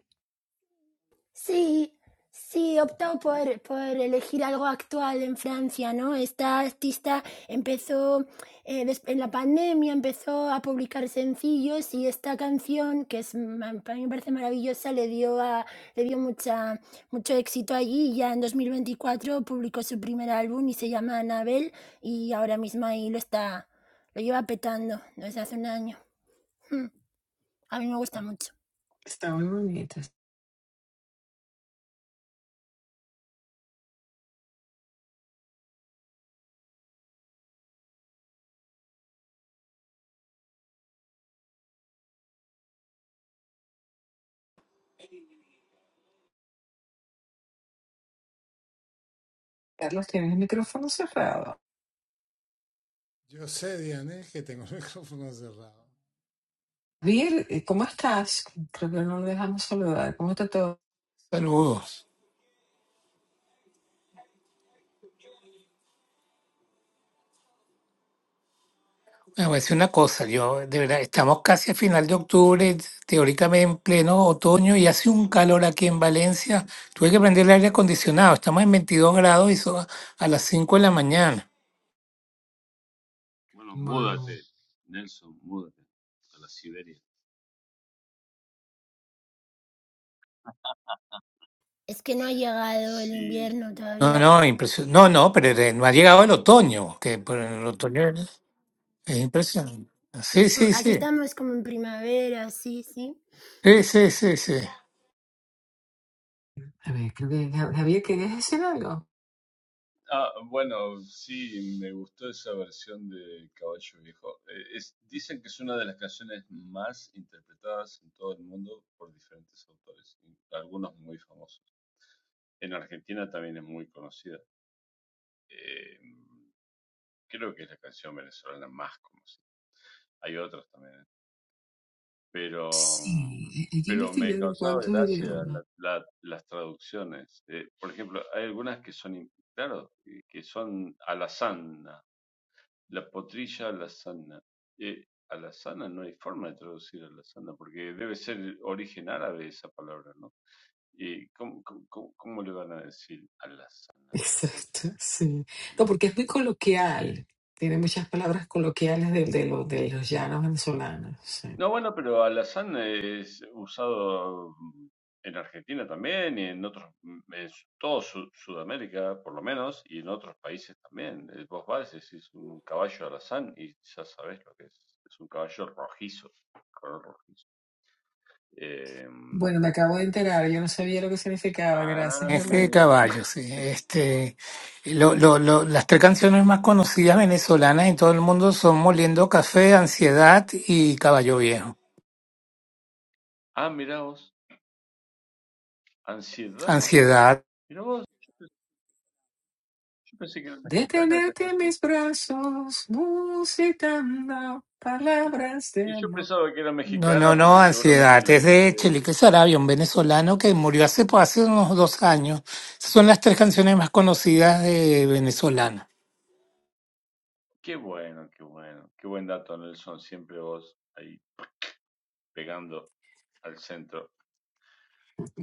Speaker 9: Sí, sí, optó por, por elegir algo actual en Francia, ¿no? Esta artista empezó, eh, des- en la pandemia empezó a publicar sencillos y esta canción, que es, ma- para mí me parece maravillosa, le dio, a, le dio mucha, mucho éxito allí y ya en 2024 publicó su primer álbum y se llama Anabel y ahora mismo ahí lo está, lo lleva petando desde hace un año. Mm, A mí me gusta mucho.
Speaker 1: Está muy bonito. Carlos, tienes el micrófono cerrado. Bill, eh, ¿cómo estás? Creo que no lo dejamos saludar. ¿Cómo está todo?
Speaker 2: Saludos. Bueno, voy a decir una cosa, yo de verdad, estamos casi a final de octubre, teóricamente en pleno otoño y hace un calor aquí en Valencia. Tuve que prender el aire acondicionado, estamos en 22 grados y son a las 5 de la mañana.
Speaker 10: bueno,
Speaker 1: Wow.
Speaker 10: múdate, Nelson, múdate a la Siberia.
Speaker 9: Es que no ha llegado el
Speaker 10: Sí,
Speaker 9: invierno
Speaker 10: sí.
Speaker 2: No,
Speaker 9: todavía.
Speaker 2: no, impresionante. No, no, pero de- no ha llegado el otoño, que por el otoño es es impresionante. Sí, sí,
Speaker 9: Aquí
Speaker 2: sí.
Speaker 9: estamos como en primavera, sí, sí.
Speaker 2: Sí, sí, sí, sí.
Speaker 1: A ver, creo que Gab- Gabriel, ¿querías decir algo?
Speaker 10: Ah, bueno, sí, me gustó esa versión de Caballo Viejo. Eh, es- dicen que es una de las canciones más interpretadas en todo el mundo por diferentes autores, y algunos muy famosos. En Argentina también es muy conocida. Eh, creo que es la canción venezolana más conocida. Hay otras también. pero, mm,
Speaker 1: Sí, hay que
Speaker 10: pero me
Speaker 1: investigar en
Speaker 10: causaba
Speaker 1: cuántos
Speaker 10: gracia
Speaker 1: idiomas.
Speaker 10: la- la- las traducciones. Eh, por ejemplo, hay algunas que son, in- claro, que que son alazana, la potrilla alazana. Eh, alazana no hay forma de traducir alazana, porque debe ser origen árabe esa palabra, ¿no? ¿Y cómo, cómo- cómo- cómo le van a decir alazana de otra?
Speaker 1: Exacto, sí. No, porque es muy coloquial. Tiene muchas palabras coloquiales de, de, lo- de los llanos venezolanos. sí.
Speaker 10: No, bueno, pero alazán es usado en Argentina también y en otros, mm, en su- todo Su- Sudamérica por lo menos, y en otros países también. Eh, Vos vas, es un caballo alazán y ya sabés lo que es. Es un caballo rojizo, color rojizo. Eh,
Speaker 1: Bueno, me acabo de enterar, yo no sabía lo que significaba, gracias,
Speaker 10: ah,
Speaker 2: Este
Speaker 10: bien,
Speaker 1: Gabriel.
Speaker 10: bien, bien.
Speaker 2: caballo, sí. Este, lo, lo, lo- las tres canciones más conocidas venezolanas en todo el mundo son Moliendo Café, Ansiedad y Caballo Viejo.
Speaker 10: Ah, mirá vos, ansiedad.
Speaker 2: Ansiedad.
Speaker 10: Mirá vos, yo pensé que era mexicana esa
Speaker 1: Detenerte en
Speaker 10: canción.
Speaker 1: mis brazos, musitando
Speaker 10: Y,
Speaker 1: palabras de
Speaker 10: y yo
Speaker 1: amor.
Speaker 10: pensaba que era
Speaker 2: No, no,
Speaker 10: mexicana
Speaker 2: no,
Speaker 10: porque seguramente
Speaker 2: Ansiedad.
Speaker 10: la
Speaker 2: Es de
Speaker 10: escuché
Speaker 2: Chelique Sarabia, un venezolano que murió hace, pues, hace unos dos años. Son las tres canciones más conocidas de venezolana.
Speaker 10: Qué bueno, qué bueno. Qué buen dato, Nelson. Siempre vos ahí pegando al centro.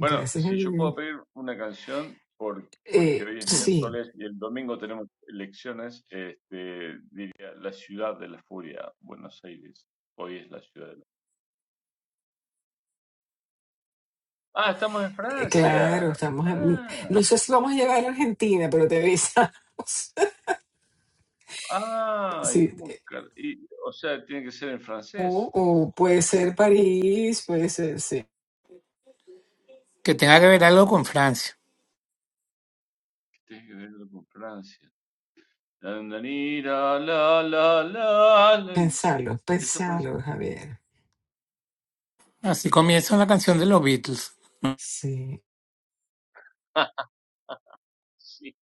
Speaker 10: Bueno, si yo puedo
Speaker 1: Gabriel.
Speaker 10: pedir una canción, por, porque
Speaker 1: Eh,
Speaker 10: hoy es
Speaker 2: Sí.
Speaker 1: sí,
Speaker 10: miércoles y el domingo tenemos elecciones, este, diría La Ciudad de la Furia, Buenos Aires. Hoy es la ciudad de la Ah, estamos en
Speaker 1: Eh, Claro,
Speaker 10: Francia.
Speaker 1: estamos en...
Speaker 10: Ah,
Speaker 1: No sé si vamos a llegar a Argentina, pero te avisamos.
Speaker 10: ah, y
Speaker 1: Sí.
Speaker 10: cómo
Speaker 1: eh,
Speaker 10: car- y, o sea, tiene que ser en francés.
Speaker 1: O, o puede ser París, puede ser, sí.
Speaker 2: Que tenga que ver algo con Francia.
Speaker 10: que Tiene que ver con Francia. La, la, la, la, la, la, la.
Speaker 1: pensalo
Speaker 10: ¿Esa puede ser?
Speaker 1: pensalo Javier.
Speaker 2: Así
Speaker 10: Listo, listo.
Speaker 2: comienza una canción de los Beatles.
Speaker 1: Sí.
Speaker 10: Ah, sí.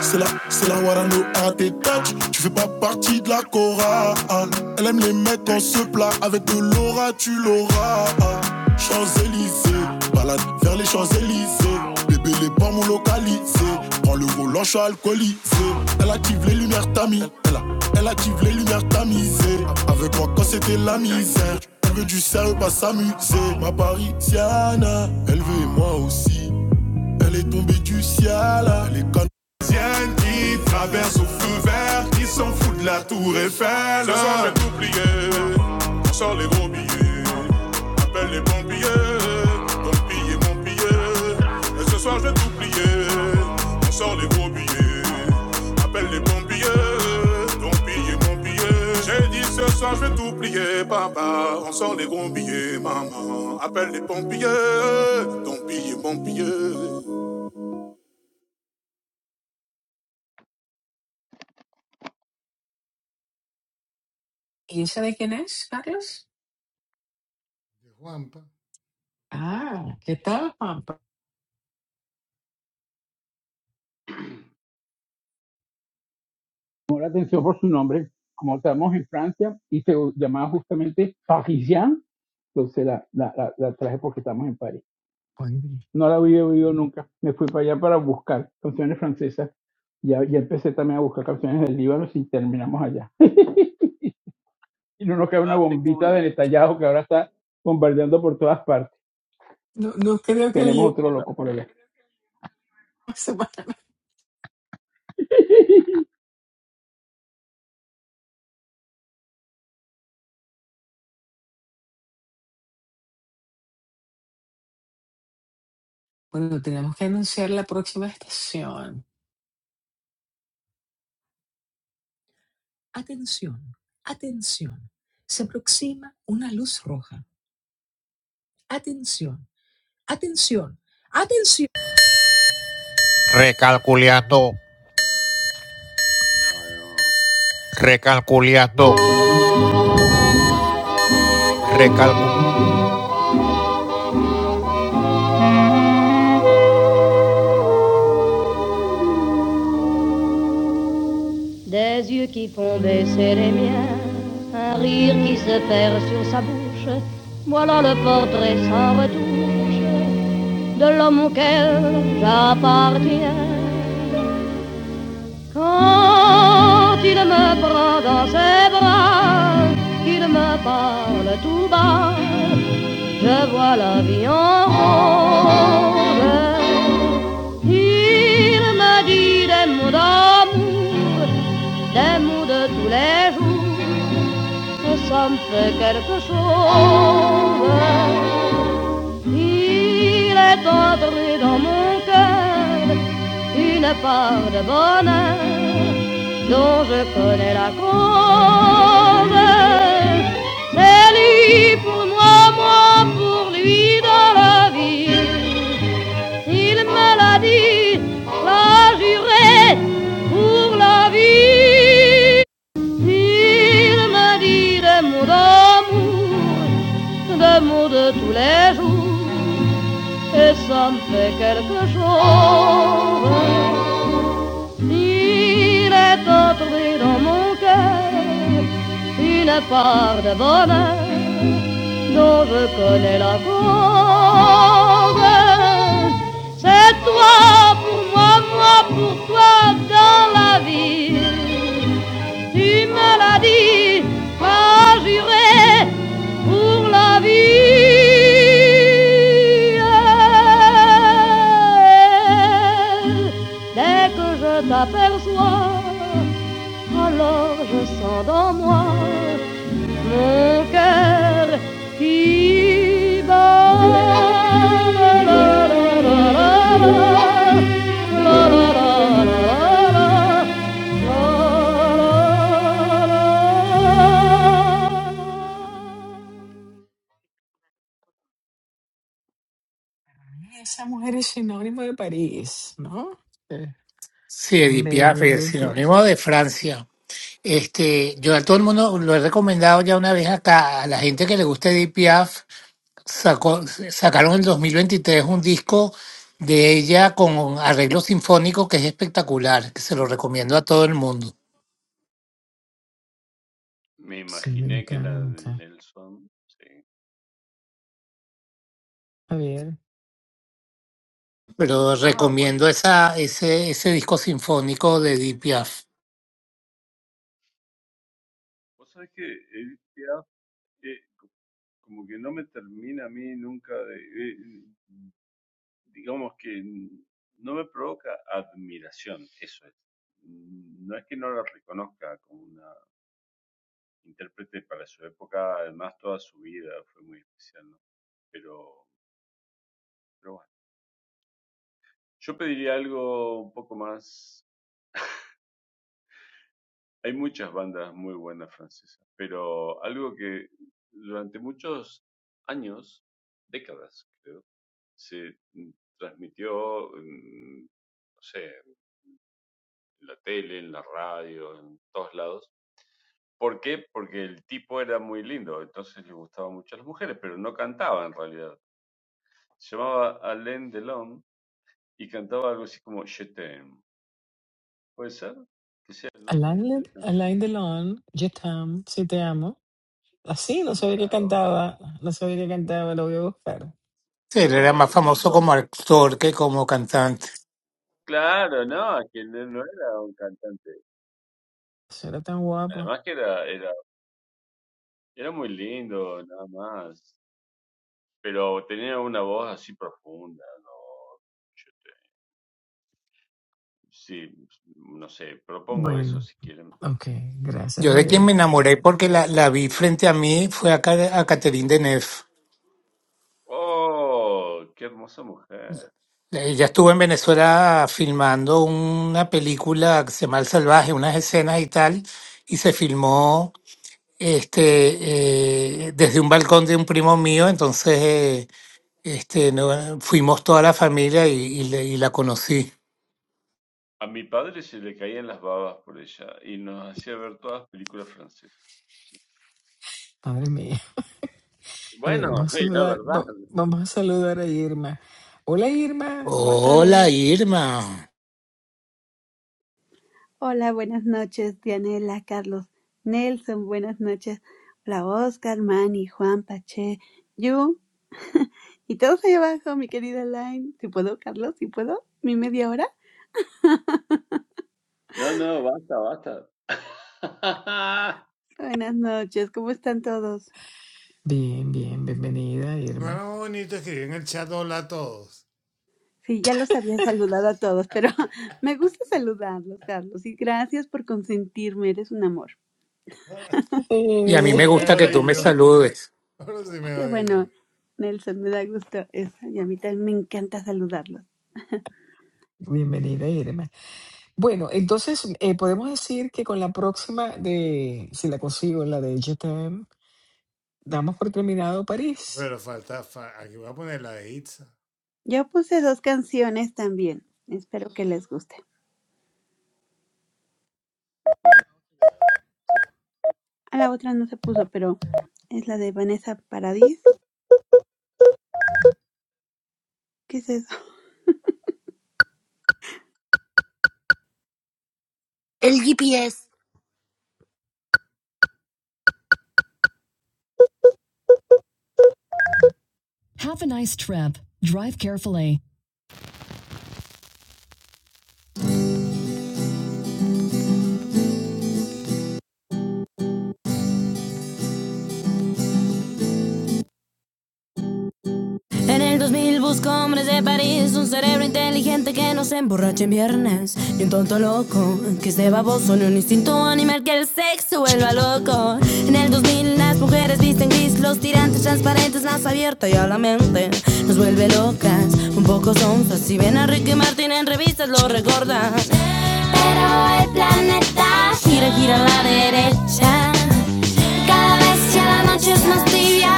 Speaker 3: C'est là, c'est là, what I know, à tes touch. Tu fais pas partie de la cou- Traverse au feu vert, qui s'en fout de la tour Eiffel.
Speaker 1: ¿Y esa de quién es, Carlos? Ah, ¿qué tal, Pampa?
Speaker 7: Llamó la atención por su nombre. Como estamos en Francia y se llamaba justamente Parisien, entonces la, la, la, la traje porque estamos en París.
Speaker 1: Oye,
Speaker 7: No la había oído nunca. Me fui para allá para buscar canciones francesas. Ya, ya empecé también a buscar canciones del Líbano y terminamos allá. y no nos queda una
Speaker 10: Ah, tengo
Speaker 7: bombita
Speaker 10: una.
Speaker 7: de Netanyahu que ahora está bombardeando por todas partes.
Speaker 1: No, no creo que le
Speaker 7: Tenemos
Speaker 1: llegue
Speaker 7: otro
Speaker 10: Por las
Speaker 7: loco por
Speaker 10: pompas.
Speaker 7: allá.
Speaker 1: una semana. Bueno, tenemos que anunciar la próxima estación.
Speaker 3: Attention, attention, Se aproxima una luz roja. Atención, atención, atención.
Speaker 10: No, no.
Speaker 3: Des yeux qui font baisser les miens, un rire qui se perd sur sa bouche. Voilà le portrait sans retouche de l'homme auquel j'appartiens. Quand il me prend dans ses bras, qu'il me parle tout bas, je vois la vie en rose. Il me dit des mots d'amour, des mots de tous les jours. ça me fait quelque chose. Il est en une part de bonheur dont je connais la cause. C'est lui pour moi, moi pour lui dans la vie. Il me l'a dit, l'a juré pour la vie. Il me dit des mots d'amour, des mots de tous les jours, et ça me fait quelque chose. Il est tombé une part de bonheur dont je connais sa vie pour la vie.
Speaker 1: Esa mujer es sinónimo de París, ¿no? Eh,
Speaker 2: Sí,
Speaker 1: Tan
Speaker 2: Edith Piaf,
Speaker 1: bella,
Speaker 2: es
Speaker 1: Lidia.
Speaker 2: sinónimo de Francia. Este, yo a todo el mundo lo he recomendado ya una vez acá, a la gente que le gusta Edith Piaf, sacó, sacaron en 2023 un disco de ella con arreglo sinfónico que es espectacular, que se lo recomiendo a todo el mundo.
Speaker 10: Me
Speaker 1: Sí, me
Speaker 10: imaginé que era de
Speaker 1: encanta.
Speaker 10: Nelson. Sí.
Speaker 1: Javier.
Speaker 2: Pero
Speaker 10: Ah, bueno.
Speaker 2: recomiendo esa, ese, ese disco sinfónico de Edith Piaf.
Speaker 10: Vos sabés que Edith Piaf, eh, co- como que no me termina a mí nunca de. eh, digamos que n- no me provoca admiración, eso es. Mm, No es que no la reconozca como una intérprete para su época, además toda su vida fue muy especial, ¿no? Pero, pero bueno. Yo pediría algo un poco más. Hay muchas bandas muy buenas francesas, pero algo que durante muchos años, décadas, creo, se mm, transmitió, mm, no sé, en la tele, en la radio, en todos lados. ¿Por qué? Porque el tipo era muy lindo, entonces le gustaban mucho a las mujeres, pero no cantaba en realidad. Se llamaba Alain Delon y cantaba algo así como Je t'aime. ¿Puede ser? ¿Sí, el nombre
Speaker 1: Alain,
Speaker 10: de la
Speaker 1: Le-
Speaker 10: canción?
Speaker 1: Alain Delon, Je t'aime, si te amo. Así, no sabía que
Speaker 10: Claro.
Speaker 1: cantaba, no sabía que cantaba, lo voy a buscar.
Speaker 2: Él era
Speaker 10: Bueno,
Speaker 2: más famoso
Speaker 10: lamento,
Speaker 2: como actor que como cantante.
Speaker 10: Claro, no, que no, no era un cantante.
Speaker 1: Será tan guapa
Speaker 10: Además que era, era, era muy lindo, nada más. Pero tenía una voz así profunda, no, yo te- sí, no sé, propongo eso
Speaker 1: Bueno,
Speaker 10: si quieren.
Speaker 1: ok, gracias
Speaker 2: Yo de quien
Speaker 1: Javier.
Speaker 2: me enamoré porque la, la vi frente a mí fue a, Ca- a Catherine Deneuve.
Speaker 10: Oh, qué hermosa mujer.
Speaker 2: Eh, ya estuve en Venezuela filmando una película que se llama El Salvaje, unas escenas y tal, y se filmó este eh, desde un balcón de un primo mío, entonces eh, este no, fuimos toda la familia y, y le- y la conocí.
Speaker 10: A mi padre se le caían las babas por ella y nos hacía ver todas películas francesas. Sí.
Speaker 1: Madre mía. A ver,
Speaker 10: Bueno,
Speaker 1: vamos a
Speaker 10: es la
Speaker 1: saludar,
Speaker 10: verdad.
Speaker 1: va- vamos a saludar a Irma. Hola Irma, ¿cómo estás?
Speaker 2: Hola
Speaker 1: Bienven-
Speaker 2: Irma,
Speaker 11: Hola, buenas noches, Dianela, Carlos, Nelson, buenas noches. Hola, Oscar, Manny, Juan, Pache, Yu. Y todos ahí abajo, mi querida Line. Si puedo, Carlos, si puedo, mi media hora.
Speaker 10: No, no, basta, basta.
Speaker 11: Buenas noches, ¿cómo están todos?
Speaker 1: Bien, bien, bienvenida Irma.
Speaker 11: Sí, ya los había saludado a todos, pero me gusta saludarlos, Carlos. Y gracias por consentirme, eres un amor.
Speaker 2: y a mí
Speaker 1: Eh,
Speaker 2: me gusta que tú me saludes.
Speaker 11: Qué bueno, Nelson, me da gusto eso. Y a mí también me encanta saludarlos.
Speaker 1: Bienvenida Irma. Bueno, entonces eh, podemos decir que con la próxima de, si la consigo, la de Je t'aime, damos por terminado París.
Speaker 11: Yo puse dos canciones también. Espero que les guste. A la otra no se puso, pero es la de Vanessa Paradis. ¿Qué es eso?
Speaker 9: El GPS.
Speaker 3: En el 2000 busco hombres de París, un cerebro inteligente que no se emborrache en viernes. ni un tonto loco, que esté baboso, ni un instinto animal que el sexo vuelva loco. En el 2000 las mujeres visten gris, los tirantes transparentes, más abierta y a la mente. Nos vuelve locas, un poco sonzas. Si ven a Ricky Martin en revistas, lo recordan. Pero el planeta Gira, gira a la derecha cada vez que la noche es más tibia,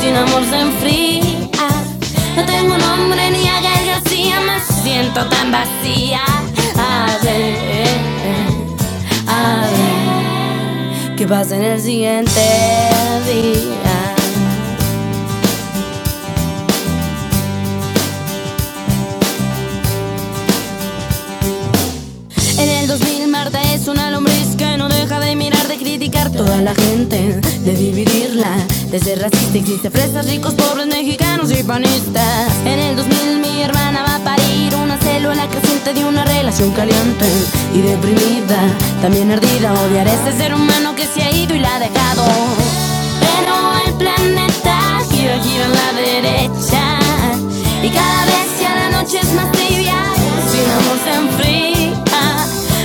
Speaker 3: sin amor se enfría. No tengo nombre ni agregación, me siento tan vacía. A ver, a ver, ¿qué pasa en el siguiente día? En el 2000 Marta es una lombriz que no deja de mirar, de criticar toda la gente, de dividirla. De ser racista existe fresas, ricos, pobres, mexicanos y panistas. En el 2000 mi hermana va a parir una célula creciente de una relación caliente y deprimida, también ardida. Odiar a ese ser humano que se ha ido y la ha dejado. Pero el planeta gira gira a la derecha y cada vez que a la noche es más tibia, sin amor se enfría.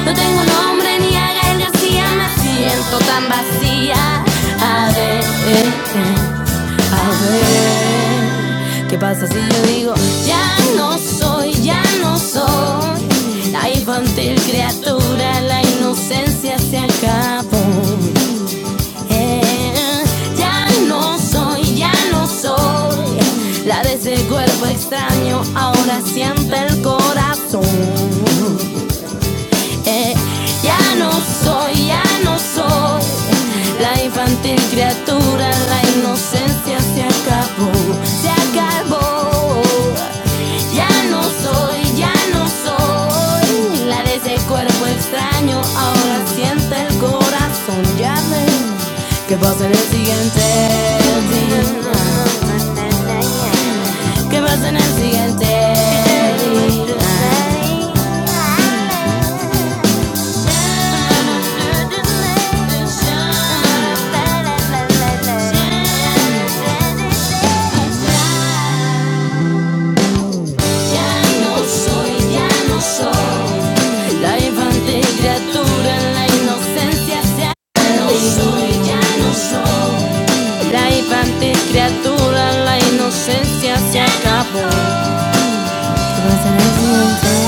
Speaker 3: No tengo nombre ni a Gael García, me siento tan vacía. A ver, a ver, ¿qué pasa si yo digo ya no soy, ya no soy? La infantil criatura, la inocencia se acabó. Eh, ya no soy, ya no soy la de ese cuerpo extraño, ahora siente el corazón. Eh, ya no soy, ya no soy la infantil criatura, la inocencia se acabó, se acabó. Ya no soy, ya no soy la de ese cuerpo extraño, ahora siente el corazón, ya ven que pasa en el siguiente día. ¿Qué pasa en el siguiente día? Ya no soy, ya no soy la infante criatura, la inocencia se no no la inocencia se acabó.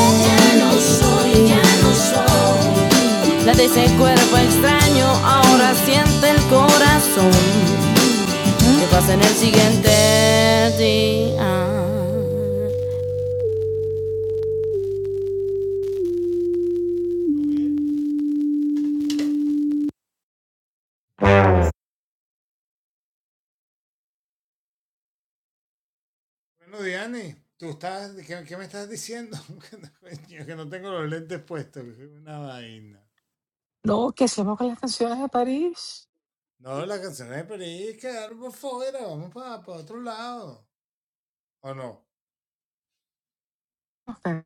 Speaker 3: Ya no soy, ya no soy la de ese cuerpo extraño, ahora siente el corazón qué pasa en el siguiente día.
Speaker 1: No, ¿qué hacemos con las canciones de París? Ok.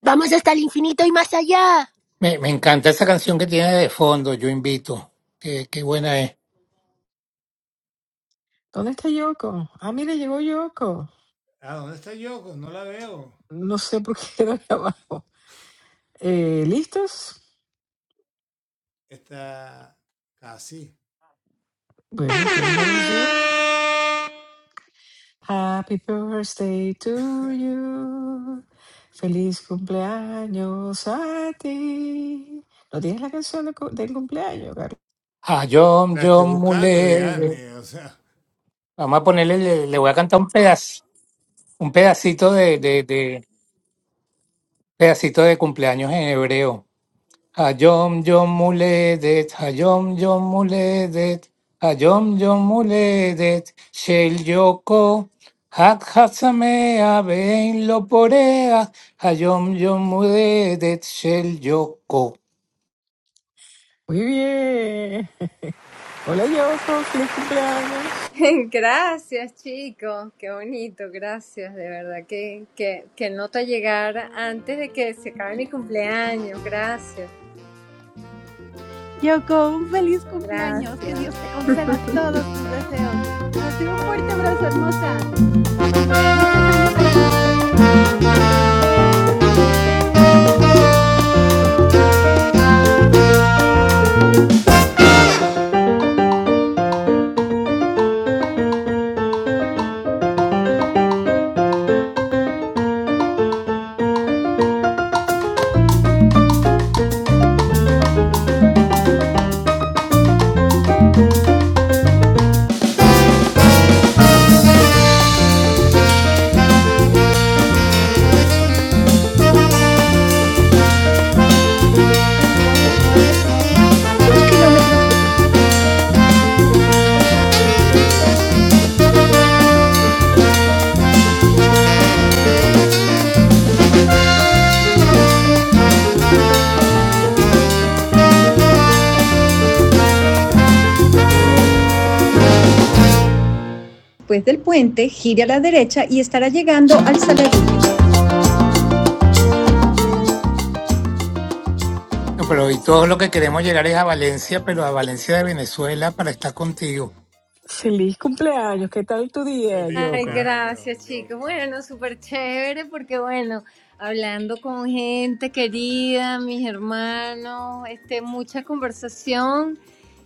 Speaker 9: Vamos hasta el infinito y más allá.
Speaker 2: Me, me encanta esa canción que tiene de fondo, yo invito. Qué, qué buena es.
Speaker 1: ¿Dónde está Yoko? Ah, mira, llegó Yoko. No sé por qué quedó ahí abajo. Eh, ¿Listos? Bueno, tienes la canción. Happy birthday to you. Feliz cumpleaños a ti. ¿No tienes la canción de cu- del cumpleaños, Carlos?
Speaker 2: Ah, John, John Mulele. Vamos a ponerle, le le voy a cantar un pedazo. Un pedacito de, de, de- pedacito de cumpleaños en hebreo. Hayom Yom Muledet, Hayom Yom Muledet, Hayom Yom Muledet, Shel Yoko, Hak Hatsamea, Ben Loporea, Hayom Yom Muledet, Shel Yoko.
Speaker 1: Muy bien. Hola, Yoko. Feliz cumpleaños.
Speaker 12: Gracias, chicos. Qué bonito, gracias, de verdad. Que, que, que nota llegar antes de que se acabe mi cumpleaños. Gracias,
Speaker 11: Yoko, un feliz cumpleaños. Que
Speaker 12: gracias.
Speaker 11: Dios te conceda todos tus deseos. Recibe un fuerte abrazo, hermosa. Muchos años de estos.
Speaker 3: Después del puente, gire a la derecha y estará llegando al Saladillo.
Speaker 2: No, Pero y todo lo que queremos llegar es a Valencia, pero a Valencia de Venezuela para estar contigo.
Speaker 1: Feliz cumpleaños. ¿Qué tal tu día,
Speaker 12: Ay,
Speaker 1: Yoko?
Speaker 12: gracias, chicos. Bueno, súper chévere porque, bueno, hablando con gente querida, mis hermanos, este, mucha conversación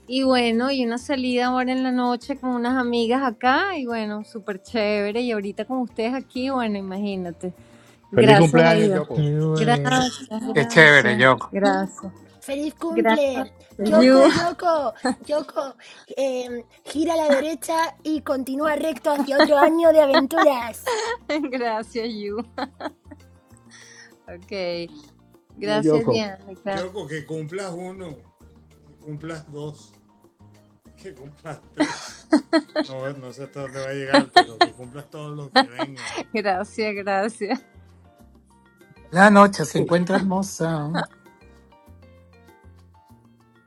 Speaker 12: y, bueno, y una salida ahora en la noche con unas amigas acá y, bueno, súper chévere. Y ahorita con ustedes aquí, bueno, imagínate.
Speaker 5: Feliz
Speaker 12: Gracias a
Speaker 5: cumpleaños,
Speaker 12: Dios.
Speaker 1: Qué
Speaker 5: Yoko.
Speaker 1: bueno.
Speaker 12: Gracias,
Speaker 2: Qué chévere,
Speaker 12: gracias,
Speaker 2: Yoko.
Speaker 12: gracias.
Speaker 9: ¡Feliz
Speaker 12: Gracias,
Speaker 9: cumple!
Speaker 12: you.
Speaker 9: Yoko, Yoko, Yoko, eh, gira a la derecha y continúa recto hacia otro año de aventuras.
Speaker 12: Gracias, you. Ok.
Speaker 7: Señor
Speaker 12: Gracias,
Speaker 7: Yoko.
Speaker 12: Diana. claro. Gracias, gracias.
Speaker 2: La noche se encuentra hermosa.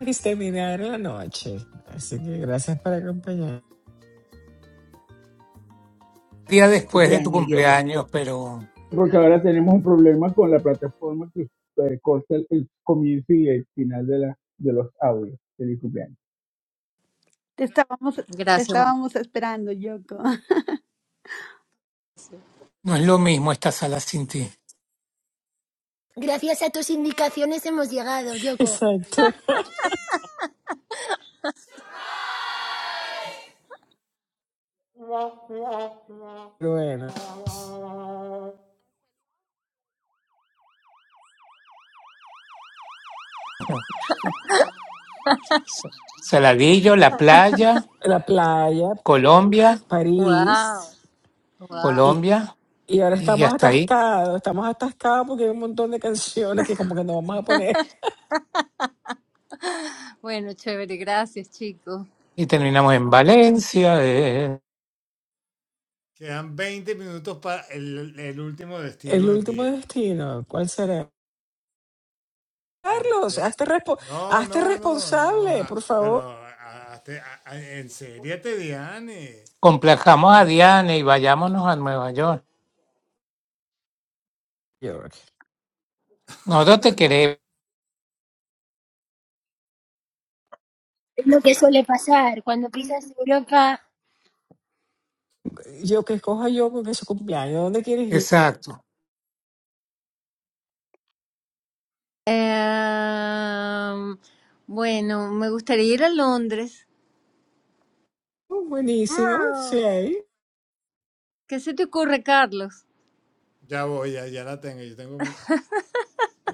Speaker 1: Y terminaron la noche. Así que gracias por acompañar.
Speaker 2: día
Speaker 7: El
Speaker 2: después de tu
Speaker 7: Cumpleaños, Yoko.
Speaker 2: cumpleaños, pero
Speaker 7: Porque ahora tenemos un problema con la plataforma que eh, corta el, el comienzo y el final de, la, de los audios. del cumpleaños.
Speaker 11: Te estábamos, te
Speaker 12: Gracias, Wow.
Speaker 11: estábamos esperando, Yoko.
Speaker 2: no es lo mismo esta sala sin ti.
Speaker 9: Gracias a tus indicaciones hemos llegado, Yoko.
Speaker 1: Exacto. Bueno,
Speaker 2: Sa- Saladillo, la playa,
Speaker 1: la playa,
Speaker 2: Colombia,
Speaker 12: wow.
Speaker 1: París.
Speaker 12: Guau.
Speaker 1: Y,
Speaker 2: Colombia,
Speaker 1: y ahora
Speaker 2: y
Speaker 1: estamos
Speaker 2: hasta ahí.
Speaker 1: atascados. Estamos atascados porque hay un montón de canciones que como que nos vamos a poner.
Speaker 12: Bueno, chévere, gracias, chicos.
Speaker 2: Y terminamos en Valencia, eh,
Speaker 1: El último destino, ¿cuál será? Carlos, hazte, respo- hazte responsable, por favor.
Speaker 2: complajamos a Diana y vayámonos a Nueva York.
Speaker 1: Yo,
Speaker 2: Nosotros te queremos.
Speaker 9: Es lo que suele pasar cuando pisas Europa.
Speaker 1: yo que escoja yo con que su cumpleaños. ¿Dónde quieres ir?
Speaker 2: Exacto.
Speaker 12: Em, bueno, me gustaría ir a Londres.
Speaker 1: Oh, buenísimo, sí,
Speaker 9: Mm.
Speaker 1: ahí.
Speaker 12: ¿Qué se te ocurre, Carlos?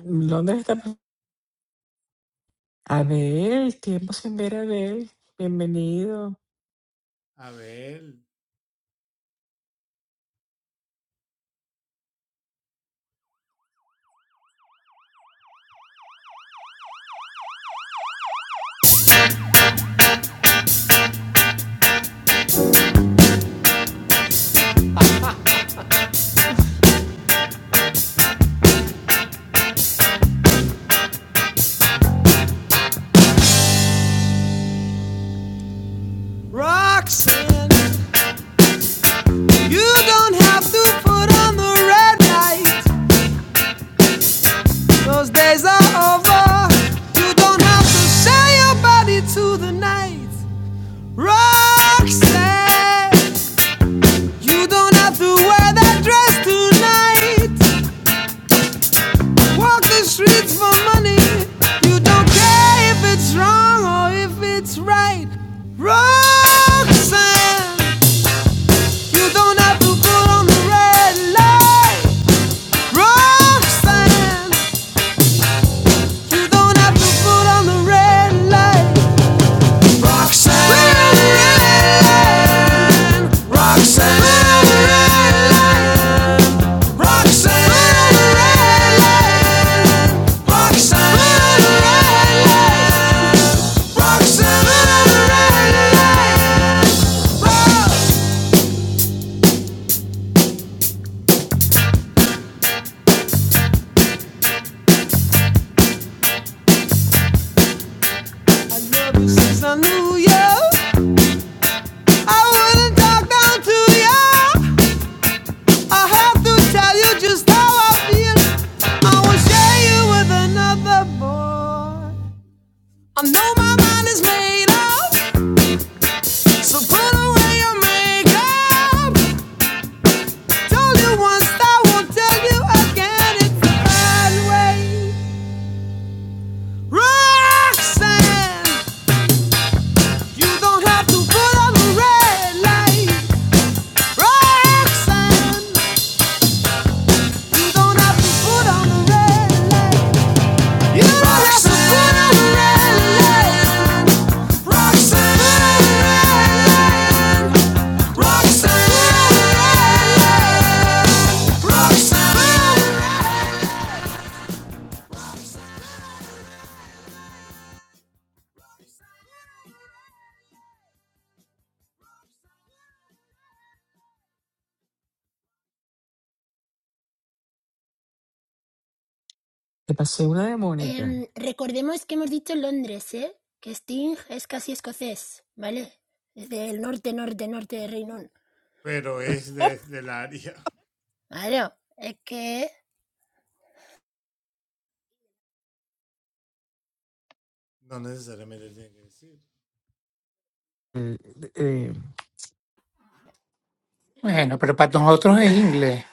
Speaker 1: ¿Dónde está? Abel, tiempo sin ver a Abel, bienvenido.
Speaker 3: Roxanne, you don't have to put on the red light. Those days are over. You don't have to sell your body to the night. Roxanne, you don't have to wear that dress tonight. Walk the streets for money. You don't care if it's wrong or if it's right. Roxanne. You don't have to put on the red light, Roxanne. You don't have to put on the red light, Roxanne. Roxanne. Roxanne. Roxanne. Roxanne. Roxanne. Roxanne. I love you since I knew you. I wouldn't talk down to you. I have to tell you just how I feel. I will share you with another boy. I know my mind is made up, so put away your makeup. Told you once, I won't tell you again. It's a bad way. Roxanne, you don't have to put on the red light. Roxanne, you don't have to put on the red light. You don't have to put on the red light.
Speaker 1: Te pasé una de Mónica.
Speaker 9: Em, recordemos que hemos dicho Londres, ¿eh? Que Sting es casi escocés, ¿vale? Es del norte, norte, norte de Reino Unido. Claro, es que...
Speaker 1: Eh, eh, eh,
Speaker 2: Bueno, pero para nosotros es inglés,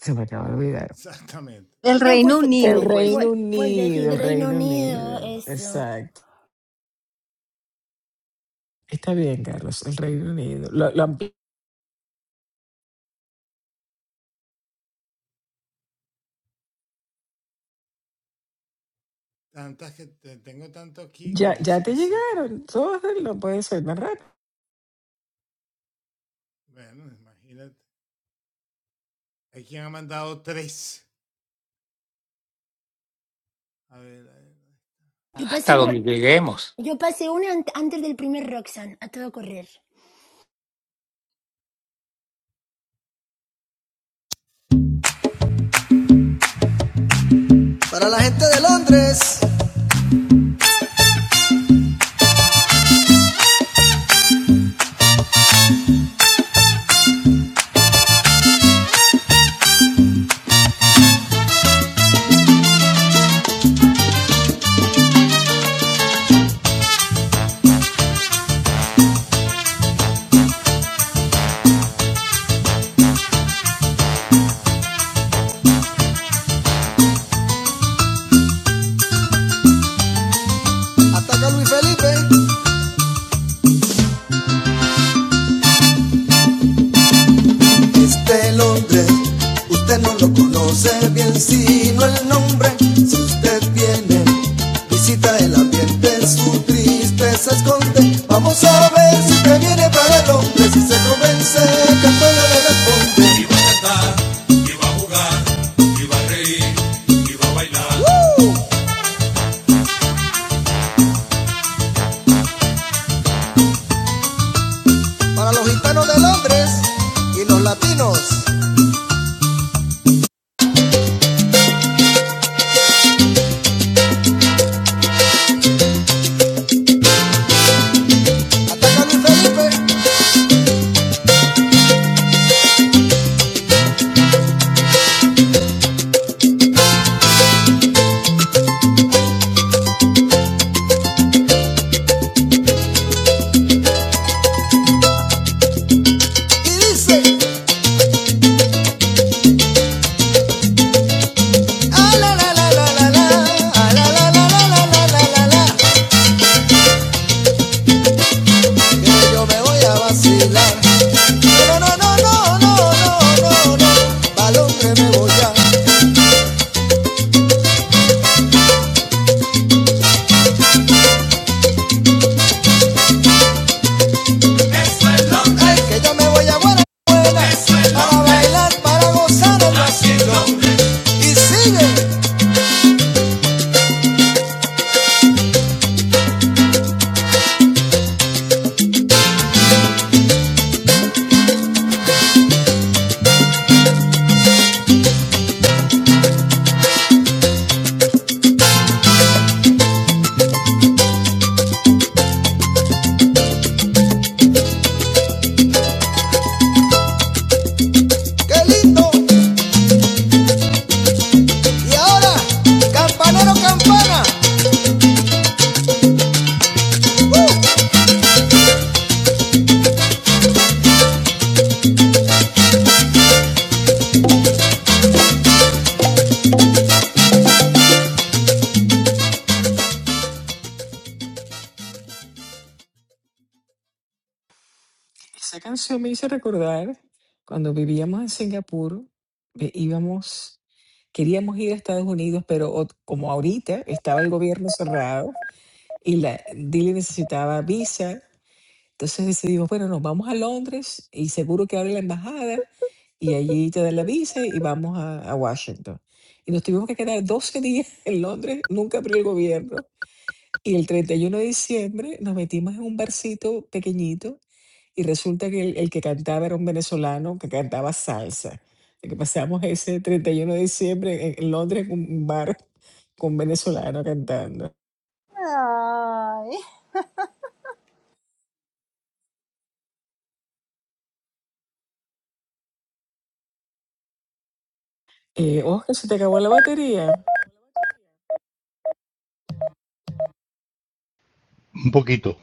Speaker 1: se me acaba de olvidar.
Speaker 12: El
Speaker 9: No, pues,
Speaker 12: Reino
Speaker 9: pues,
Speaker 1: El
Speaker 12: Unido,
Speaker 9: deci-
Speaker 12: pues.
Speaker 9: pues,
Speaker 1: Reino
Speaker 9: pues decir
Speaker 1: Unido, el
Speaker 9: Reino
Speaker 1: Reino
Speaker 9: Unido,
Speaker 1: Unido,
Speaker 9: eso.
Speaker 1: exacto. Está bien, Carlos, el Reino Unido. Lo- lo ampli- ya, ya te llegaron, todos lo pueden ser más rápido.
Speaker 9: Yo
Speaker 2: hasta
Speaker 9: pasé, u-
Speaker 2: donde lleguemos.
Speaker 9: yo pasé una ant- antes del primer Roxanne, a todo correr.
Speaker 3: Para la gente de Londres, está Luis Felipe. El ambiente es fuerte, vamos para Londres y se convence. Para los gitanos de Londres y los latinos, ataca Luis Felipe y dice: "Ah, la, la, la, la, la, la, ah, la, la, la, la, la, la, la, la, la". que yo me voy a vacilar. No, no, no, no, no, no, no, no, balón que me voy a. Eso es lo que Ay, que yo me voy a buena buena. Eso es lo para que- bailar, para gozar el así es lo que Y sigue, qué lindo. Y ahora, campanero, campana.
Speaker 1: Esa canción me hizo recordar cuando vivíamos en Singapur, eh, íbamos, queríamos ir a Estados Unidos, pero ot- como ahorita estaba el gobierno cerrado. Y la, Dile necesitaba visa. Entonces decidimos, bueno, nos vamos a Londres y seguro que abre la embajada y allí te dan la visa y vamos a, a Washington. Y nos tuvimos que quedar 12 días en Londres, nunca abrió el gobierno. Y el 31 de diciembre nos metimos en un barcito pequeñito y resulta que el, el que cantaba era un venezolano que cantaba salsa. Así que pasamos ese 31 de diciembre en, en Londres en un bar con un venezolano cantando.
Speaker 12: Ay.
Speaker 1: Eh, Oscar, ¿se te acabó la batería?
Speaker 5: Un poquito.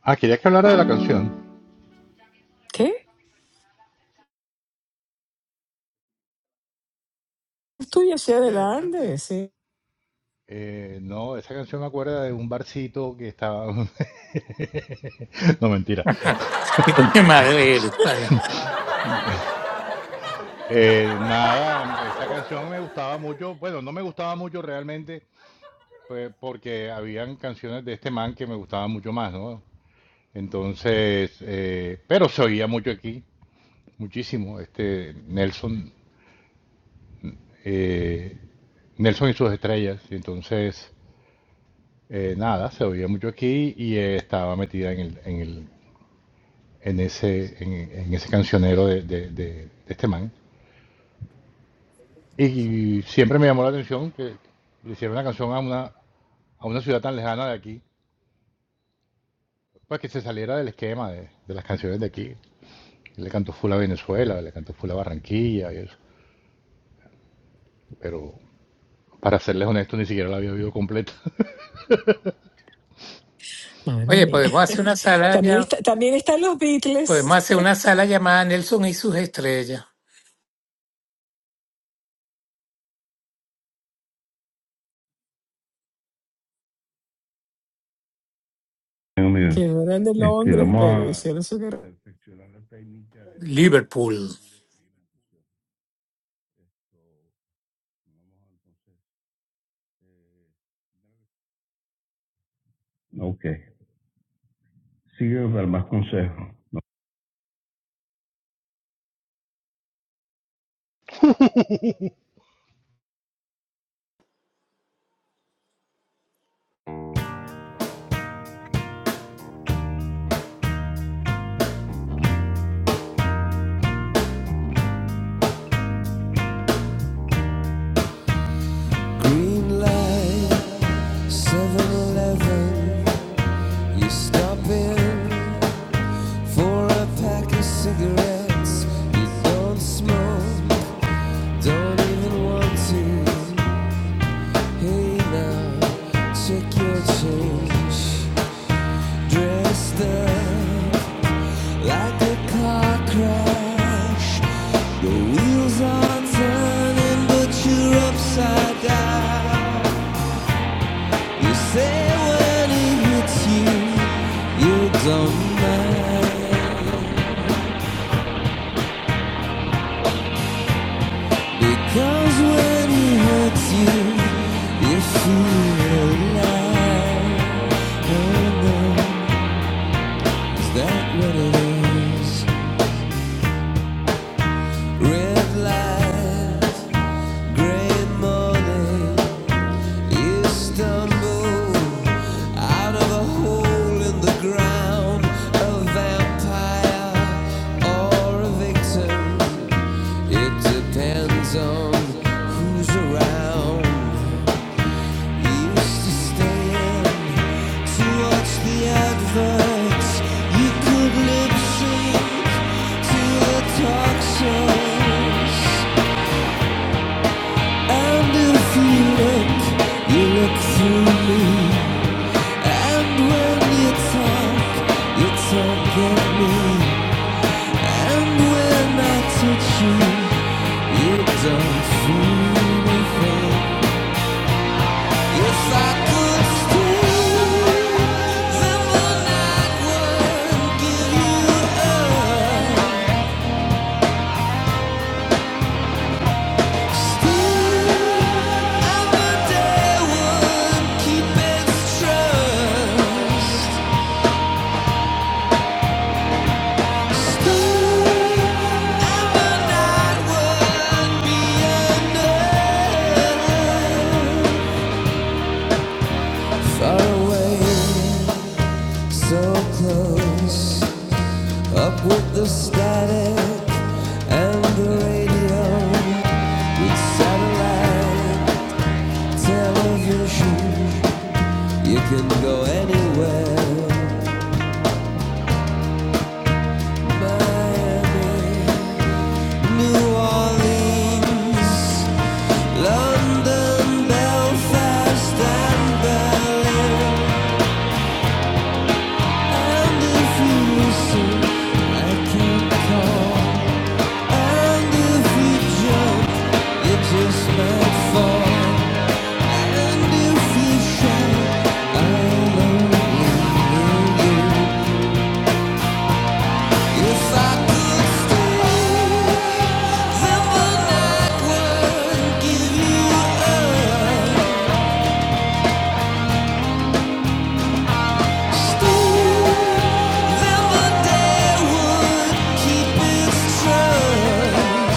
Speaker 5: Ah, quería que hablara de la canción.
Speaker 1: ¿Qué? Estoy hacia adelante, sí.
Speaker 5: Eh, no, esa canción me acuerda de un barcito que estaba... No, mentira.
Speaker 2: Coño madre eres, pana.
Speaker 5: Eh, nada, esa canción me gustaba mucho. Bueno, no me gustaba mucho realmente, pues, porque habían canciones de este man que me gustaban mucho más, ¿no? Entonces, eh, pero se oía mucho aquí, muchísimo, este Nelson, eh, Nelson y sus estrellas. Y entonces, eh, nada, se oía mucho aquí y eh, estaba metida en el, en el, en ese, en, en ese cancionero de, de- de- de este man. Y siempre me llamó la atención que le hicieron una canción a una, a una ciudad tan lejana de aquí, para que se saliera del esquema de, de las canciones de aquí. Le cantó full a Venezuela, le cantó full a Barranquilla y eso. Pero para serles honesto, ni siquiera la había oído completa.
Speaker 1: Madre
Speaker 2: Oye,
Speaker 1: mía.
Speaker 2: podemos hacer una sala
Speaker 1: También,
Speaker 2: ya,
Speaker 1: está, también están los
Speaker 2: podemos
Speaker 1: Beatles,
Speaker 2: hacer una sala llamada Nelson y sus estrellas.
Speaker 1: que no eran de Londres, pero hicieron su guerra.
Speaker 2: Liverpool.
Speaker 3: I won't give you up. You can go anywhere if I could stay. Then the night would give you up. Stay. Then the day would keep its trust.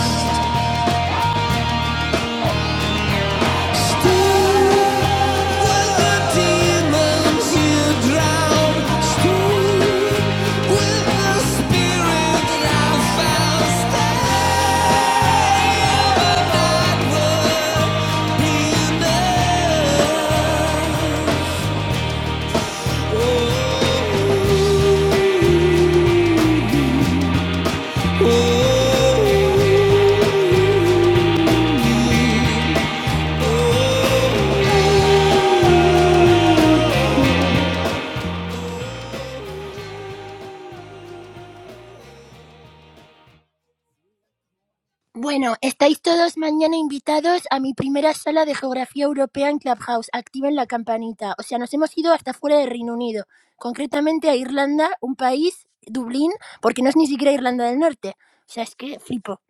Speaker 9: Bueno, estáis todos mañana invitados a mi primera sala de geografía europea en Clubhouse. Activen la campanita. O sea, nos hemos ido hasta fuera del Reino Unido. Concretamente a Irlanda, un país, Dublín, porque no es ni siquiera Irlanda del Norte. O sea, es que flipo.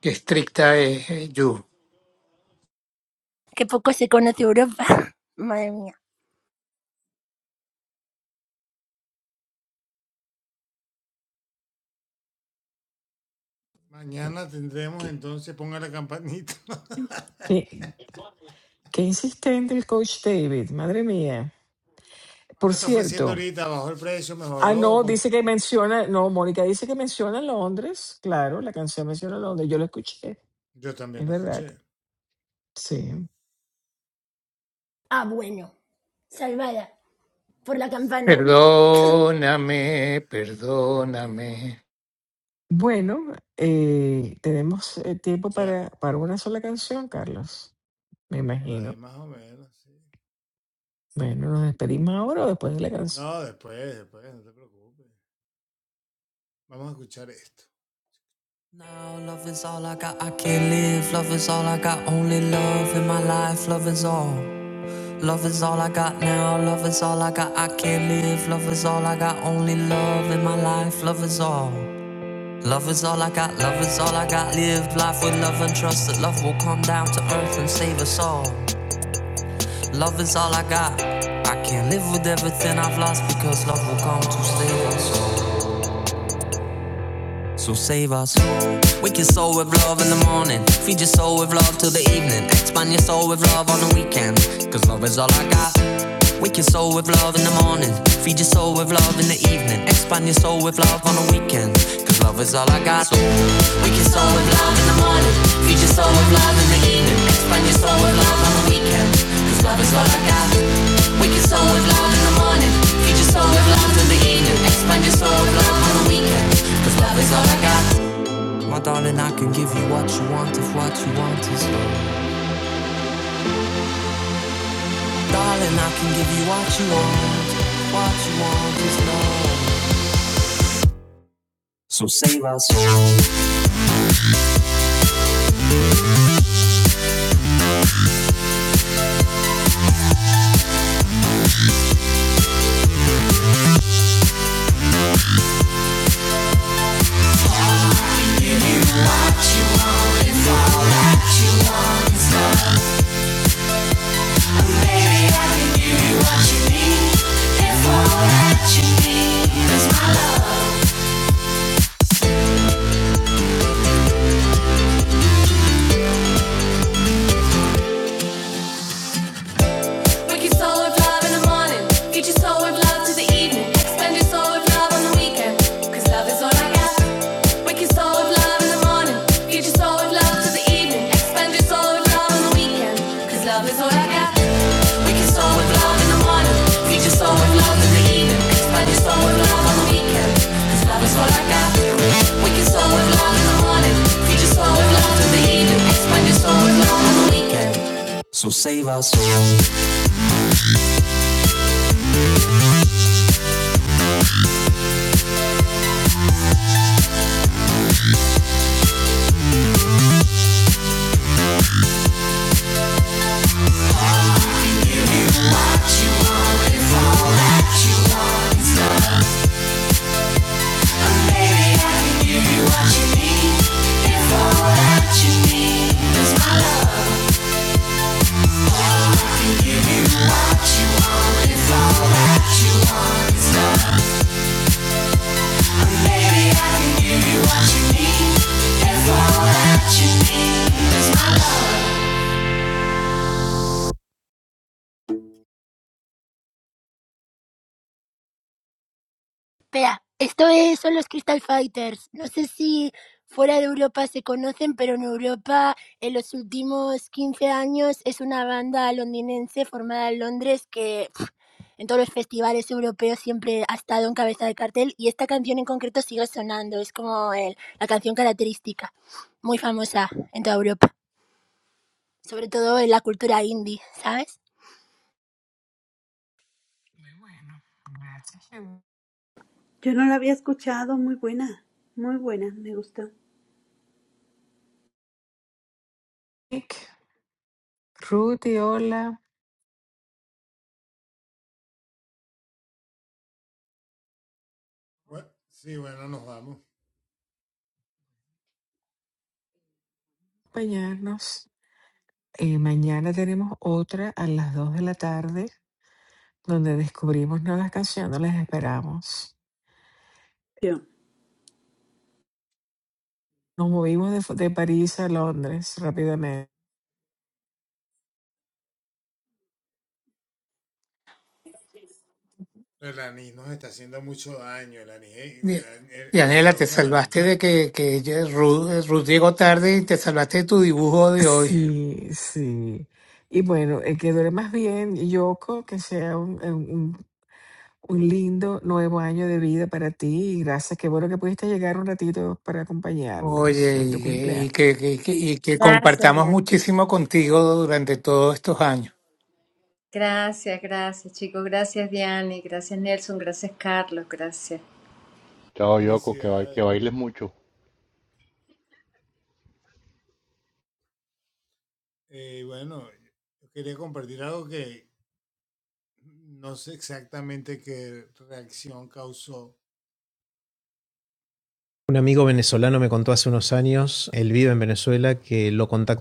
Speaker 2: Qué estricta es eh, you.
Speaker 9: Qué poco se conoce Europa. Madre mía.
Speaker 1: Qué, qué- qué insistente el coach David, madre mía. Por cierto, ah, no, dice que menciona, no, Mónica dice que menciona Londres, claro, la canción menciona Londres, yo lo escuché, es verdad, sí.
Speaker 9: Ah, bueno. Salvada. por la campana.
Speaker 2: Perdóname, perdóname.
Speaker 1: Bueno, eh, tenemos eh, tiempo para, para una sola canción, Carlos, me imagino. Bueno, nos despedimos ahora o después de la canción.
Speaker 3: Now love is all I got, I can't live. Love is all I got, only love in my life. Love is all. Love is all I got now, love is all I got, I can't live. Love is all I got, only love in my life, love is all. Love is all I got, love is all I got, live life with love and trust that love will come down to earth and save us all. Love is all I got, I can't live with everything I've lost because love will come to save us all. So save us. Wake your soul with love in the morning. Feed your soul with love till the evening. Expand your soul with love on the weekends. Cause love is all I got. Wake your soul with love in the morning. Feed your soul with love in the evening. Expand your soul with love on the weekend. Cause love is all I got.
Speaker 9: Espera, esto es- son los Crystal Fighters. No sé si fuera de Europa se conocen, pero en Europa en los últimos 15 años es una banda londinense formada en Londres que pf, en todos los festivales europeos siempre ha estado en cabeza de cartel y esta canción en concreto sigue sonando. Es como el- la canción característica, muy famosa en toda Europa, sobre todo en la cultura indie, ¿sabes?
Speaker 1: Muy bueno, gracias,
Speaker 11: Yo no la había escuchado. Muy buena. Muy buena. Me gustó.
Speaker 1: Yannick. Ruth y hola, acompañarnos. Eh, mañana tenemos otra a las 2 de la tarde, donde descubrimos nuevas canciones, las esperamos.
Speaker 11: Yo.
Speaker 1: Nos movimos de, de París a Londres rápidamente.
Speaker 2: Di- Dianela, te salvaste de que, que ya Ruth, Ruth llegó tarde y te salvaste de tu dibujo de hoy.
Speaker 1: Sí, sí. Y bueno, eh, que dure más bien, Yoko, que sea un, un- un- un lindo nuevo año de vida para ti. Y gracias, qué bueno que pudiste llegar un ratito para acompañarnos
Speaker 2: Oye,
Speaker 1: en tu
Speaker 2: y, que,
Speaker 1: cumpleaños.
Speaker 2: y que- que- que- y que
Speaker 12: Gracias,
Speaker 2: compartamos
Speaker 12: Diana.
Speaker 2: muchísimo contigo durante todos estos años.
Speaker 12: gracias, gracias, chicos. Gracias, Diane. Gracias, Nelson. Gracias, Carlos. Gracias.
Speaker 5: Chao, Yoko, que, ba- que bailes mucho.
Speaker 3: Un amigo venezolano me contó hace unos años, él vive en Venezuela, que lo contactó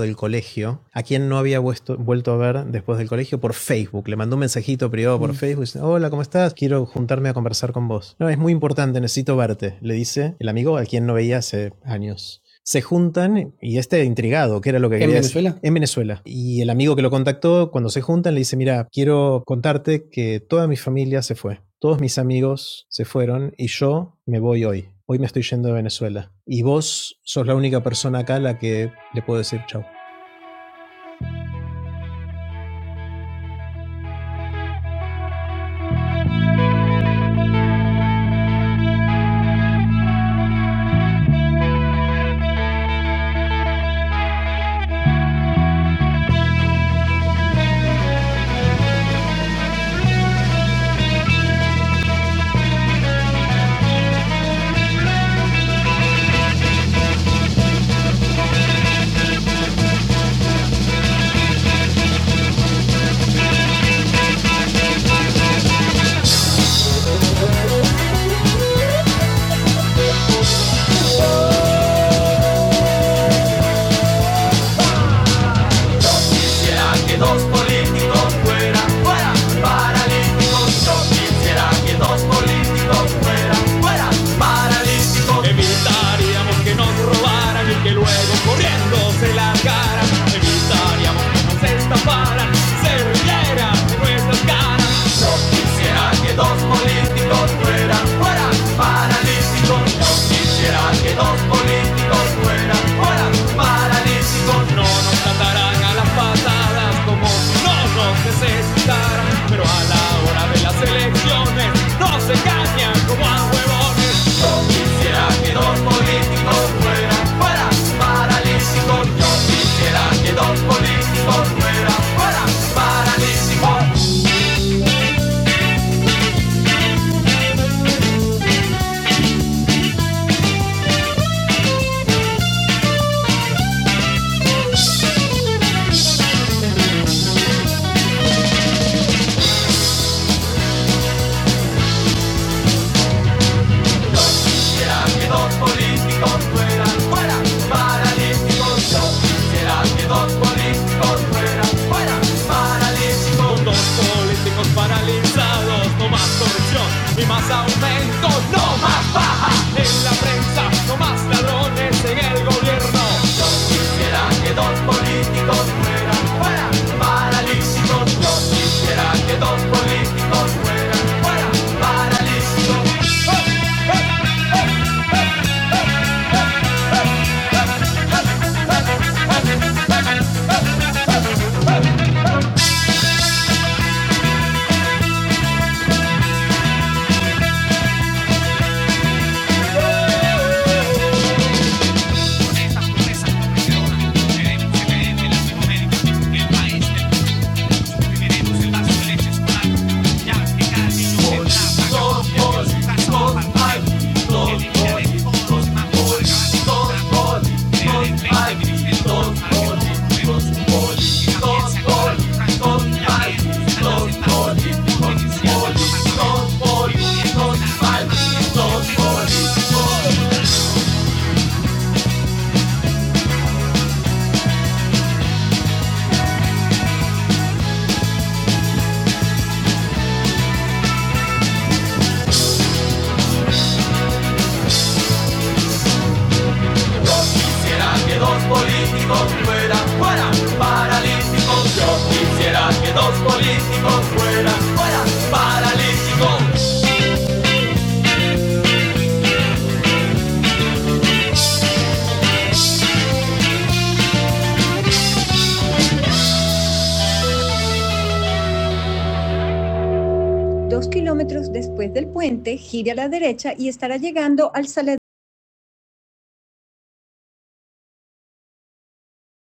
Speaker 3: del colegio, a quien no había vuesto- vuelto a ver después del colegio por Facebook. Le mandó un mensajito privado por mm. Facebook diciendo, hola, ¿cómo estás? Quiero juntarme a conversar con vos. No, es muy importante, necesito verte, le dice el amigo a quien no veía hace años. Se juntan y este intrigado, que era lo que ¿En quería Venezuela? en Venezuela. Y el amigo que lo contactó, cuando se juntan, le dice, mira, quiero contarte que toda mi familia se fue, todos mis amigos se fueron y yo me voy hoy. Hoy me estoy yendo de Venezuela. Y vos sos la única persona acá a la que le puedo decir chau. quisiera que dos políticos fueran, fueran paralíticos. Yo quisiera que dos políticos fueran, fueran paralíticos. Evitaríamos que nos robaran y que luego corriendo se largaran. Evitaríamos que nos estafaran, se rieran de nuestras caras. Yo quisiera que dos políticos fueran, fueran paralíticos. Yo quisiera que los políticos fueran, fueran paralíticos. No nos tratarán a las patadas como si no nos necesitaran, pero a la hora de las elecciones nos engañan como a huevones. Yo quisiera que los políticos fueran, fueran paralíticos. Yo quisiera que los políticos fueran, fueran paralíticos. quisiera que dos políticos fueran fuera paralíticos. Yo quisiera que dos políticos fueran fuera paralíticos. Dos políticos paralizados, no más corrupción y más aumentos, no más baja en la prensa, no más ladrones en el gobierno. Yo quisiera que dos políticos fueran fuera paralíticos. Yo quisiera que dos políticos fueran fuera paralíticos. ¡Oh! Yo quisiera que dos políticos fueran, fueran paralíticos. Dos kilómetros después del puente, gire a la derecha y estará llegando al Saladero.